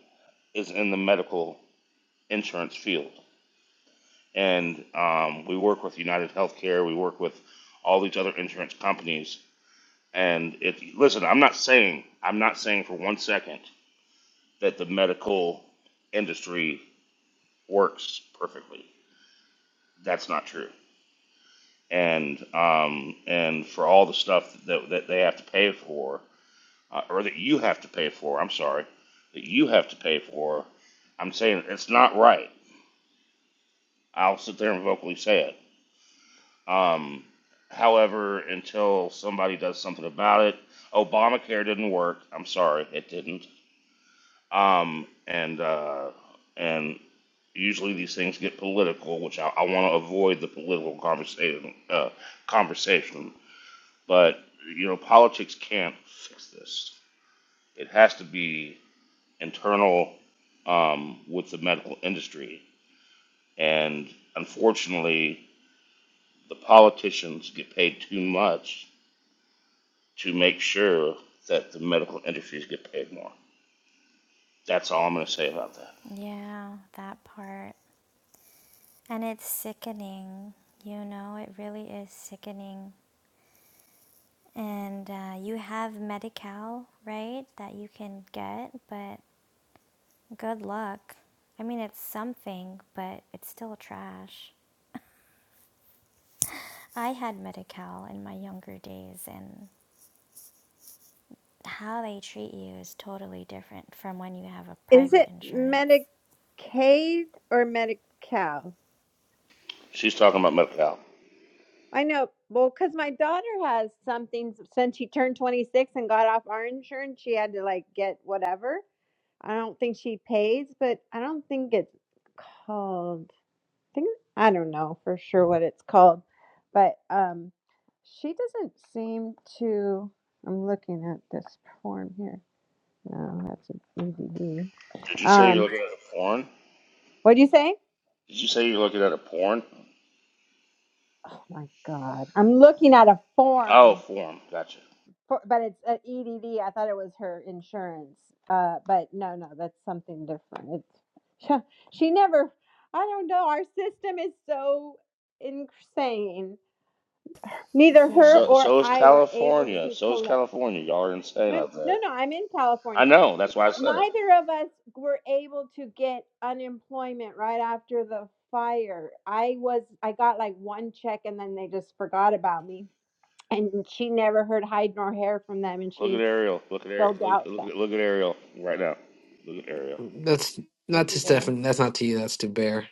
[SPEAKER 6] is in the medical insurance field. and um, we work with United Healthcare. We work with all these other insurance companies. And it, listen, I'm not saying I'm not saying for one second that the medical industry works perfectly. That's not true. And um, and for all the stuff that, that they have to pay for, uh, or that you have to pay for, I'm sorry, that you have to pay for, I'm saying it's not right. I'll sit there and vocally say it Um, however, until somebody does something about it, Obamacare didn't work. I'm sorry, it didn't. Um, and uh, and usually these things get political, which I, I want to avoid the political conversation. Uh, conversation, but you know, politics can't fix this. It has to be internal um, with the medical industry, and unfortunately, the politicians get paid too much to make sure that the medical industries get paid more. That's all I'm going to say about that.
[SPEAKER 11] Yeah, that part. And it's sickening. You know, it really is sickening. And uh, you have Medi-Cal, right? That you can get, but good luck. I mean, it's something, but it's still trash. I had Medi Cal in my younger days, and how they treat you is totally different from when you have a
[SPEAKER 5] Is
[SPEAKER 11] private
[SPEAKER 5] it
[SPEAKER 11] insurance.
[SPEAKER 5] Medicaid or Medi-Cal?
[SPEAKER 6] She's talking about medical.
[SPEAKER 5] I know. Well, because my daughter has something since she turned 26 and got off our insurance, she had to like get whatever. I don't think she pays, but I don't think it's called. I think I don't know for sure what it's called, but um, she doesn't seem to. I'm looking at this form here. No, that's an EDD.
[SPEAKER 6] Did you say you're
[SPEAKER 5] Um,
[SPEAKER 6] looking at a porn?
[SPEAKER 5] what'd you say?
[SPEAKER 6] Did you say you're looking at a porn?
[SPEAKER 5] Oh my God, I'm looking at a
[SPEAKER 6] Oh,
[SPEAKER 5] form.
[SPEAKER 6] porn. Gotcha.
[SPEAKER 5] For, but it's uh, EDD. I thought it was her insurance. Uh, but no, no, that's something different. It's, [LAUGHS] she never. I don't know. Our system is so insane. Neither
[SPEAKER 6] Well,
[SPEAKER 5] her
[SPEAKER 11] Yeah.
[SPEAKER 6] so
[SPEAKER 5] or
[SPEAKER 6] so is
[SPEAKER 5] I were able
[SPEAKER 6] California.
[SPEAKER 5] to
[SPEAKER 6] So is
[SPEAKER 5] collect.
[SPEAKER 6] California. Y'all are insane
[SPEAKER 5] No,
[SPEAKER 6] out
[SPEAKER 5] no,
[SPEAKER 6] there.
[SPEAKER 5] no. I'm in
[SPEAKER 6] I
[SPEAKER 5] California.
[SPEAKER 6] know. That's why I said it.
[SPEAKER 5] Neither of us were able to get unemployment right after the fire. I was. I got like one check, and then they just forgot about me. And she never heard hide nor hair from them, and
[SPEAKER 6] Look at
[SPEAKER 5] she
[SPEAKER 6] Ariel. Look at Ariel.
[SPEAKER 5] filled
[SPEAKER 6] Look,
[SPEAKER 5] out
[SPEAKER 6] look,
[SPEAKER 5] that.
[SPEAKER 6] at- look at Ariel right now. Look at Ariel.
[SPEAKER 7] that's
[SPEAKER 5] What's
[SPEAKER 7] not
[SPEAKER 5] he
[SPEAKER 7] to
[SPEAKER 5] doing?
[SPEAKER 7] Stefan. That's not to you. That's to Bear.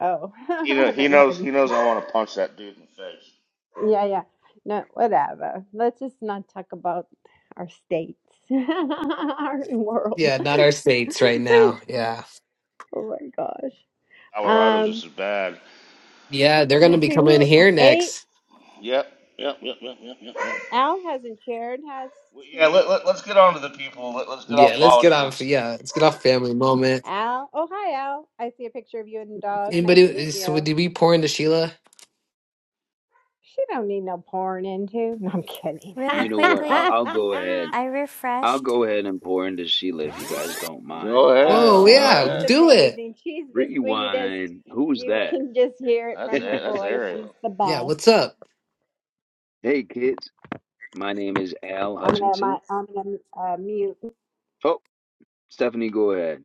[SPEAKER 5] Oh, [LAUGHS]
[SPEAKER 6] He know,
[SPEAKER 5] I
[SPEAKER 6] he
[SPEAKER 5] don't know
[SPEAKER 6] knows he knows
[SPEAKER 5] anything.
[SPEAKER 6] I want to punch that dude in the face.
[SPEAKER 5] Yeah, yeah. No, whatever. Let's just not talk about our states, [LAUGHS] our world.
[SPEAKER 7] Yeah, not our states right now.
[SPEAKER 5] [LAUGHS]
[SPEAKER 7] Yeah.
[SPEAKER 5] oh my gosh.
[SPEAKER 6] Colorado's
[SPEAKER 5] Um,
[SPEAKER 6] just as bad.
[SPEAKER 7] Yeah, they're gonna
[SPEAKER 5] let's
[SPEAKER 7] be
[SPEAKER 5] see
[SPEAKER 7] coming
[SPEAKER 5] who.
[SPEAKER 7] here
[SPEAKER 5] A
[SPEAKER 7] next.
[SPEAKER 6] Yep. Yep. Yep. Yep. Yep. Yep. yep.
[SPEAKER 5] Al hasn't shared, has
[SPEAKER 6] Well, yeah,
[SPEAKER 5] he?
[SPEAKER 6] let, let, let's get on to the people. Let, let's get
[SPEAKER 7] Yeah,
[SPEAKER 6] off
[SPEAKER 7] let's get off.
[SPEAKER 6] politics.
[SPEAKER 7] Yeah, let's get off family moment.
[SPEAKER 5] Al. Oh, hi, Al. I see a picture of you and the dog. Nice to meet
[SPEAKER 7] Anybody? So
[SPEAKER 5] you.
[SPEAKER 7] did we pour into Sheila?
[SPEAKER 5] She don't need no pouring into. No, I'm kidding.
[SPEAKER 11] Really
[SPEAKER 12] You know what? I'll,
[SPEAKER 11] quickly,
[SPEAKER 12] I'll go
[SPEAKER 5] [LAUGHS]
[SPEAKER 12] ahead.
[SPEAKER 11] I
[SPEAKER 12] I'll
[SPEAKER 11] refreshed.
[SPEAKER 12] go ahead and pour into Sheila if you guys don't
[SPEAKER 6] Go
[SPEAKER 12] mind.
[SPEAKER 11] Oh,
[SPEAKER 7] Oh
[SPEAKER 6] ahead,
[SPEAKER 12] Um,
[SPEAKER 5] Oh,
[SPEAKER 6] go
[SPEAKER 11] sure.
[SPEAKER 7] yeah,
[SPEAKER 5] she's
[SPEAKER 6] ahead.
[SPEAKER 7] do it.
[SPEAKER 5] amazing. She's the sweetest.
[SPEAKER 12] rewind. Who's
[SPEAKER 5] You
[SPEAKER 12] that?
[SPEAKER 5] can just hear it
[SPEAKER 6] That's
[SPEAKER 12] [LAUGHS]
[SPEAKER 5] from her
[SPEAKER 6] it. that's
[SPEAKER 5] voice. She's
[SPEAKER 6] Ariel.
[SPEAKER 5] the
[SPEAKER 7] Yeah,
[SPEAKER 5] best.
[SPEAKER 7] what's up?
[SPEAKER 12] Hey, kids. My name is Al
[SPEAKER 5] I'm gonna, my,
[SPEAKER 12] Hutchinson.
[SPEAKER 5] I'm gonna uh, mute.
[SPEAKER 12] Oh, Stephanie, go ahead.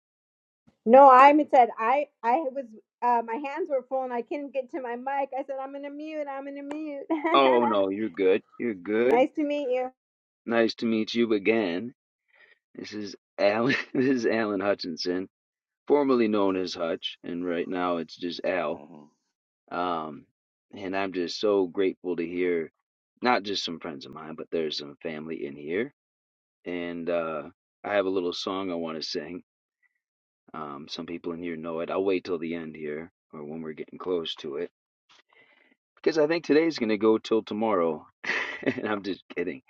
[SPEAKER 5] No, i said I, I was, uh, my hands were full and I couldn't get to my mic. I said I'm gonna mute. I'm gonna mute.
[SPEAKER 12] Oh, no, you're good. You're
[SPEAKER 5] [LAUGHS]
[SPEAKER 12] good.
[SPEAKER 5] nice to meet you.
[SPEAKER 12] Nice to meet you again. This is Alan. [LAUGHS] This is Alan Hutchinson, formerly known as Hutch, and right now it's just Al.
[SPEAKER 6] Mhm.
[SPEAKER 12] Um, and I'm just so grateful to hear not just some friends of mine, but there's some family in here and uh, I have a little song I want to sing. Um, some people in here know it. I'll wait till the end here, or when we're getting close to it, because I think today's gonna go till tomorrow. [LAUGHS] and I'm just kidding.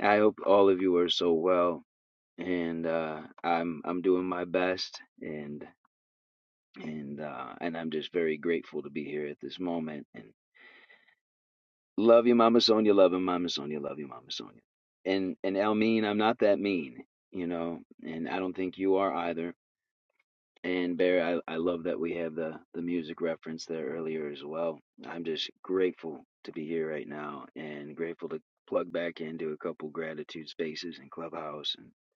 [SPEAKER 12] I hope all of you are so well, and uh, I'm I'm doing my best, and and uh, and I'm just very grateful to be here at this moment. And love you, Mama Sonia. Love you, Mama Sonia. Love you, Mama Sonia. And and Elmeen, I'm not that mean, you know, and I don't think you are either And Bear, I, I love that we have the, the music reference there earlier as well. I'm just grateful to be here right now and grateful to plug back into a couple gratitude spaces and clubhouse. And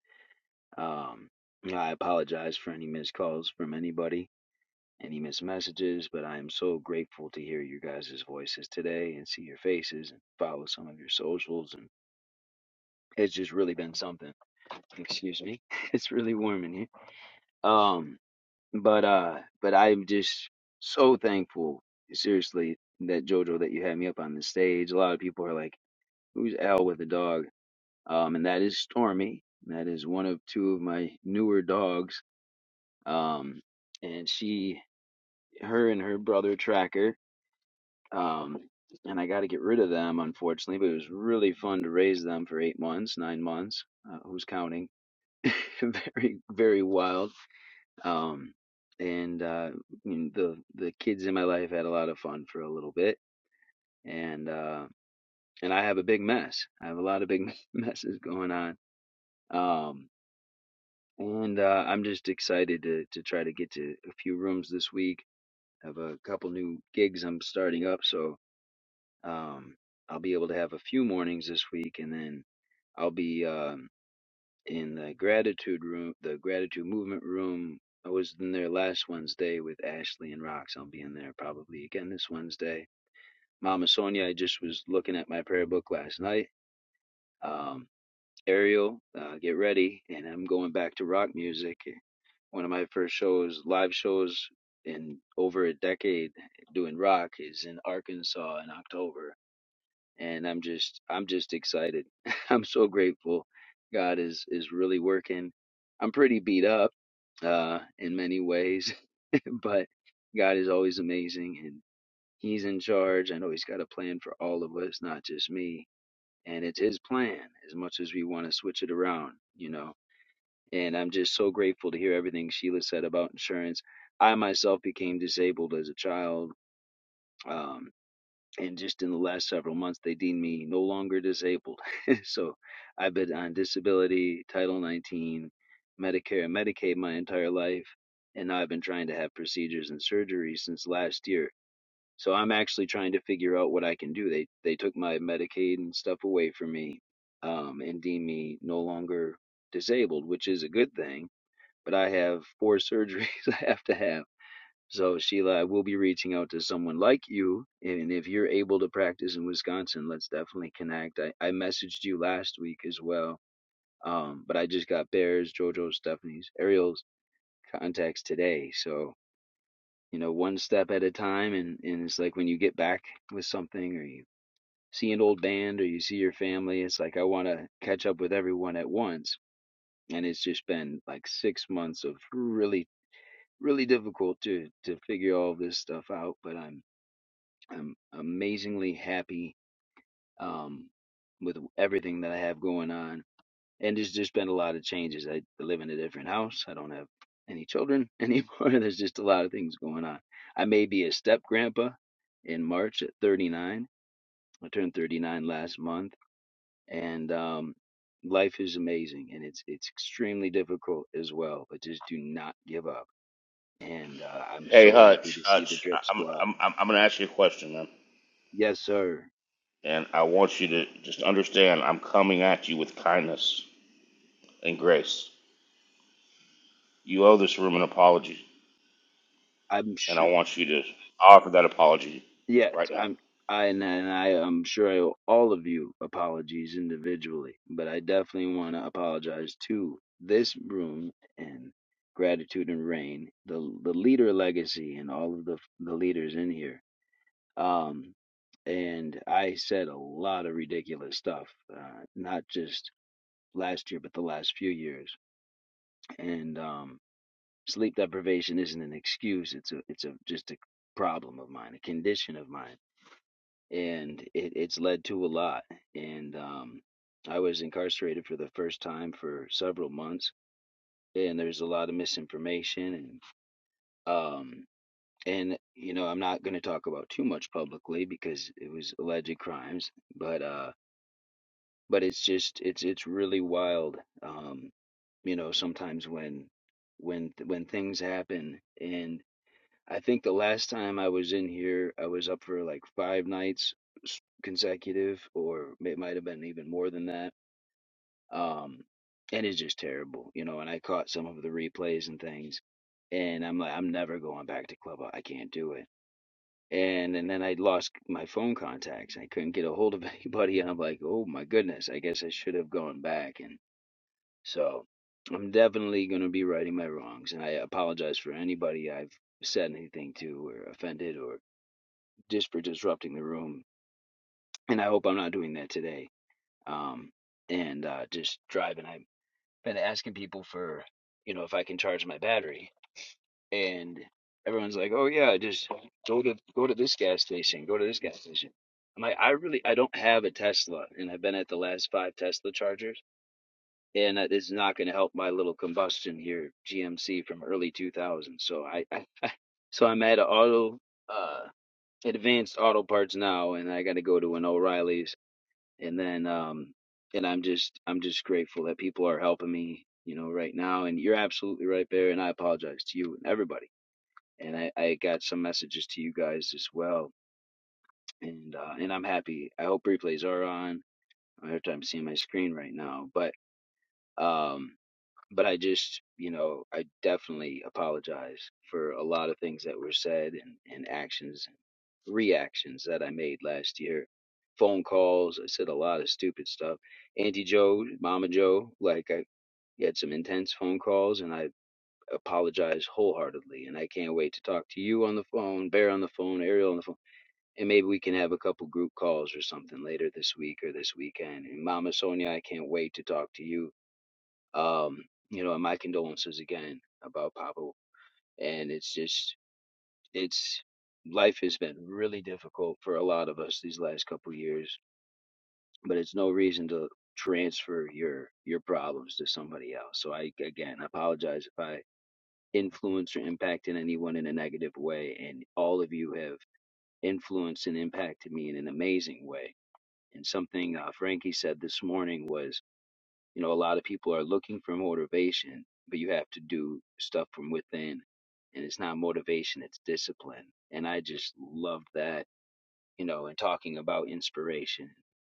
[SPEAKER 12] um, I apologize for any missed calls from anybody, any missed messages, but I am so grateful to hear your guys' voices today and see your faces and follow some of your socials. And it's just really been something. Excuse me. [LAUGHS] It's really warm in here. Um, But uh, but I'm just so thankful, seriously, that Jojo, that you had me up on the stage. A lot of people are like, "Who's Al with a dog?" Um, and that is Stormy. That is one of two of my newer dogs. Um, and she, her, and her brother Tracker. Um, and I got to get rid of them, unfortunately. But it was really fun to raise them for eight months, nine months. Uh, who's counting? [LAUGHS] very, very wild um, and uh, I mean, the the kids in my life had a lot of fun for a little bit, and uh, and I have a big mess. I have a lot of big [LAUGHS] messes going on, um, and uh, I'm just excited to to try to get to a few rooms this week. I have a couple new gigs I'm starting up, so um, I'll be able to have a few mornings this week, and then I'll be. um in the gratitude room, the gratitude movement room. I was in there last Wednesday with Ashley and Rox. I'll be in there probably again this Wednesday. Mama Sonia, I just was looking at my prayer book last night. Um, Ariel, uh, get ready, and I'm going back to rock music. One of my first shows, live shows in over a decade doing rock, is in Arkansas in October and I'm just I'm just excited. [LAUGHS] I'm so grateful. God is is really working. I'm pretty beat up uh in many ways, [LAUGHS] but God is always amazing and he's in charge. I know he's got a plan for all of us, not just me, and it's his plan as much as we want to switch it around, you know. And I'm just so grateful to hear everything Sheila said about insurance. I myself became disabled as a child. Um and just in the last several months they deemed me no longer disabled [LAUGHS] so i've been on disability title 19 medicare and medicaid my entire life and now i've been trying to have procedures and surgery since last year so i'm actually trying to figure out what i can do they they took my medicaid and stuff away from me um, and deemed me no longer disabled which is a good thing but i have four surgeries [LAUGHS] i have to have so, Sheila, I will be reaching out to someone like you. And if you're able to practice in Wisconsin, let's definitely connect. I, I messaged you last week as well. Um, but I just got Bears, JoJo, Stephanie's, Ariel's contacts today. So, you know, one step at a time. And, and it's like when you get back with something or you see an old band or you see your family, it's like I want to catch up with everyone at once. And it's just been like six months of really, really difficult to to figure all this stuff out. But I'm I'm amazingly happy um, with everything that I have going on. And there's just been a lot of changes. I live in a different house. I don't have any children [LAUGHS] anymore. There's just a lot of things going on. I may be a step grandpa in March at 39. I turned 39 last month, and um, life is amazing, and it's it's extremely difficult as well. But just do not give up. And uh, I'm
[SPEAKER 6] Hey
[SPEAKER 12] so happy
[SPEAKER 6] Hutch,
[SPEAKER 12] to see the
[SPEAKER 6] Hutch, I-
[SPEAKER 12] Drip
[SPEAKER 6] I'm
[SPEAKER 12] Squad.
[SPEAKER 6] I'm I'm I'm gonna ask you a question, man,
[SPEAKER 12] Yes, sir.
[SPEAKER 6] and I want you to just understand I'm coming at you with kindness and grace. You owe this room an apology,
[SPEAKER 12] I'm sure.
[SPEAKER 6] and I want you to offer that apology
[SPEAKER 12] Yes,
[SPEAKER 6] right now.
[SPEAKER 12] I'm. I and, I am sure I owe all of you apologies individually, but I definitely want to apologize to this room and gratitude and rain, the the leader legacy, and all of the the leaders in here. Um, and I said a lot of ridiculous stuff, uh, not just last year, but the last few years. And um, sleep deprivation isn't an excuse; it's a it's a just a problem of mine, a condition of mine and it, it's led to a lot. And um, I was incarcerated for the first time for several months, and there's a lot of misinformation, and um, and you know I'm not going to talk about too much publicly because it was alleged crimes, but uh, but it's just it's it's really wild. Um, you know, sometimes when when when things happen and. I think the last time I was in here, I was up for like five nights s- consecutive, or it might have been even more than that. Um, and it's just terrible, you know. And I caught some of the replays and things, and I'm like, I'm never going back to Clubhouse. I can't do it. And and then I lost my phone contacts. I couldn't get a hold of [LAUGHS] anybody, and I'm like, oh my goodness, I guess I should have gone back. And so I'm definitely going to be righting my wrongs, and I apologize for anybody I've said anything to or offended or just for disrupting the room. And I hope I'm not doing that today. Um, and uh, just driving. I've been asking people for, you know, if I can charge my battery. And everyone's like, oh, yeah, just go to go to this gas station, go to this gas station. I'm like, I really, I don't have a Tesla. And I've been at the last five Tesla chargers. And that is not going to help my little combustion here, GMC from early 2000. So I, I so I'm at an auto, uh, advanced auto parts now, and I got to go to an O'Reilly's and then um and i'm just i'm just grateful that people are helping me you know right now and you're absolutely right there and i apologize to you and everybody and i i got some messages to you guys as well and uh and i'm happy i hope replays are on i have time seeing my screen right now but um but i just you know i definitely apologize for a lot of things that were said and and actions reactions that I made last year. Phone calls. I said a lot of stupid stuff. Auntie Joe, Mama Joe, like I had some intense phone calls and I apologize wholeheartedly. And I can't wait to talk to you on the phone, Bear on the phone, Ariel on the phone. And maybe we can have a couple group calls or something later this week or this weekend. And Mama Sonia, I can't wait to talk to you. Um, you know, and my condolences again about Papa. And it's just it's life has been really difficult for a lot of us these last couple years, but it's no reason to transfer your your problems to somebody else. So I again apologize if I influence or impacted anyone in a negative way and all of you have influenced and impacted me in an amazing way. And something uh, Frankie said this morning was, you know, a lot of people are looking for motivation, but you have to do stuff from within and it's not motivation, it's discipline. And I just love that you know, and talking about inspiration.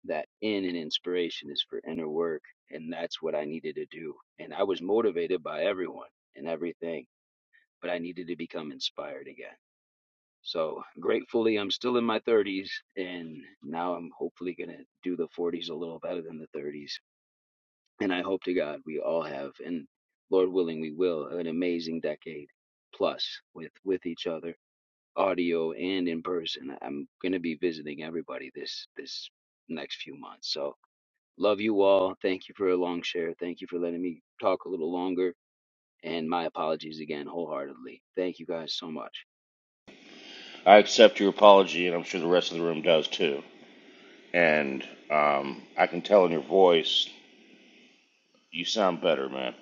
[SPEAKER 12] That in and inspiration is for inner work, and that's what I needed to do. And I was motivated by everyone and everything, but I needed to become inspired again. So gratefully, I'm still in my 30s, and now I'm hopefully gonna do the 40s a little better than the 30s. And I hope to God we all have, and Lord willing, we will an amazing decade plus with with each other audio and in person. I'm going to be visiting everybody this this next few months. So love you all. Thank you for a long share. Thank you for letting me talk a little longer. And my apologies again, wholeheartedly. Thank you guys so much.
[SPEAKER 6] I accept your apology, and I'm sure the rest of the room does too. And um, I can tell in your voice you sound better, man.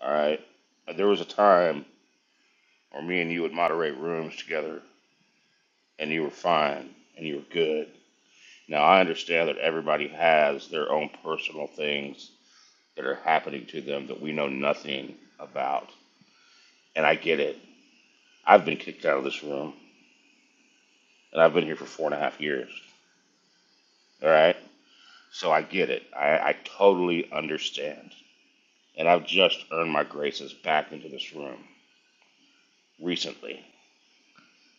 [SPEAKER 6] All right. There was a time where me and you would moderate rooms together, and you were fine and you were good. Now I understand that everybody has their own personal things that are happening to them that we know nothing about, and I get it. I've been kicked out of this room, and I've been here for four and a half years. All right. So I get it. I, I totally understand, and I've just earned my graces back into this room recently.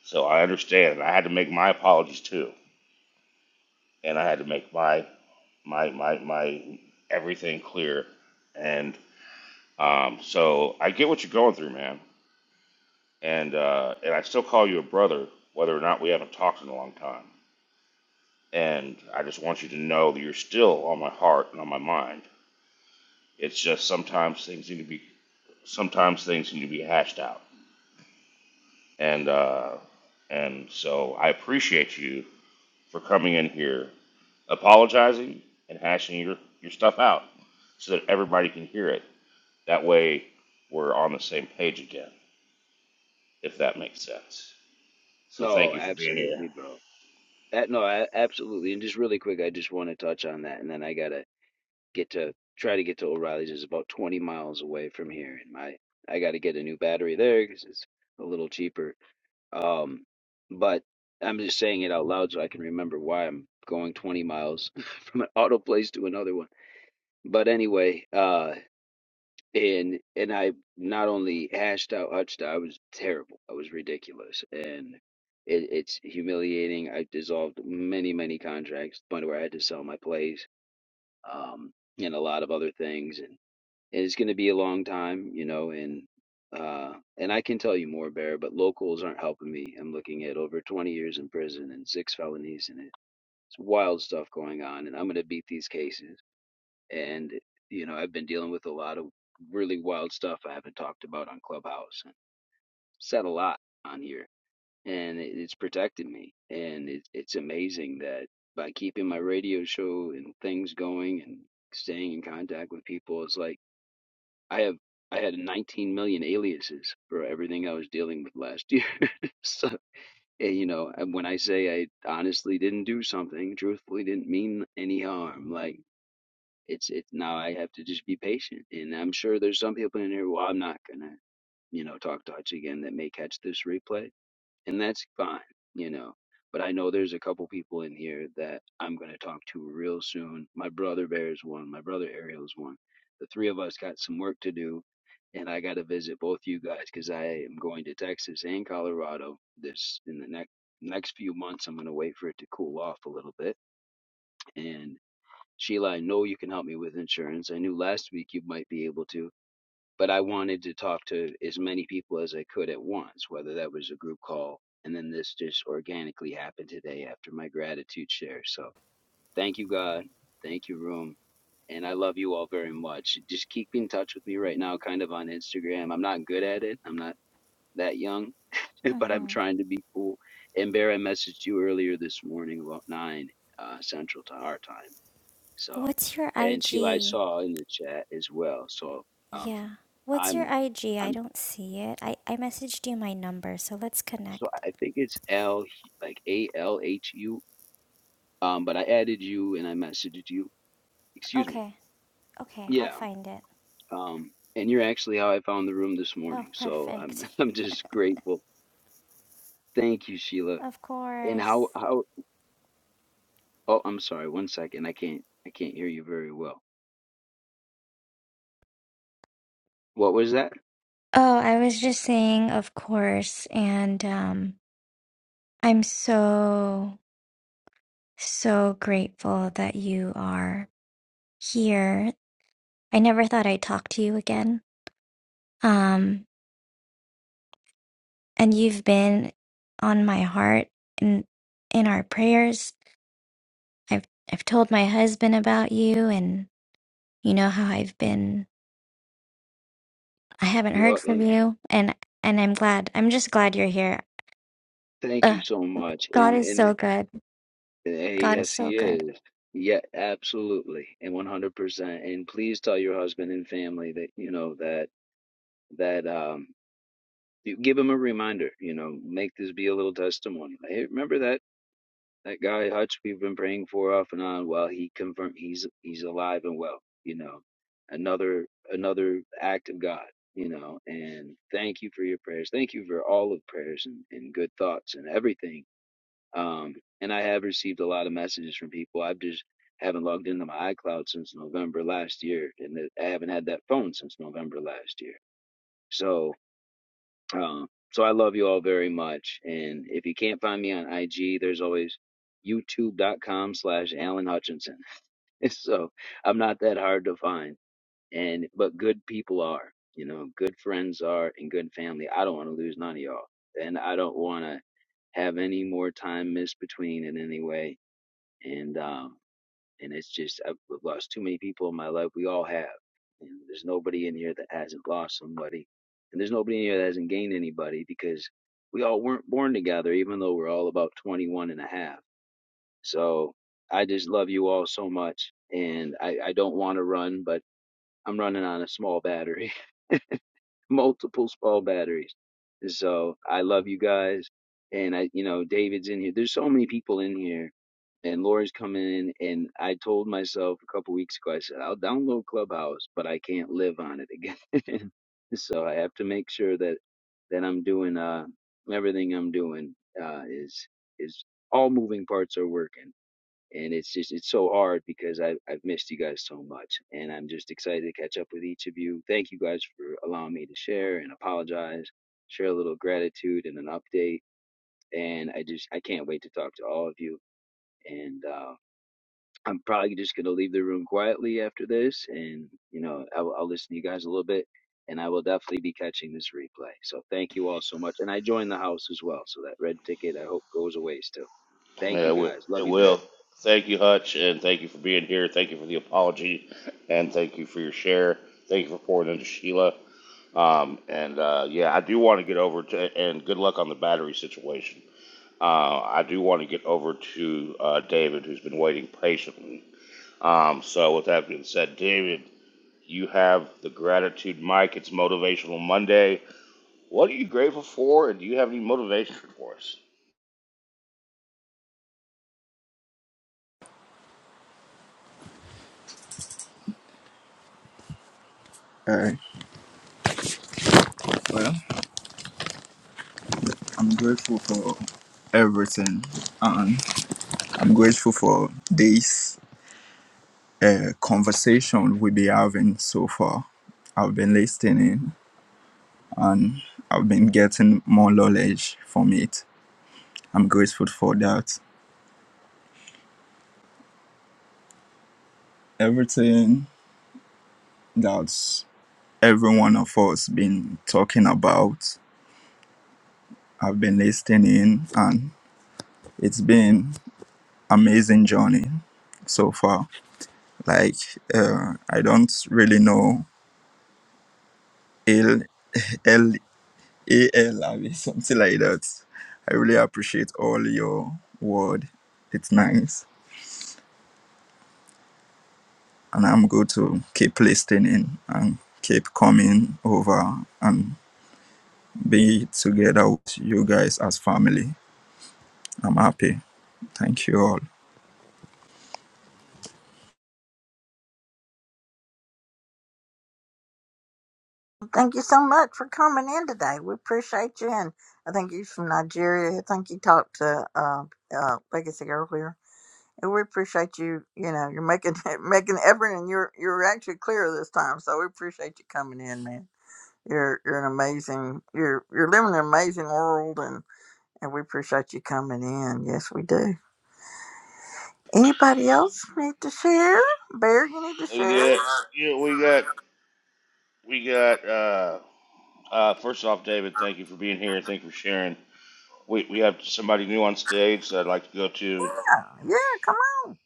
[SPEAKER 6] So I understand, and I had to make my apologies too, and I had to make my my my my everything clear and um so I get what you're going through man and uh and I still call you a brother whether or not we haven't talked in a long time and I just want you to know that you're still on my heart and on my mind it's just sometimes things need to be sometimes things need to be hashed out and uh and so I appreciate you for coming in here apologizing and hashing your your stuff out so that everybody can hear it That way, we're on the same page again, if that makes sense. So thank
[SPEAKER 12] No,
[SPEAKER 6] you for being here.
[SPEAKER 12] absolutely, bro. That, no, I, absolutely. And just really quick, I just want to touch on that, and then I gotta get to try to get to O'Reilly's. It's about 20 miles away from here, and my I gotta get a new battery there because it's a little cheaper Um, but I'm just saying it out loud so I can remember why I'm going 20 miles [LAUGHS] from an auto place to another one. But anyway, uh, and and I not only hashed out Uchta, I was terrible. I was ridiculous, and it, it's humiliating. I dissolved many many contracts, to the point where I had to sell my place um, and a lot of other things and it's going to be a long time, you know, and uh and I can tell you more bear, but locals aren't helping me. I'm looking at over 20 years in prison and six felonies and it's wild stuff going on and I'm going to beat these cases. And you know, I've been dealing with a lot of really wild stuff I haven't talked about on Clubhouse. and Said a lot on here and it, it's protected me and it, it's amazing that by keeping my radio show and things going and staying in contact with people it's like I have I had 19 million aliases for everything I was dealing with last year. [LAUGHS] so, eh, you know, and when I say I honestly didn't do something, truthfully didn't mean any harm. Like it's it's now I have to just be patient. And I'm sure there's some people in here. Well, I'm not gonna you know talk Dutch again that may catch this replay and that's fine, you know. But I know there's a couple people in here that I'm going to talk to real soon. My brother Bear's one, my brother Ariel's one. The three of us got some work to do, and I got to visit both you guys because I am going to Texas and Colorado this in the next next few months. I'm going to wait for it to cool off a little bit. And Sheila, I know you can help me with insurance. I knew last week you might be able to but I wanted to talk to as many people as I could at once, whether that was a group call. And then this just organically happened today after my gratitude share. So thank you, God. Thank you, Room. And I love you all very much. Just keep in touch with me right now, kind of on Instagram. I'm not good at it, I'm not that young, [LAUGHS] but I'm
[SPEAKER 11] Mm-hmm.
[SPEAKER 12] trying to be cool. And Bear, I messaged you earlier this morning about 9 uh, Central to our time. So,
[SPEAKER 11] What's your
[SPEAKER 12] and Sheila, I
[SPEAKER 11] IG?
[SPEAKER 12] saw in the chat as well. So, um,
[SPEAKER 11] Yeah. What's your
[SPEAKER 12] I'm,
[SPEAKER 11] IG? I
[SPEAKER 12] I'm,
[SPEAKER 11] don't see it. I, I messaged you my number, so let's
[SPEAKER 12] so
[SPEAKER 11] connect.
[SPEAKER 12] I think it's L, like A L H U. Um, but I added you and I messaged you. Excuse me.
[SPEAKER 11] Okay. Okay, I'll
[SPEAKER 12] Yeah.
[SPEAKER 11] find it.
[SPEAKER 12] Um, and you're actually how I found the room this
[SPEAKER 11] Oh,
[SPEAKER 12] morning. So I'm,
[SPEAKER 11] perfect.
[SPEAKER 12] [LAUGHS] I'm just grateful. Thank you, Sheila.
[SPEAKER 11] Of
[SPEAKER 12] And
[SPEAKER 11] course.
[SPEAKER 12] how, how? Oh, I'm sorry. One second. I can't, I can't hear you very well. What was that?
[SPEAKER 11] Oh, I was just saying, of course, and um, I'm so, so grateful that you are here. I never thought I'd talk to you again. Um, and you've been on my heart and in our prayers. I've I've told my husband about you and you know how I've been I haven't heard
[SPEAKER 12] Well,
[SPEAKER 11] from
[SPEAKER 12] and
[SPEAKER 11] you and and I'm glad. I'm just glad you're here.
[SPEAKER 12] thank you
[SPEAKER 11] Ugh,
[SPEAKER 12] so much.
[SPEAKER 11] God
[SPEAKER 12] And
[SPEAKER 11] is
[SPEAKER 12] and the
[SPEAKER 11] so good.
[SPEAKER 12] Hey,
[SPEAKER 11] God is
[SPEAKER 12] yes,
[SPEAKER 11] so
[SPEAKER 12] he
[SPEAKER 11] good.
[SPEAKER 12] is. Yeah, absolutely, and one hundred percent. And please tell your husband and family that you know that that um, you give him a reminder. You know, make this be a little testimony. Like, Hey, remember that that guy Hutch we've been praying for off and on. Well, he confirmed he's he's alive and well. You know, another another act of God. You know, and thank you for your prayers. Thank you for all of prayers and, and good thoughts and everything um, and I have received a lot of messages from people. I've just haven't logged into my iCloud since November last year, and that- I haven't had that phone since November last year. So, um, so I love you all very much. And if you can't find me on IG, there's always youtube.com slash Alan Hutchinson. [LAUGHS] so I'm not that hard to find. And, but good people are, you know, good friends are and good family. I don't want to lose none of y'all. And I don't want to have any more time missed between in any way and um and it's just I've I've lost too many people in my life. We all have, and there's nobody in here that hasn't lost somebody, and there's nobody in here that hasn't gained anybody because we all weren't born together, even though we're all about 21 and a half, So I just love you all so much, and I I don't want to run, but I'm running on a small battery multiple small batteries. So I love you guys. And I, you know, David's in here. There's so many people in here. And Laura's coming in. And I told myself a couple weeks ago, I said, I'll download Clubhouse, but I can't live on it again. [LAUGHS] so I have to make sure that, that I'm doing, uh, everything I'm doing, uh, is, is all moving parts are working and it's just it's so hard because I, I've missed you guys so much, and I'm just excited to catch up with each of you. Thank you guys for allowing me to share and apologize, share a little gratitude and an update, and I just I can't wait to talk to all of you. And uh, I'm probably just gonna leave the room quietly after this, and you know I'll, I'll listen to you guys a little bit, and I will definitely be catching this replay. So thank you all so much, and I joined the house as well, so that red ticket I hope goes away still.
[SPEAKER 6] Yeah,
[SPEAKER 12] Thank
[SPEAKER 6] it
[SPEAKER 12] you guys, love you, Bear.
[SPEAKER 6] will. Thank you, Hutch, and thank you for being here. Thank you for the apology, and thank you for your share. Thank you for pouring into Sheila. Um, and uh, yeah, I do want to get over to, and good luck on the battery situation. Uh, I do want to get over to uh, David, who's been waiting patiently. Um, so, with that being said, David, you have the gratitude mic. It's Motivational Monday. What are you grateful for, and do you have any motivation for us?
[SPEAKER 3] Alright. Well, I'm grateful for everything, and I'm grateful for this uh, conversation we've been having so far. I've been listening, and I've been getting more knowledge from it. I'm grateful for that. Everything that every one of us been talking about, I've been listening, and it's been amazing journey so far. Like uh, I don't really know L [LAUGHS] L A L I mean, [LAUGHS] something like that. I really appreciate all your word. It's nice, and I'm going to keep listening and keep coming over and be together with you guys as family. I'm happy. Thank you all.
[SPEAKER 8] Thank you so much for coming in today. We appreciate you. And I think you're from Nigeria. I think you talked to uh, uh, Legacy earlier. And we appreciate you. You know, you're making [LAUGHS] making an effort, and you're you're actually clear this time. So we appreciate you coming in, man. You're you're an amazing you're you're living an amazing world and and we appreciate you coming in. Yes, we do. Anybody else need to share? Bear, you need to
[SPEAKER 6] We
[SPEAKER 8] share.
[SPEAKER 6] got, you know, we got, we got. Uh, uh, first off, David, thank you for being here. Thank you for sharing. We we have somebody new on stage that I'd like to go to,
[SPEAKER 8] Yeah, come on.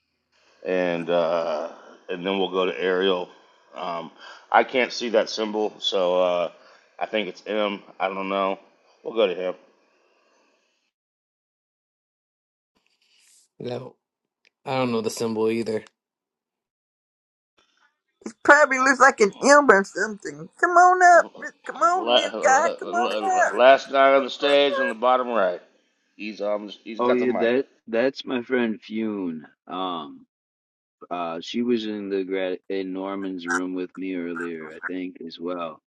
[SPEAKER 6] and uh, and then we'll go to Ariel. Um, I can't see that symbol, so uh, I think it's M. I don't know. We'll go to him.
[SPEAKER 7] No, I don't know the symbol either.
[SPEAKER 8] He probably looks like an imp or something. Come on up. Come on, new guy. Come on up.
[SPEAKER 6] Last guy on the stage on the bottom right. He's um he's
[SPEAKER 12] Oh
[SPEAKER 6] got the
[SPEAKER 12] yeah,
[SPEAKER 6] mic.
[SPEAKER 12] that that's my friend Fune. Um, uh, she was in the grad in Norman's room with me earlier, I think, as well.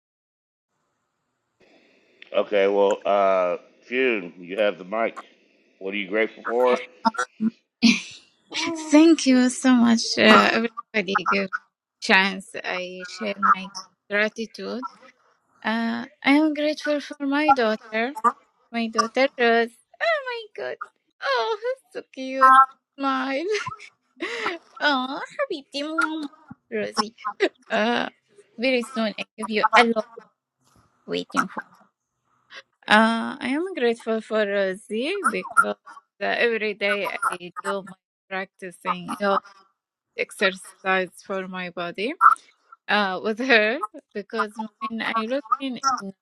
[SPEAKER 6] Okay, well, uh, Fune, you have the mic. What are you grateful for?
[SPEAKER 13] [LAUGHS] Thank you so much, uh, everybody. Give chance. I share my gratitude. Uh, I am grateful for my daughter. My daughter Rose. Oh my god. Oh, so cute. Smile. [LAUGHS] Oh, happy Rosie. Uh, very soon I give you a lot waiting for. Uh, I am grateful for Rosie because uh, every day I do my practicing. exercise for my body uh, [LAUGHS] with her because when I look in, in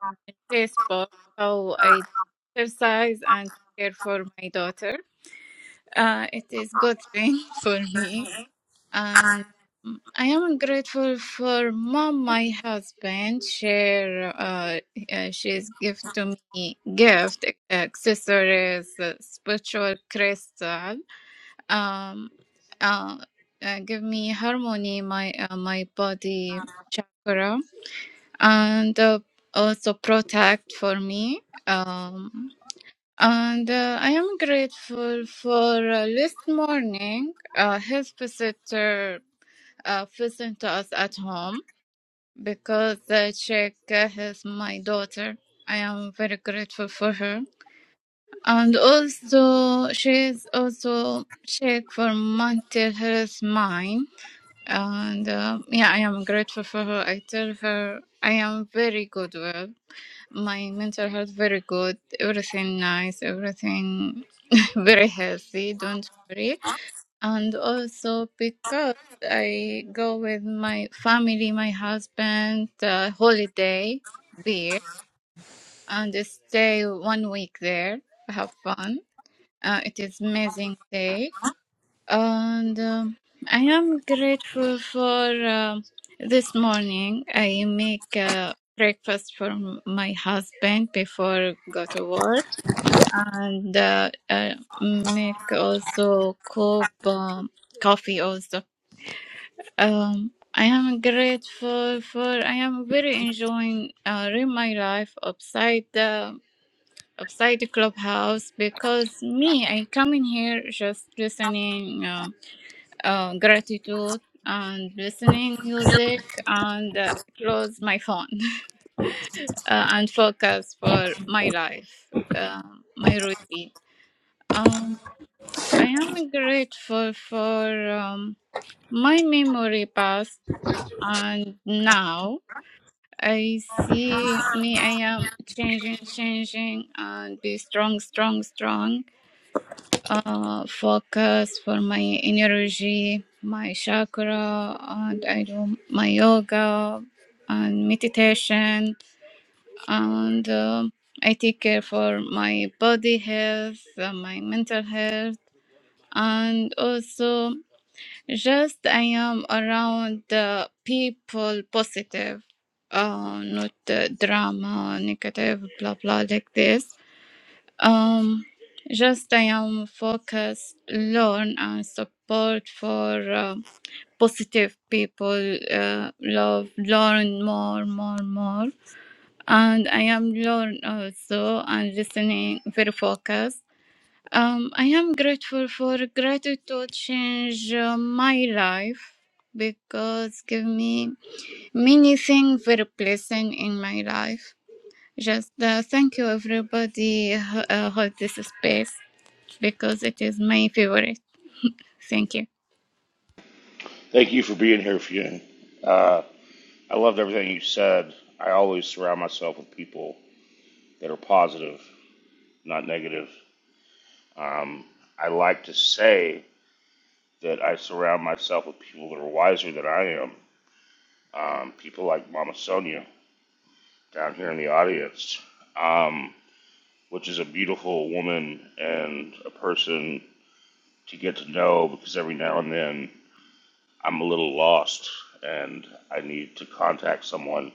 [SPEAKER 13] Facebook how I exercise and care for my daughter, uh, it is good thing [LAUGHS] for me. And mm, I am grateful for mom, my husband. Share, uh, uh, she's gift to me gift accessories, uh, spiritual crystal um uh, uh, give me harmony my uh, my body chakra and uh, also protect for me um and uh, I am grateful for uh, this morning uh, his visitor uh, listened to us at home because uh, she uh, is my daughter. I am very grateful for her and also she is also check for mental health mine and uh, yeah i am grateful for her i tell her i am very good well my mental health very good everything nice everything [LAUGHS] very healthy don't worry and also because i go with my family my husband uh, holiday beer and stay one week there have fun uh, it is amazing day and um, I am grateful for um this morning. I make uh, breakfast for m- my husband before go to work, and uh, uh, make also cup um, coffee also. Um, I am grateful for. I am very enjoying uh, in my life outside the outside the clubhouse because me I come in here just listening. Um, uh, gratitude and listening music and uh, close my phone [LAUGHS] uh, and focus for my life, uh, my routine. Um, I am grateful for um, my memory past and now. I see me. I am changing, changing, and be strong, strong, strong uh, focus for my energy, my chakra, and I do my yoga and meditation, and um I take care for my body health, uh, my mental health, and also just I am around the people positive, uh, not the drama, negative, blah blah like this um, just I am focus, learn and support for uh, positive people. Uh, love, learn more, more, more, and I am learn also and listening very focused. Um, I am grateful for gratitude change uh, my life because give me many things very pleasant in my life just uh, thank you, everybody, who uh, hold this space because it is my favorite. Thank you.
[SPEAKER 6] Thank you for being here, Fune. Uh, I loved everything you said. I always surround myself with people that are positive, not negative. Um, I like to say that I surround myself with people that are wiser than I am. Um, people like Mama Sonia down here in the audience, um, which is a beautiful woman and a person to get to know because every now and then I'm a little lost and I need to contact someone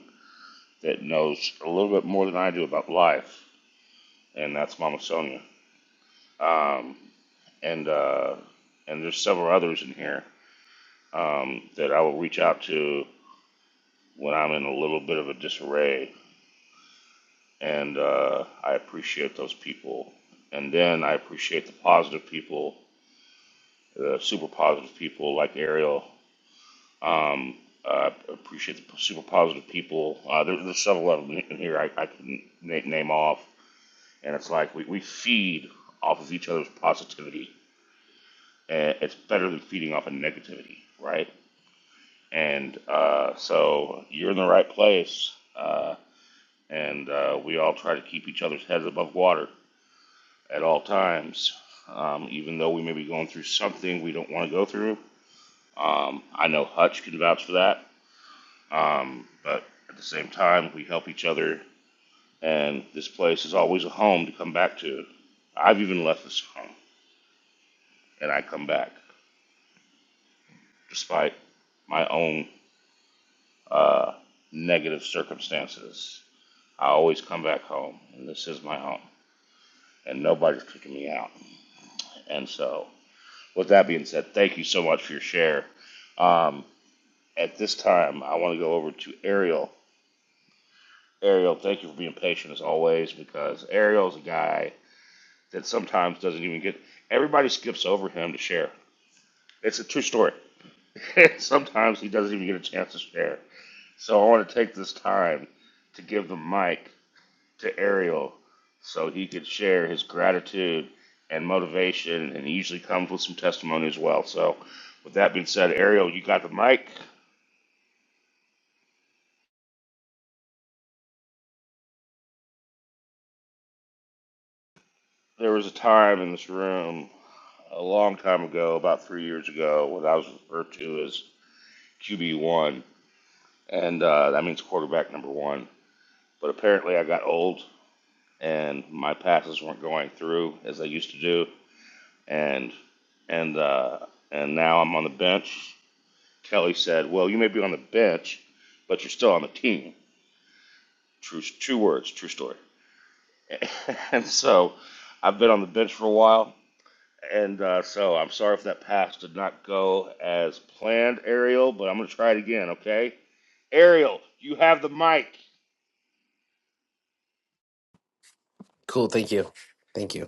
[SPEAKER 6] that knows a little bit more than I do about life, and that's Mama Sonia. Um, and uh, and there's several others in here um, that I will reach out to when I'm in a little bit of a disarray, and uh, I appreciate those people. And then I appreciate the positive people, the super positive people like Ariel Um, uh, appreciate the super positive people. Uh, there, there's several of them in here I, I can na- name off, and it's like we, we feed off of each other's positivity. And it's better than feeding off of negativity, right? And uh, so you're in the right place, uh, and uh, we all try to keep each other's heads above water at all times. Um, even though we may be going through something we don't want to go through, um, I know Hutch can vouch for that. Um, but at the same time, we help each other, and this place is always a home to come back to. I've even left this home, and I come back despite my own uh, negative circumstances. I always come back home, and this is my home, and nobody's kicking me out. And so, with that being said, thank you so much for your share. Um, at this time, I want to go over to Ariel. Ariel, thank you for being patient as always, because Ariel's a guy that sometimes doesn't even get. Everybody skips over him to share. It's a true story. [LAUGHS] sometimes he doesn't even get a chance to share. So I want to take this time to give the mic to Ariel so he could share his gratitude and motivation. And he usually comes with some testimony as well. So, with that being said, Ariel, you got the mic. There was a time in this room a long time ago, about three years ago, what I was referred to as QB1. And uh, that means quarterback number one. But apparently, I got old and my passes weren't going through as they used to do, and and uh, and now I'm on the bench. Kelly said, "Well, you may be on the bench, but you're still on the team." True, two words, true story. [LAUGHS] and so, I've been on the bench for a while, and uh, so I'm sorry if that pass did not go as planned, Ariel. But I'm gonna try it again, okay? Ariel, you have the mic.
[SPEAKER 7] Cool. Thank you. Thank you.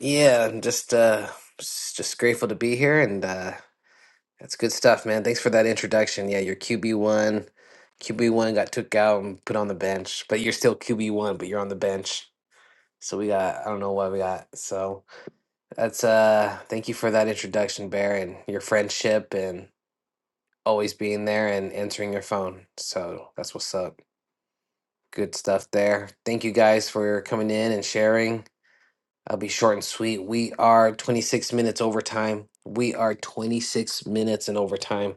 [SPEAKER 7] Yeah, I'm just uh s- just grateful to be here and uh That's good stuff, man. Thanks for that introduction. Yeah, your QB1. QB1 got took out and put on the bench, but you're still QB1, but you're on the bench. So we got, I don't know what we got. So that's, uh, thank you for that introduction, Bear, and your friendship and always being there and answering your phone. So that's what's up. Good stuff there. Thank you guys for coming in and sharing. I'll be short and sweet. We are 26 minutes overtime. We are 26 minutes in overtime.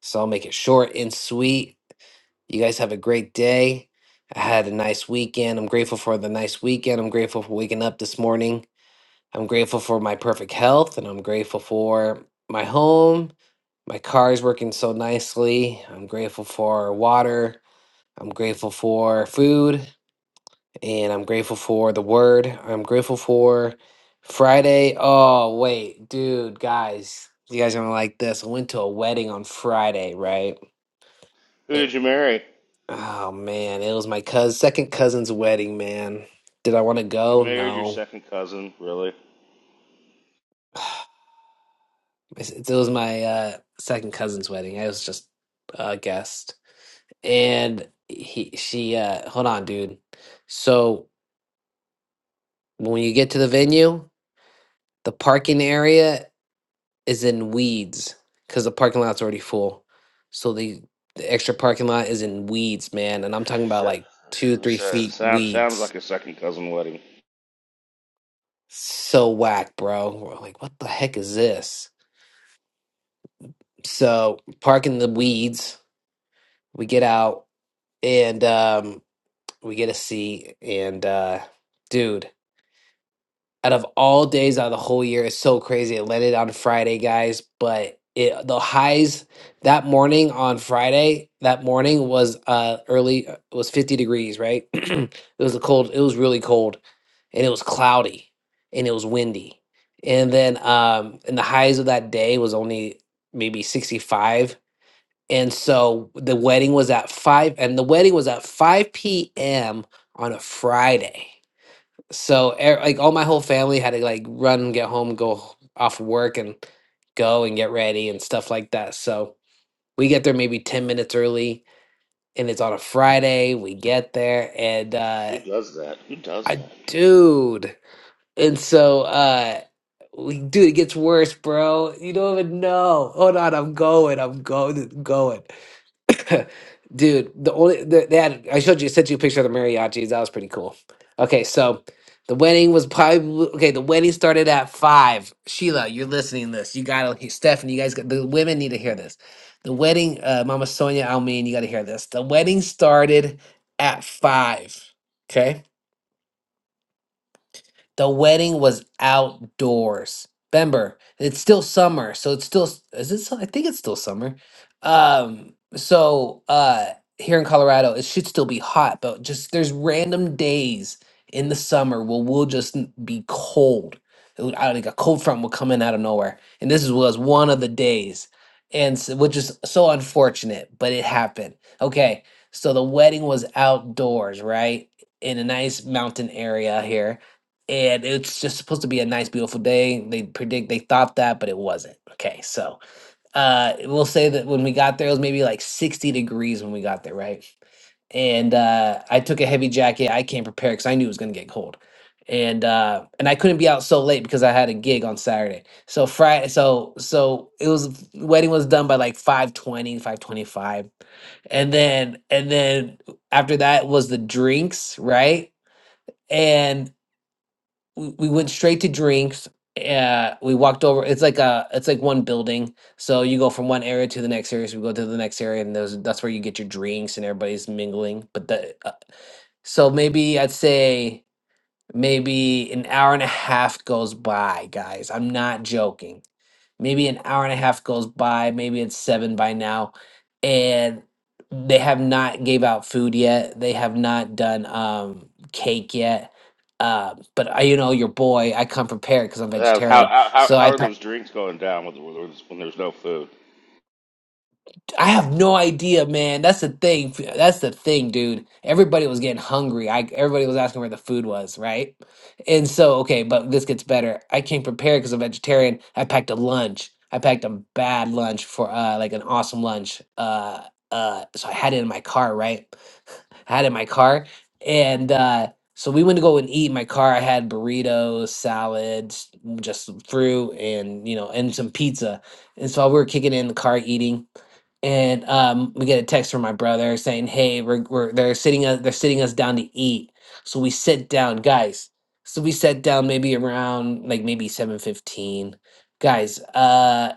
[SPEAKER 7] So I'll make it short and sweet. You guys have a great day. I had a nice weekend. I'm grateful for the nice weekend. I'm grateful for waking up this morning. I'm grateful for my perfect health and I'm grateful for my home. My car is working so nicely. I'm grateful for water. I'm grateful for food and I'm grateful for the word. I'm grateful for Friday. Oh, wait, dude, guys, you guys are gonna like this. I went to a wedding on Friday, right?
[SPEAKER 6] Who did
[SPEAKER 7] It,
[SPEAKER 6] you marry?
[SPEAKER 7] oh man, it was my cousin, second cousin's wedding, man. Did I want to
[SPEAKER 6] You
[SPEAKER 7] go?
[SPEAKER 6] married your
[SPEAKER 7] No.
[SPEAKER 6] second cousin, really?
[SPEAKER 7] [SIGHS] It's- It was my uh, second cousin's wedding. I was just a guest. And he, she, uh, hold on, dude. So when you get to the venue, the parking area is in weeds because the parking lot's already full. So the the extra parking lot is in weeds, man, and I'm talking about
[SPEAKER 6] So,
[SPEAKER 7] like two, three
[SPEAKER 6] so,
[SPEAKER 7] feet
[SPEAKER 6] sound, sounds
[SPEAKER 7] weeds.
[SPEAKER 6] like a second cousin wedding.
[SPEAKER 7] So whack, bro. We're like, what the heck is this? So parking the weeds, we get out and um, we get a seat, and uh, dude. out of all days out of the whole year it's so crazy it landed on friday guys but it the highs that morning on friday that morning was uh early uh, was 50 degrees right [CLEARS THROAT] it was a cold it was really cold and it was cloudy and it was windy and then um and the highs of that day was only maybe 65 and so the wedding was at 5 and the wedding was at 5 p.m on a friday so e- like all my whole family had to like run, get home, go h- off work, and go and get ready and stuff like that. So we get there maybe ten minutes early, and it's on a Friday. We get there, and
[SPEAKER 6] Who
[SPEAKER 7] uh,
[SPEAKER 6] does that? Who does
[SPEAKER 7] I
[SPEAKER 6] that?
[SPEAKER 7] dude, and so uh, we dude, it gets worse, bro. You don't even know. Hold on, I'm going, I'm going, going. [LAUGHS] Dude, the only the, they had I showed you sent you a picture of the mariachis. That was pretty cool. Okay, so the wedding was probably okay. The wedding started at five. Sheila, you're listening to this. You gotta hear Stephanie. You guys, got, the women need to hear this. The wedding, uh, Mama Sonia Almin, you gotta hear this. The wedding started at five. Okay. The wedding was outdoors. Remember, it's still summer, so it's still is it? su- I think it's still summer. Um, so uh, here in Colorado, it should still be hot, but just there's random days in the summer where we'll just n- be cold. It would- I think a cold front will come in out of nowhere, and this is- was one of the days, and so, which is so unfortunate, but it happened. Okay, so the wedding was outdoors, right, in a nice mountain area here and it's just supposed to be a nice beautiful day they predict they thought that but it wasn't okay so uh we'll say that when we got there it was maybe like 60 degrees when we got there right and uh i took a heavy jacket i came prepared because i knew it was going to get cold and uh and i couldn't be out so late because i had a gig on saturday so friday so so it was wedding was done by like five twenty, five twenty five, and then and then after that was the drinks right and we we went straight to drinks. Uh, we walked over. It's like a, it's like one building. So you go from one area to the next area. So we go to the next area, and those that's where you get your drinks and everybody's mingling. But the uh, so maybe I'd say maybe an hour and a half goes by, guys. I'm not joking maybe an hour and a half goes by maybe it's seven by now and they have not gave out food yet they have not done um cake yet uh, but I, you know your boy i come prepared because i'm
[SPEAKER 6] Uh, how,
[SPEAKER 7] vegetarian
[SPEAKER 6] how how
[SPEAKER 7] so i
[SPEAKER 6] are those drinks going down with, with, with- when there's no food?
[SPEAKER 7] I have no idea, man. That's the thing. That's the thing, dude. Everybody was getting hungry. I everybody was asking where the food was, right? And so, okay, but this gets better. I came prepared because I'm vegetarian. I packed a lunch. I packed a bad lunch for uh like an awesome lunch. Uh uh so I had it in my car, right? I had it in my car. And uh so we went to go and eat in my car. I had burritos, salads, just some fruit and you know, and some pizza. And so we were kicking it in the car eating and um, we get a text from my brother saying, "Hey, we're, we're they're sitting us they're sitting us down to eat." So we sit down, guys. So we sat down maybe around like maybe seven fifteen, guys. Uh,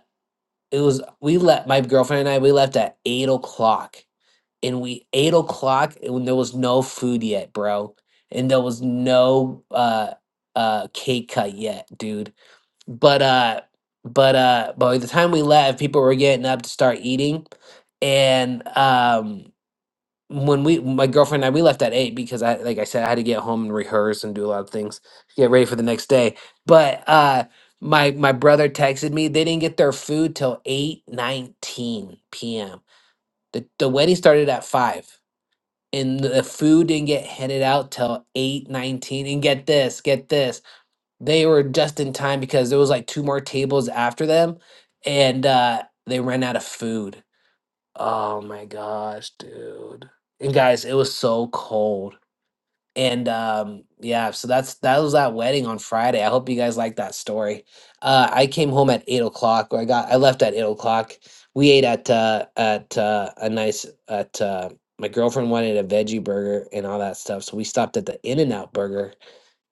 [SPEAKER 7] it was we left my girlfriend and I we left at eight o'clock, and we eight o'clock and when there was no food yet, bro, and there was no uh uh cake cut yet, dude but uh but uh by the time we left people were getting up to start eating and um when we my girlfriend and I we left at eight because I like I said I had to get home and rehearse and do a lot of things get ready for the next day but uh my my brother texted me they didn't get their food till eight nineteen p.m the, the wedding started at five and the food didn't get handed out till eight nineteen. and get this get this they were just in time because there was like two more tables after them and uh they ran out of food oh my gosh dude and guys it was so cold and um yeah so that's that was that wedding on friday i hope you guys like that story uh i came home at eight o'clock or i got i left at eight o'clock we ate at uh at uh a nice at uh my girlfriend wanted a veggie burger and all that stuff so we stopped at the in and out burger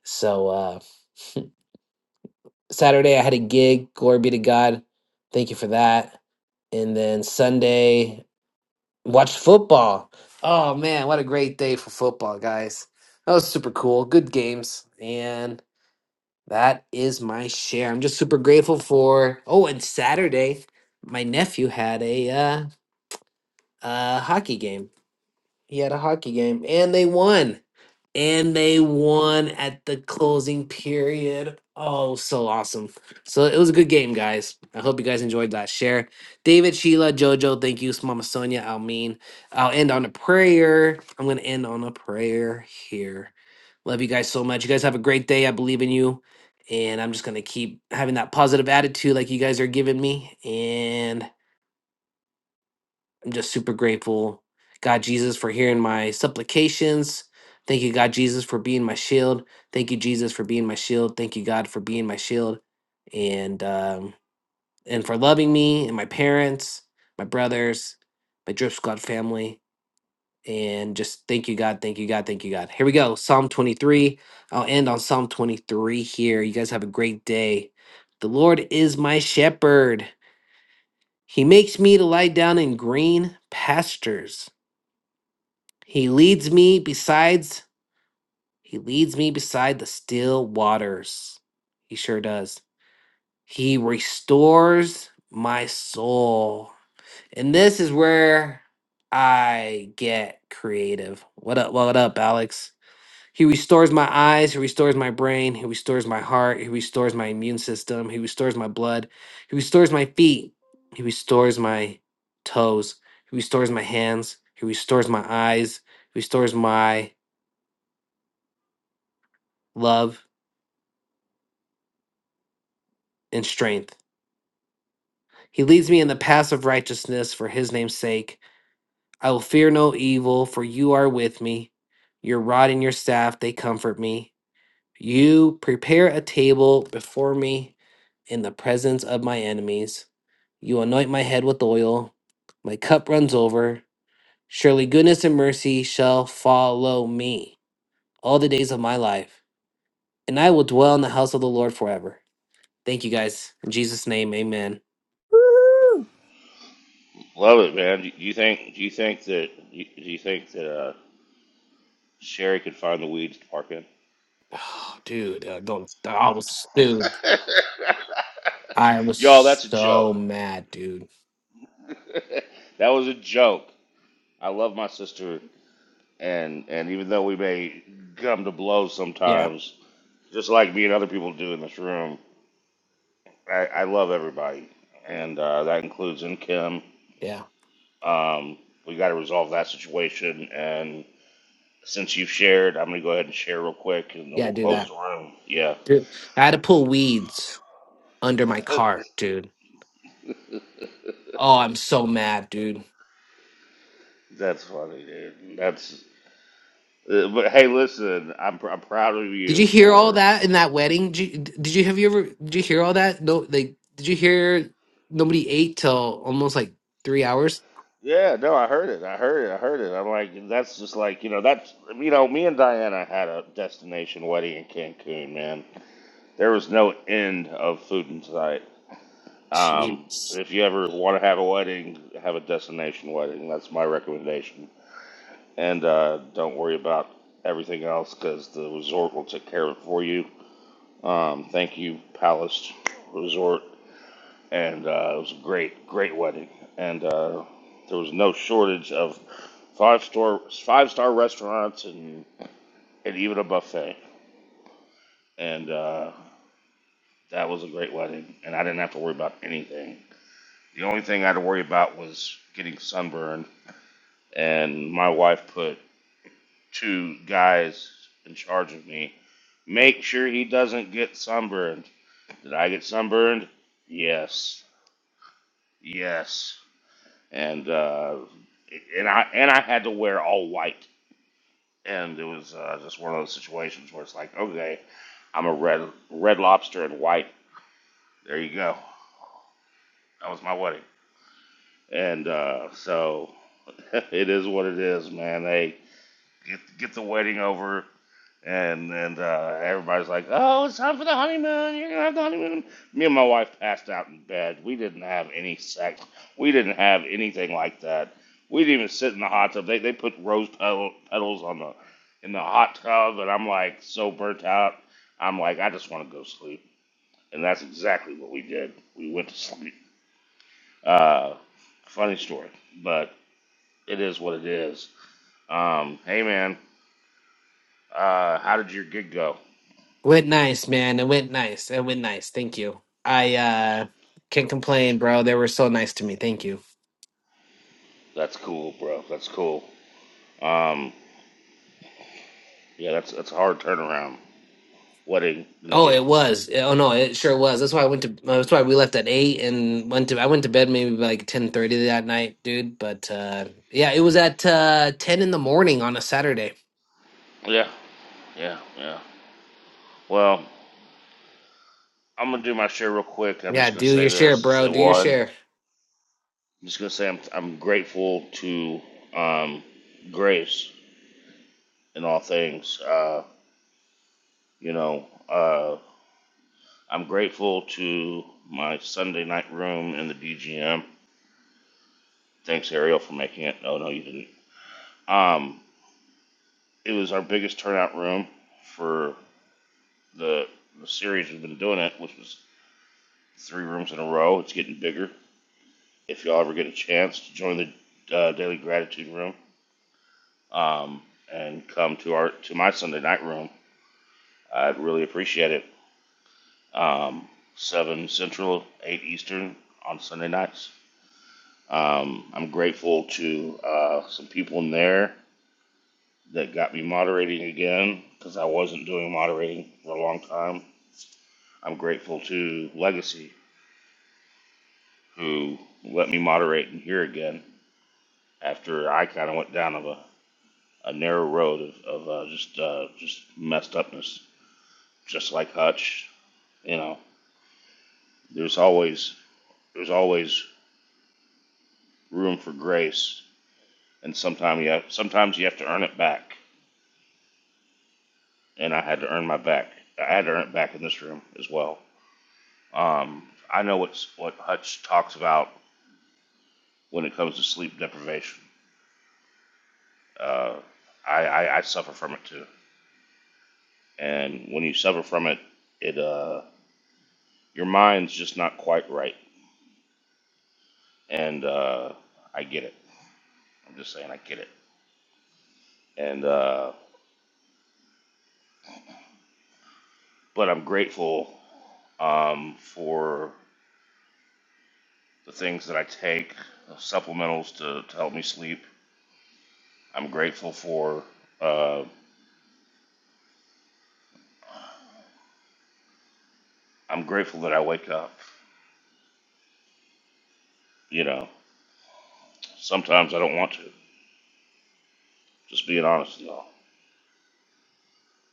[SPEAKER 7] so Uh, Saturday I had a gig. Glory be to God. Thank you for that. And then Sunday, watched football. Oh man, what a great day for football, guys. That was super cool. Good games. And that is my share. I'm just super grateful for Oh, and Saturday, my nephew had a uh uh hockey game. He had a hockey game and they won and they won at the closing period. Oh, so awesome. So it was a good game, guys. I hope you guys enjoyed that share. David, Sheila, Jojo, thank you. Mama Sonia, Almeen. I'll end on a prayer. I'm going to end on a prayer here. Love you guys so much. You guys have a great day. I believe in you. And I'm just going to keep having that positive attitude like you guys are giving me. And. I'm just super grateful, God Jesus, for hearing my supplications. Thank you, God Jesus, for being my shield. Thank you, Jesus, for being my shield. Thank you, God, for being my shield, and um, and for loving me and my parents, my brothers, my Drip Squad family, and just thank you, God, thank you, God, thank you, God. Here we go, Psalm 23. I'll end on Psalm 23 here. You guys have a great day. The Lord is my shepherd. He makes me to lie down in green pastures. He leads me besides he leads me beside the still waters. He sure does. He restores my soul. And this is where I get creative. What up, what up, Alex? He restores my eyes, he restores my brain, he restores my heart, he restores my immune system, he restores my blood, he restores my feet, he restores my toes, he restores my hands, he restores my eyes, he restores my love, and strength. He leads me in the paths of righteousness for his name's sake. I will fear no evil, for you are with me. Your rod and your staff, they comfort me. You prepare a table before me in the presence of my enemies. You anoint my head with oil. My cup runs over. Surely goodness and mercy shall follow me all the days of my life, and I will dwell in the house of the Lord forever. Thank you guys. In Jesus' name, amen.
[SPEAKER 6] Love it, man. Do you think do you think that do you think that uh, Sherry could find the weeds to park in?
[SPEAKER 7] Oh, dude, uh, don't. I was, dude, I was
[SPEAKER 6] Y'all, that's a joke.
[SPEAKER 7] so mad, dude.
[SPEAKER 6] [LAUGHS] that was a joke. I love my sister, and and even though we may come to blows
[SPEAKER 7] Yeah,
[SPEAKER 6] sometimes, just like me and other people do in this room, I, I love everybody, and uh, that includes in Kim.
[SPEAKER 7] yeah,
[SPEAKER 6] Um, we got to resolve that situation. And since you've shared, I'm gonna go ahead and share real quick, and then
[SPEAKER 7] yeah.
[SPEAKER 6] we'll
[SPEAKER 7] Do
[SPEAKER 6] close
[SPEAKER 7] that,
[SPEAKER 6] the room. Yeah,
[SPEAKER 7] dude. I had to pull weeds under my car, dude. Oh, I'm so mad, dude.
[SPEAKER 6] that's funny, dude. That's. uh, But hey, listen, I'm pr- I'm proud of
[SPEAKER 7] Did you
[SPEAKER 6] you
[SPEAKER 7] hear all
[SPEAKER 6] for.
[SPEAKER 7] that in that wedding? Did you, did you have you ever? Did you hear all that? No, like, did you hear nobody ate till almost like three hours?
[SPEAKER 6] Yeah, no, I heard it. I heard it. I heard it. I'm like, that's just like you know, that's you know, me and Diana had a destination wedding in Cancun, man. There was no end of food in sight. Um,
[SPEAKER 7] Jeez,
[SPEAKER 6] if you ever want to have a wedding, have a destination wedding. That's my recommendation. and uh, don't worry about everything else because the resort will take care of it for you. Um, thank you, Palace Resort, and uh, it was a great, great wedding, and uh, there was no shortage of five star five star restaurants and and even a buffet, and uh, that was a great wedding, and I didn't have to worry about anything. The only thing I had to worry about was getting sunburned, and my wife put two guys in charge of me Make sure he doesn't get sunburned. Did I get sunburned? Yes, yes. And uh, and I and I had to wear all white, and it was uh, just one of those situations where it's like, okay, I'm a red red lobster in white. There you go. That was my wedding. And uh, so [LAUGHS] it is what it is, man. They get get the wedding over. and and uh, everybody's like, "Oh, it's time for the honeymoon. You're gonna have the honeymoon." Me and my wife passed out in bed. We didn't have any sex. We didn't have anything like that. We didn't even sit in the hot tub. They they put rose petal, petals on the in the hot tub, and I'm like so burnt out. I'm like, I just want to go sleep, and that's exactly what we did. We went to sleep. Uh, funny story, but it is what it is. Um, hey man, uh, how did your gig go?
[SPEAKER 7] went nice, man. It went nice. It went nice. Thank you. I uh can't complain, bro. They were so nice to me. Thank you.
[SPEAKER 6] That's cool, bro. That's cool. Um, yeah, that's that's a hard turnaround. Wedding and the
[SPEAKER 7] Oh, it
[SPEAKER 6] gig.
[SPEAKER 7] was. Yeah, Oh no, it sure was. That's why I went to. That's why we left at eight and went to. I went to bed maybe by like ten thirty that night, dude. But uh, yeah, it was at uh, ten in the morning on a Saturday.
[SPEAKER 6] Yeah, yeah, yeah. Well, I'm gonna do my share real quick. I'm
[SPEAKER 7] Yeah,
[SPEAKER 6] just gonna
[SPEAKER 7] do
[SPEAKER 6] say
[SPEAKER 7] your share,
[SPEAKER 6] this: is
[SPEAKER 7] bro.
[SPEAKER 6] that
[SPEAKER 7] Do your
[SPEAKER 6] one?
[SPEAKER 7] share.
[SPEAKER 6] I'm just gonna say I'm I'm grateful to um, grace in all things. Uh, you know, uh, I'm grateful to my Sunday night room in the BGM. Thanks, Ariel, for making it. No, no, you didn't. Um, it was our biggest turnout room for the, the series we've been doing it, which was three rooms in a row. It's getting bigger. If y'all ever get a chance to join the uh, daily gratitude room um, and come to our to my Sunday night room, I'd really appreciate it. Um, Seven Central, eight Eastern on Sunday nights. Um, I'm grateful to uh, some people in there that got me moderating again because I wasn't doing moderating for a long time. I'm grateful to Legacy who let me moderate in here again after I kind of went down of a a narrow road of, of uh, just uh, just messed upness, just like Hutch. You know, there's always there's always room for grace, and sometimes you have, sometimes you have to earn it back. And I had to earn my back. I had to earn it back in this room as well. Um, I know what's what Hutch talks about when it comes to sleep deprivation. Uh, I, I, I suffer from it too, and when you suffer from it, it uh, your mind's just not quite right, and uh, I get it I'm just saying I get it. And uh, but I'm grateful um, for the things that I take, the supplementals to, to help me sleep. I'm grateful for. Uh, I'm grateful that I wake up. You know, sometimes I don't want to. Just being honest with y'all.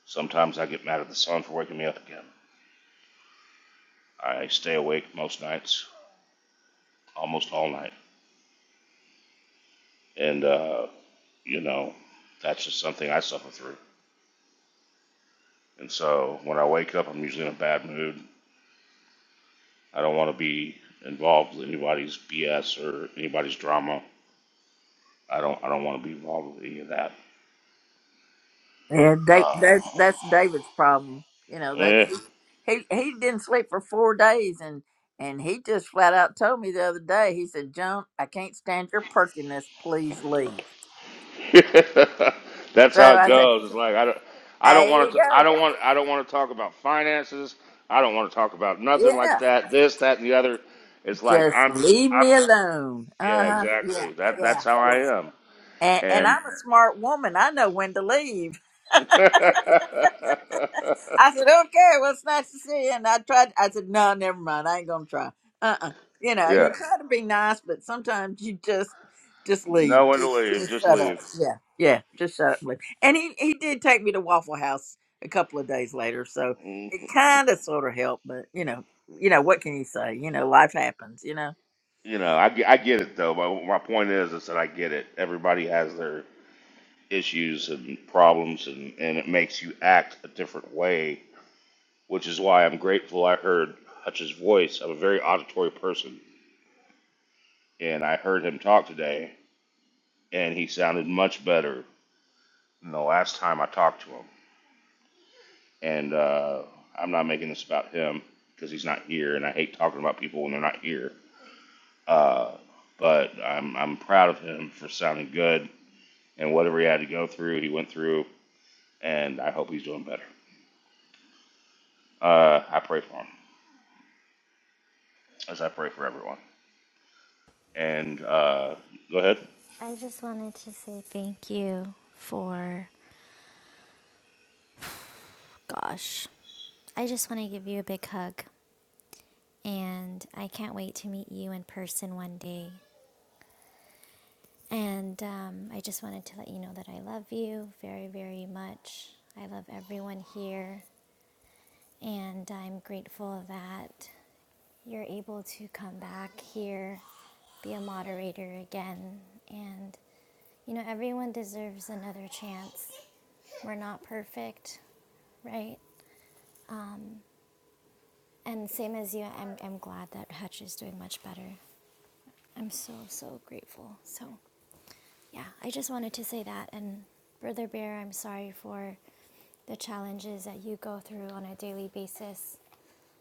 [SPEAKER 6] Sometimes I get mad at the sun for waking me up again. I stay awake most nights, almost all night, and uh, you know, that's just something I suffer through. And so when I wake up, I'm usually in a bad mood. I don't want to be involved with anybody's BS or anybody's drama. I don't. I don't want to be involved with any of that.
[SPEAKER 8] Yeah, da-
[SPEAKER 6] Uh,
[SPEAKER 8] that's that's David's problem. You know, that's
[SPEAKER 6] eh.
[SPEAKER 8] he he didn't sleep for four days and and he just flat out told me the other day, he said, Joan, I can't stand your perkiness, please leave.
[SPEAKER 6] [LAUGHS] That's
[SPEAKER 8] So
[SPEAKER 6] how it
[SPEAKER 8] I said,
[SPEAKER 6] goes. It's like I don't. I don't
[SPEAKER 8] there
[SPEAKER 6] want
[SPEAKER 8] you
[SPEAKER 6] to.
[SPEAKER 8] go.
[SPEAKER 6] I don't want. I don't want to talk about finances. I don't want to talk about nothing like
[SPEAKER 8] Yeah.
[SPEAKER 6] that. This, that, and the other. It's like
[SPEAKER 8] Just
[SPEAKER 6] I'm.
[SPEAKER 8] leave
[SPEAKER 6] I'm.
[SPEAKER 8] me alone. Uh
[SPEAKER 6] Yeah,
[SPEAKER 8] huh. Yeah.
[SPEAKER 6] exactly. That.
[SPEAKER 8] Yeah.
[SPEAKER 6] That's how
[SPEAKER 8] Yeah.
[SPEAKER 6] I am.
[SPEAKER 8] And, and
[SPEAKER 6] And
[SPEAKER 8] I'm a smart woman. I know when to leave. [LAUGHS]
[SPEAKER 6] [LAUGHS]
[SPEAKER 8] I said, okay, well, it's nice to see you. And I tried, I said, no, never mind. I ain't going to try. Uh uh You know,
[SPEAKER 6] yeah,
[SPEAKER 8] you try to be nice, but sometimes you just, just
[SPEAKER 6] no
[SPEAKER 8] leave.
[SPEAKER 6] one to
[SPEAKER 8] Just,
[SPEAKER 6] leave.
[SPEAKER 8] just
[SPEAKER 6] Just
[SPEAKER 8] shut up.
[SPEAKER 6] leave.
[SPEAKER 8] Yeah. Yeah. Just shut up. And leave. And he, he did take me to Waffle House a couple of days later. So it
[SPEAKER 6] [LAUGHS]
[SPEAKER 8] kind of sort of helped, but you know, you know, what can you say? You know, life happens, you know.
[SPEAKER 6] You know, I, ge- I get it though. My, my point is, is that I get it. Everybody has their issues and problems, and, and it makes you act a different way, which is why I'm grateful I heard Hutch's voice. I'm a very auditory person, and I heard him talk today, and he sounded much better than the last time I talked to him. And uh, I'm not making this about him because he's not here, and I hate talking about people when they're not here. Uh, but I'm, I'm proud of him for sounding good and whatever he had to go through, he went through, and I hope he's doing better. Uh, I pray for him, as I pray for everyone. And uh, go ahead.
[SPEAKER 11] I just wanted to say thank you for gosh. I just want to give you a big hug. And I can't wait to meet you in person one day. And um, I just wanted to let you know that I love you very, very much. I love everyone here. And I'm grateful that you're able to come back here, be a moderator again. And, you know, everyone deserves another chance. We're not perfect, right? And same as you, I'm, I'm glad that Hutch is doing much better. I'm so, so grateful. So Yeah, I just wanted to say that. And Brother Bear, I'm sorry for the challenges that you go through on a daily basis,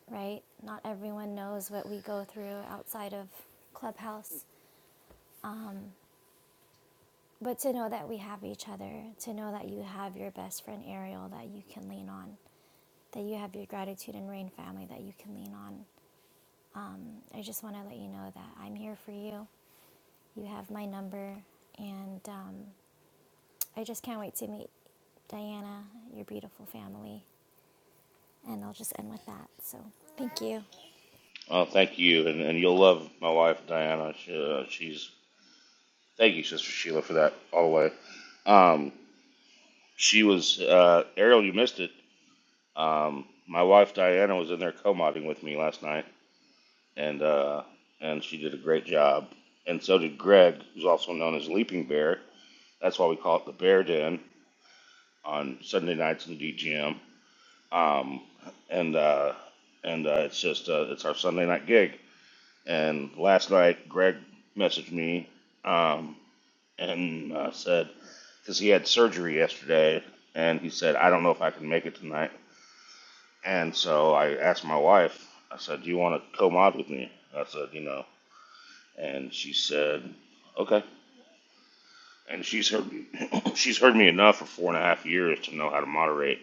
[SPEAKER 11] right? Not everyone knows what we go through outside of Clubhouse. But to know that we have each other, to know that you have your best friend Ariel that you can lean on, that you have your gratitude and rain family that you can lean on. Um, I just want to let you know that I'm here for you. You have my number, and um, I just can't wait to meet Diana, your beautiful family. And I'll just end with that. So thank you.
[SPEAKER 6] Oh, thank you, and, and you'll love my wife Diana. She, uh, she's thank you, Sister Sheila, for that all the way. Um, she was uh, Ariel. You missed it. Um, my wife Diana was in there co-modding with me last night, and uh, and she did a great job. And so did Greg, who's also known as Leaping Bear. That's why we call it the Bear Den on Sunday nights in DGM. Um, and uh, and uh, it's just uh, it's our Sunday night gig. And last night, Greg messaged me um, and uh, said because he had surgery yesterday, and he said I don't know if I can make it tonight. And so I asked my wife. I said, "Do you want to co-mod with me?" I said, "You know," and she said, "Okay." And she's heard me, [CLEARS THROAT] she's heard me enough for four and a half years to know how to moderate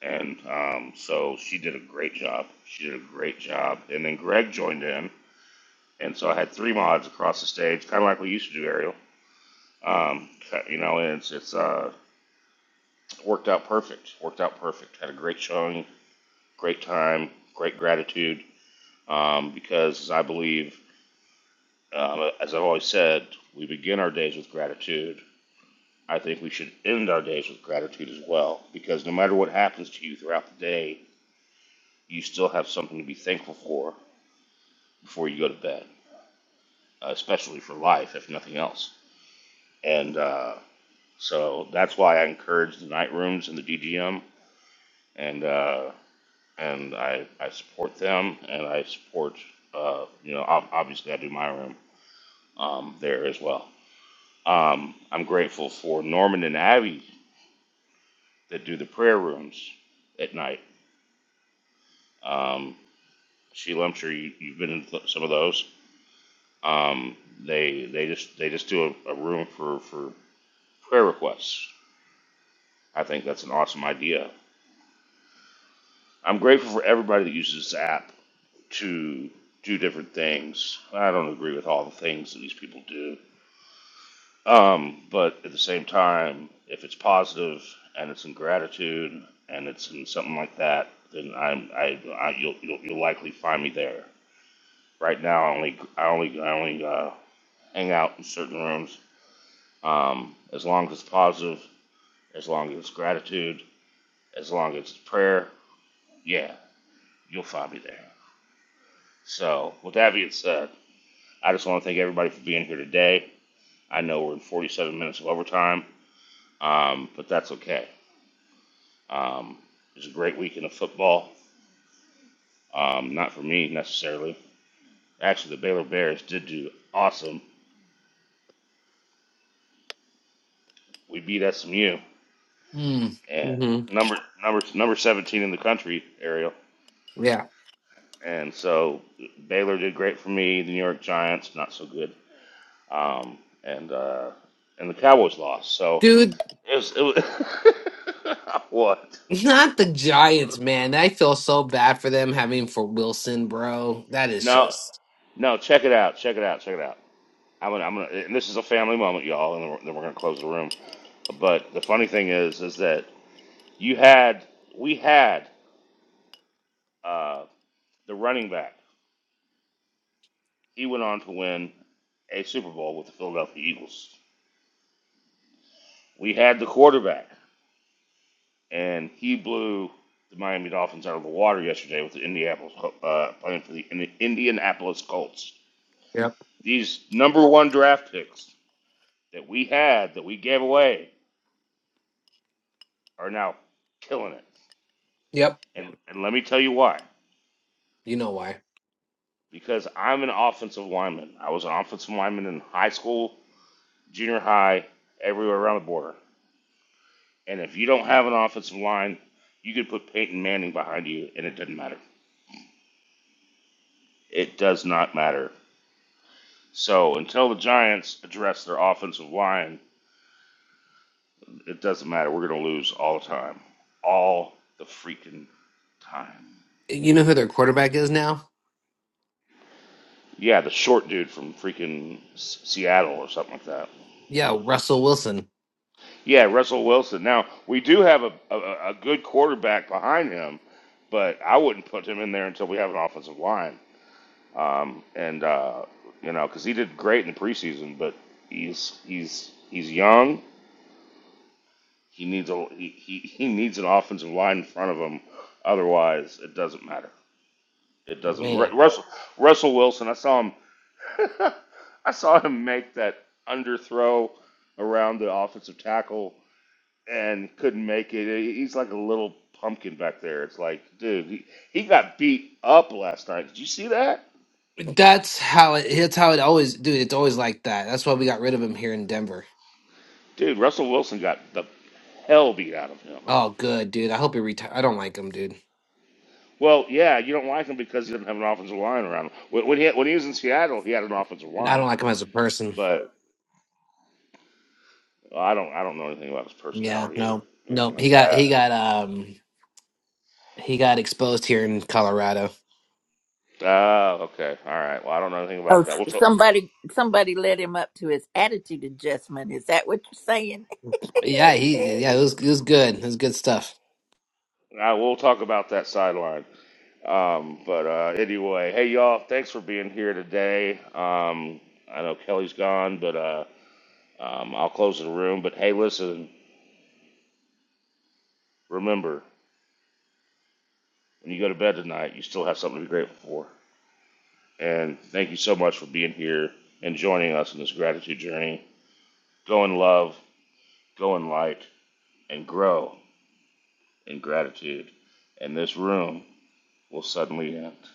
[SPEAKER 6] And um, so she did a great job. She did a great job. And then Greg joined in. And so I had three mods across the stage, kind of like we used to do, Ariel. Um, uh, you know, and it's, it's uh, worked out perfect. Worked out perfect. Had a great showing, great time, great gratitude. Um, because I believe, um, as I've always said, we begin our days with gratitude. I think we should end our days with gratitude as well. Because no matter what happens to you throughout the day, you still have something to be thankful for before you go to bed. uh, especially for life, if nothing else. And uh, so that's why I encourage the night rooms and the DGM, and uh, and I, I support them, and I support uh, you know ob- obviously I do my room um, there as well. Um, I'm grateful for Norman and Abby that do the prayer rooms at night. Um, Sheila, I'm sure you, you've been in th- some of those. Um, they they just they just do a, a room for for prayer requests. I think that's an awesome idea I'm grateful for everybody that uses this app to do different things. I don't agree with all the things that these people do. Um, but at the same time, if it's positive and it's in gratitude and it's in something like that, then I'm I, I you'll, you'll you'll likely find me there. Right now, I only I only I only uh, hang out in certain rooms. Um, as long as it's positive, as long as it's gratitude, as long as it's prayer, yeah, you'll find me there. So with that being said, I just want to thank everybody for being here today. I know we're in 47 minutes of overtime, um, but that's okay. Um, it was a great weekend of football. Um, not for me necessarily. Actually, the Baylor Bears did do awesome. We beat SMU
[SPEAKER 7] Mm.
[SPEAKER 6] and
[SPEAKER 7] Mm-hmm.
[SPEAKER 6] number number number 17 in the country, Ariel.
[SPEAKER 7] Yeah,
[SPEAKER 6] And so Baylor did great for me. The New York Giants not so good. Um, and uh, and the Cowboys lost. So
[SPEAKER 7] dude.
[SPEAKER 6] it was it was [LAUGHS] what?
[SPEAKER 7] Not the Giants, man. I feel so bad for them having for Wilson, bro. That is
[SPEAKER 6] No,
[SPEAKER 7] just.
[SPEAKER 6] No, check it out. Check it out. Check it out. I'm gonna, I'm gonna, and this is a family moment, y'all, and then we're, then we're gonna close the room. But the funny thing is, is that you had, we had uh, the running back. He went on to win a Super Bowl with the Philadelphia Eagles. We had the quarterback, and he blew the Miami Dolphins out of the water yesterday with the Indianapolis Col- uh, playing for the Indi- Indianapolis Colts.
[SPEAKER 7] Yep.
[SPEAKER 6] These number one draft picks that we had that we gave away are now killing it.
[SPEAKER 7] Yep.
[SPEAKER 6] And and let me tell you why.
[SPEAKER 7] You know why?
[SPEAKER 6] Because I'm an offensive lineman. I was an offensive lineman in high school, junior high, everywhere around the border. And if you don't have an offensive line, you could put Peyton Manning behind you, and it doesn't matter. It does not matter. So until the Giants address their offensive line, it doesn't matter. We're going to lose all the time, all the freaking time.
[SPEAKER 7] You know who their quarterback is now?
[SPEAKER 6] Yeah, the short dude from freaking Seattle or something like that.
[SPEAKER 7] Yeah, Russell Wilson.
[SPEAKER 6] Yeah, Russell Wilson. Now we do have a, a a good quarterback behind him, but I wouldn't put him in there until we have an offensive line. Um, and uh, you know, because he did great in the preseason, but he's he's he's young. He needs a he, he, he needs an offensive line in front of him. Otherwise, it doesn't matter. It doesn't.
[SPEAKER 7] Man.
[SPEAKER 6] Ru- Russell Russell Wilson. I saw him. [LAUGHS] I saw him make that underthrow around the offensive tackle and couldn't make it. He's like a little pumpkin back there. It's like, dude, he, he got beat up last night. Did you see that?
[SPEAKER 7] That's how it. That's how it always, dude. It's always like that. That's why we got rid of him here in Denver.
[SPEAKER 6] Dude, Russell Wilson got the hell beat out of him.
[SPEAKER 7] Oh, good, dude. I hope he retire. I don't like him, dude.
[SPEAKER 6] Well, yeah, you don't like him because he doesn't have an offensive line around him. When when he when he was in Seattle, he had an offensive
[SPEAKER 7] I
[SPEAKER 6] line,
[SPEAKER 7] don't like him as a person.
[SPEAKER 6] but well, I don't I don't know anything about his
[SPEAKER 7] Yeah,
[SPEAKER 6] personality or
[SPEAKER 7] no, no.
[SPEAKER 6] anything
[SPEAKER 7] He
[SPEAKER 6] like
[SPEAKER 7] got,
[SPEAKER 6] that.
[SPEAKER 7] he got, um, he got exposed here in Colorado.
[SPEAKER 6] Oh, okay, all right. Well, I don't know anything
[SPEAKER 8] Oh,
[SPEAKER 6] about that. We'll talk.
[SPEAKER 8] somebody, somebody led him up to his attitude adjustment. Is that what you're saying?
[SPEAKER 7] Yeah, he,
[SPEAKER 8] [LAUGHS]
[SPEAKER 7] yeah. It was, it was good. It was good stuff.
[SPEAKER 6] Uh, we'll talk about that sideline. Um, but uh, anyway, hey y'all, thanks for being here today. Um, I know Kelly's gone, but uh, um, I'll close the room. But hey, listen, remember when you go to bed tonight, you still have something to be grateful for. And thank you so much for being here and joining us in this gratitude journey. Go in love, go in light, and grow in gratitude. And this room will suddenly end.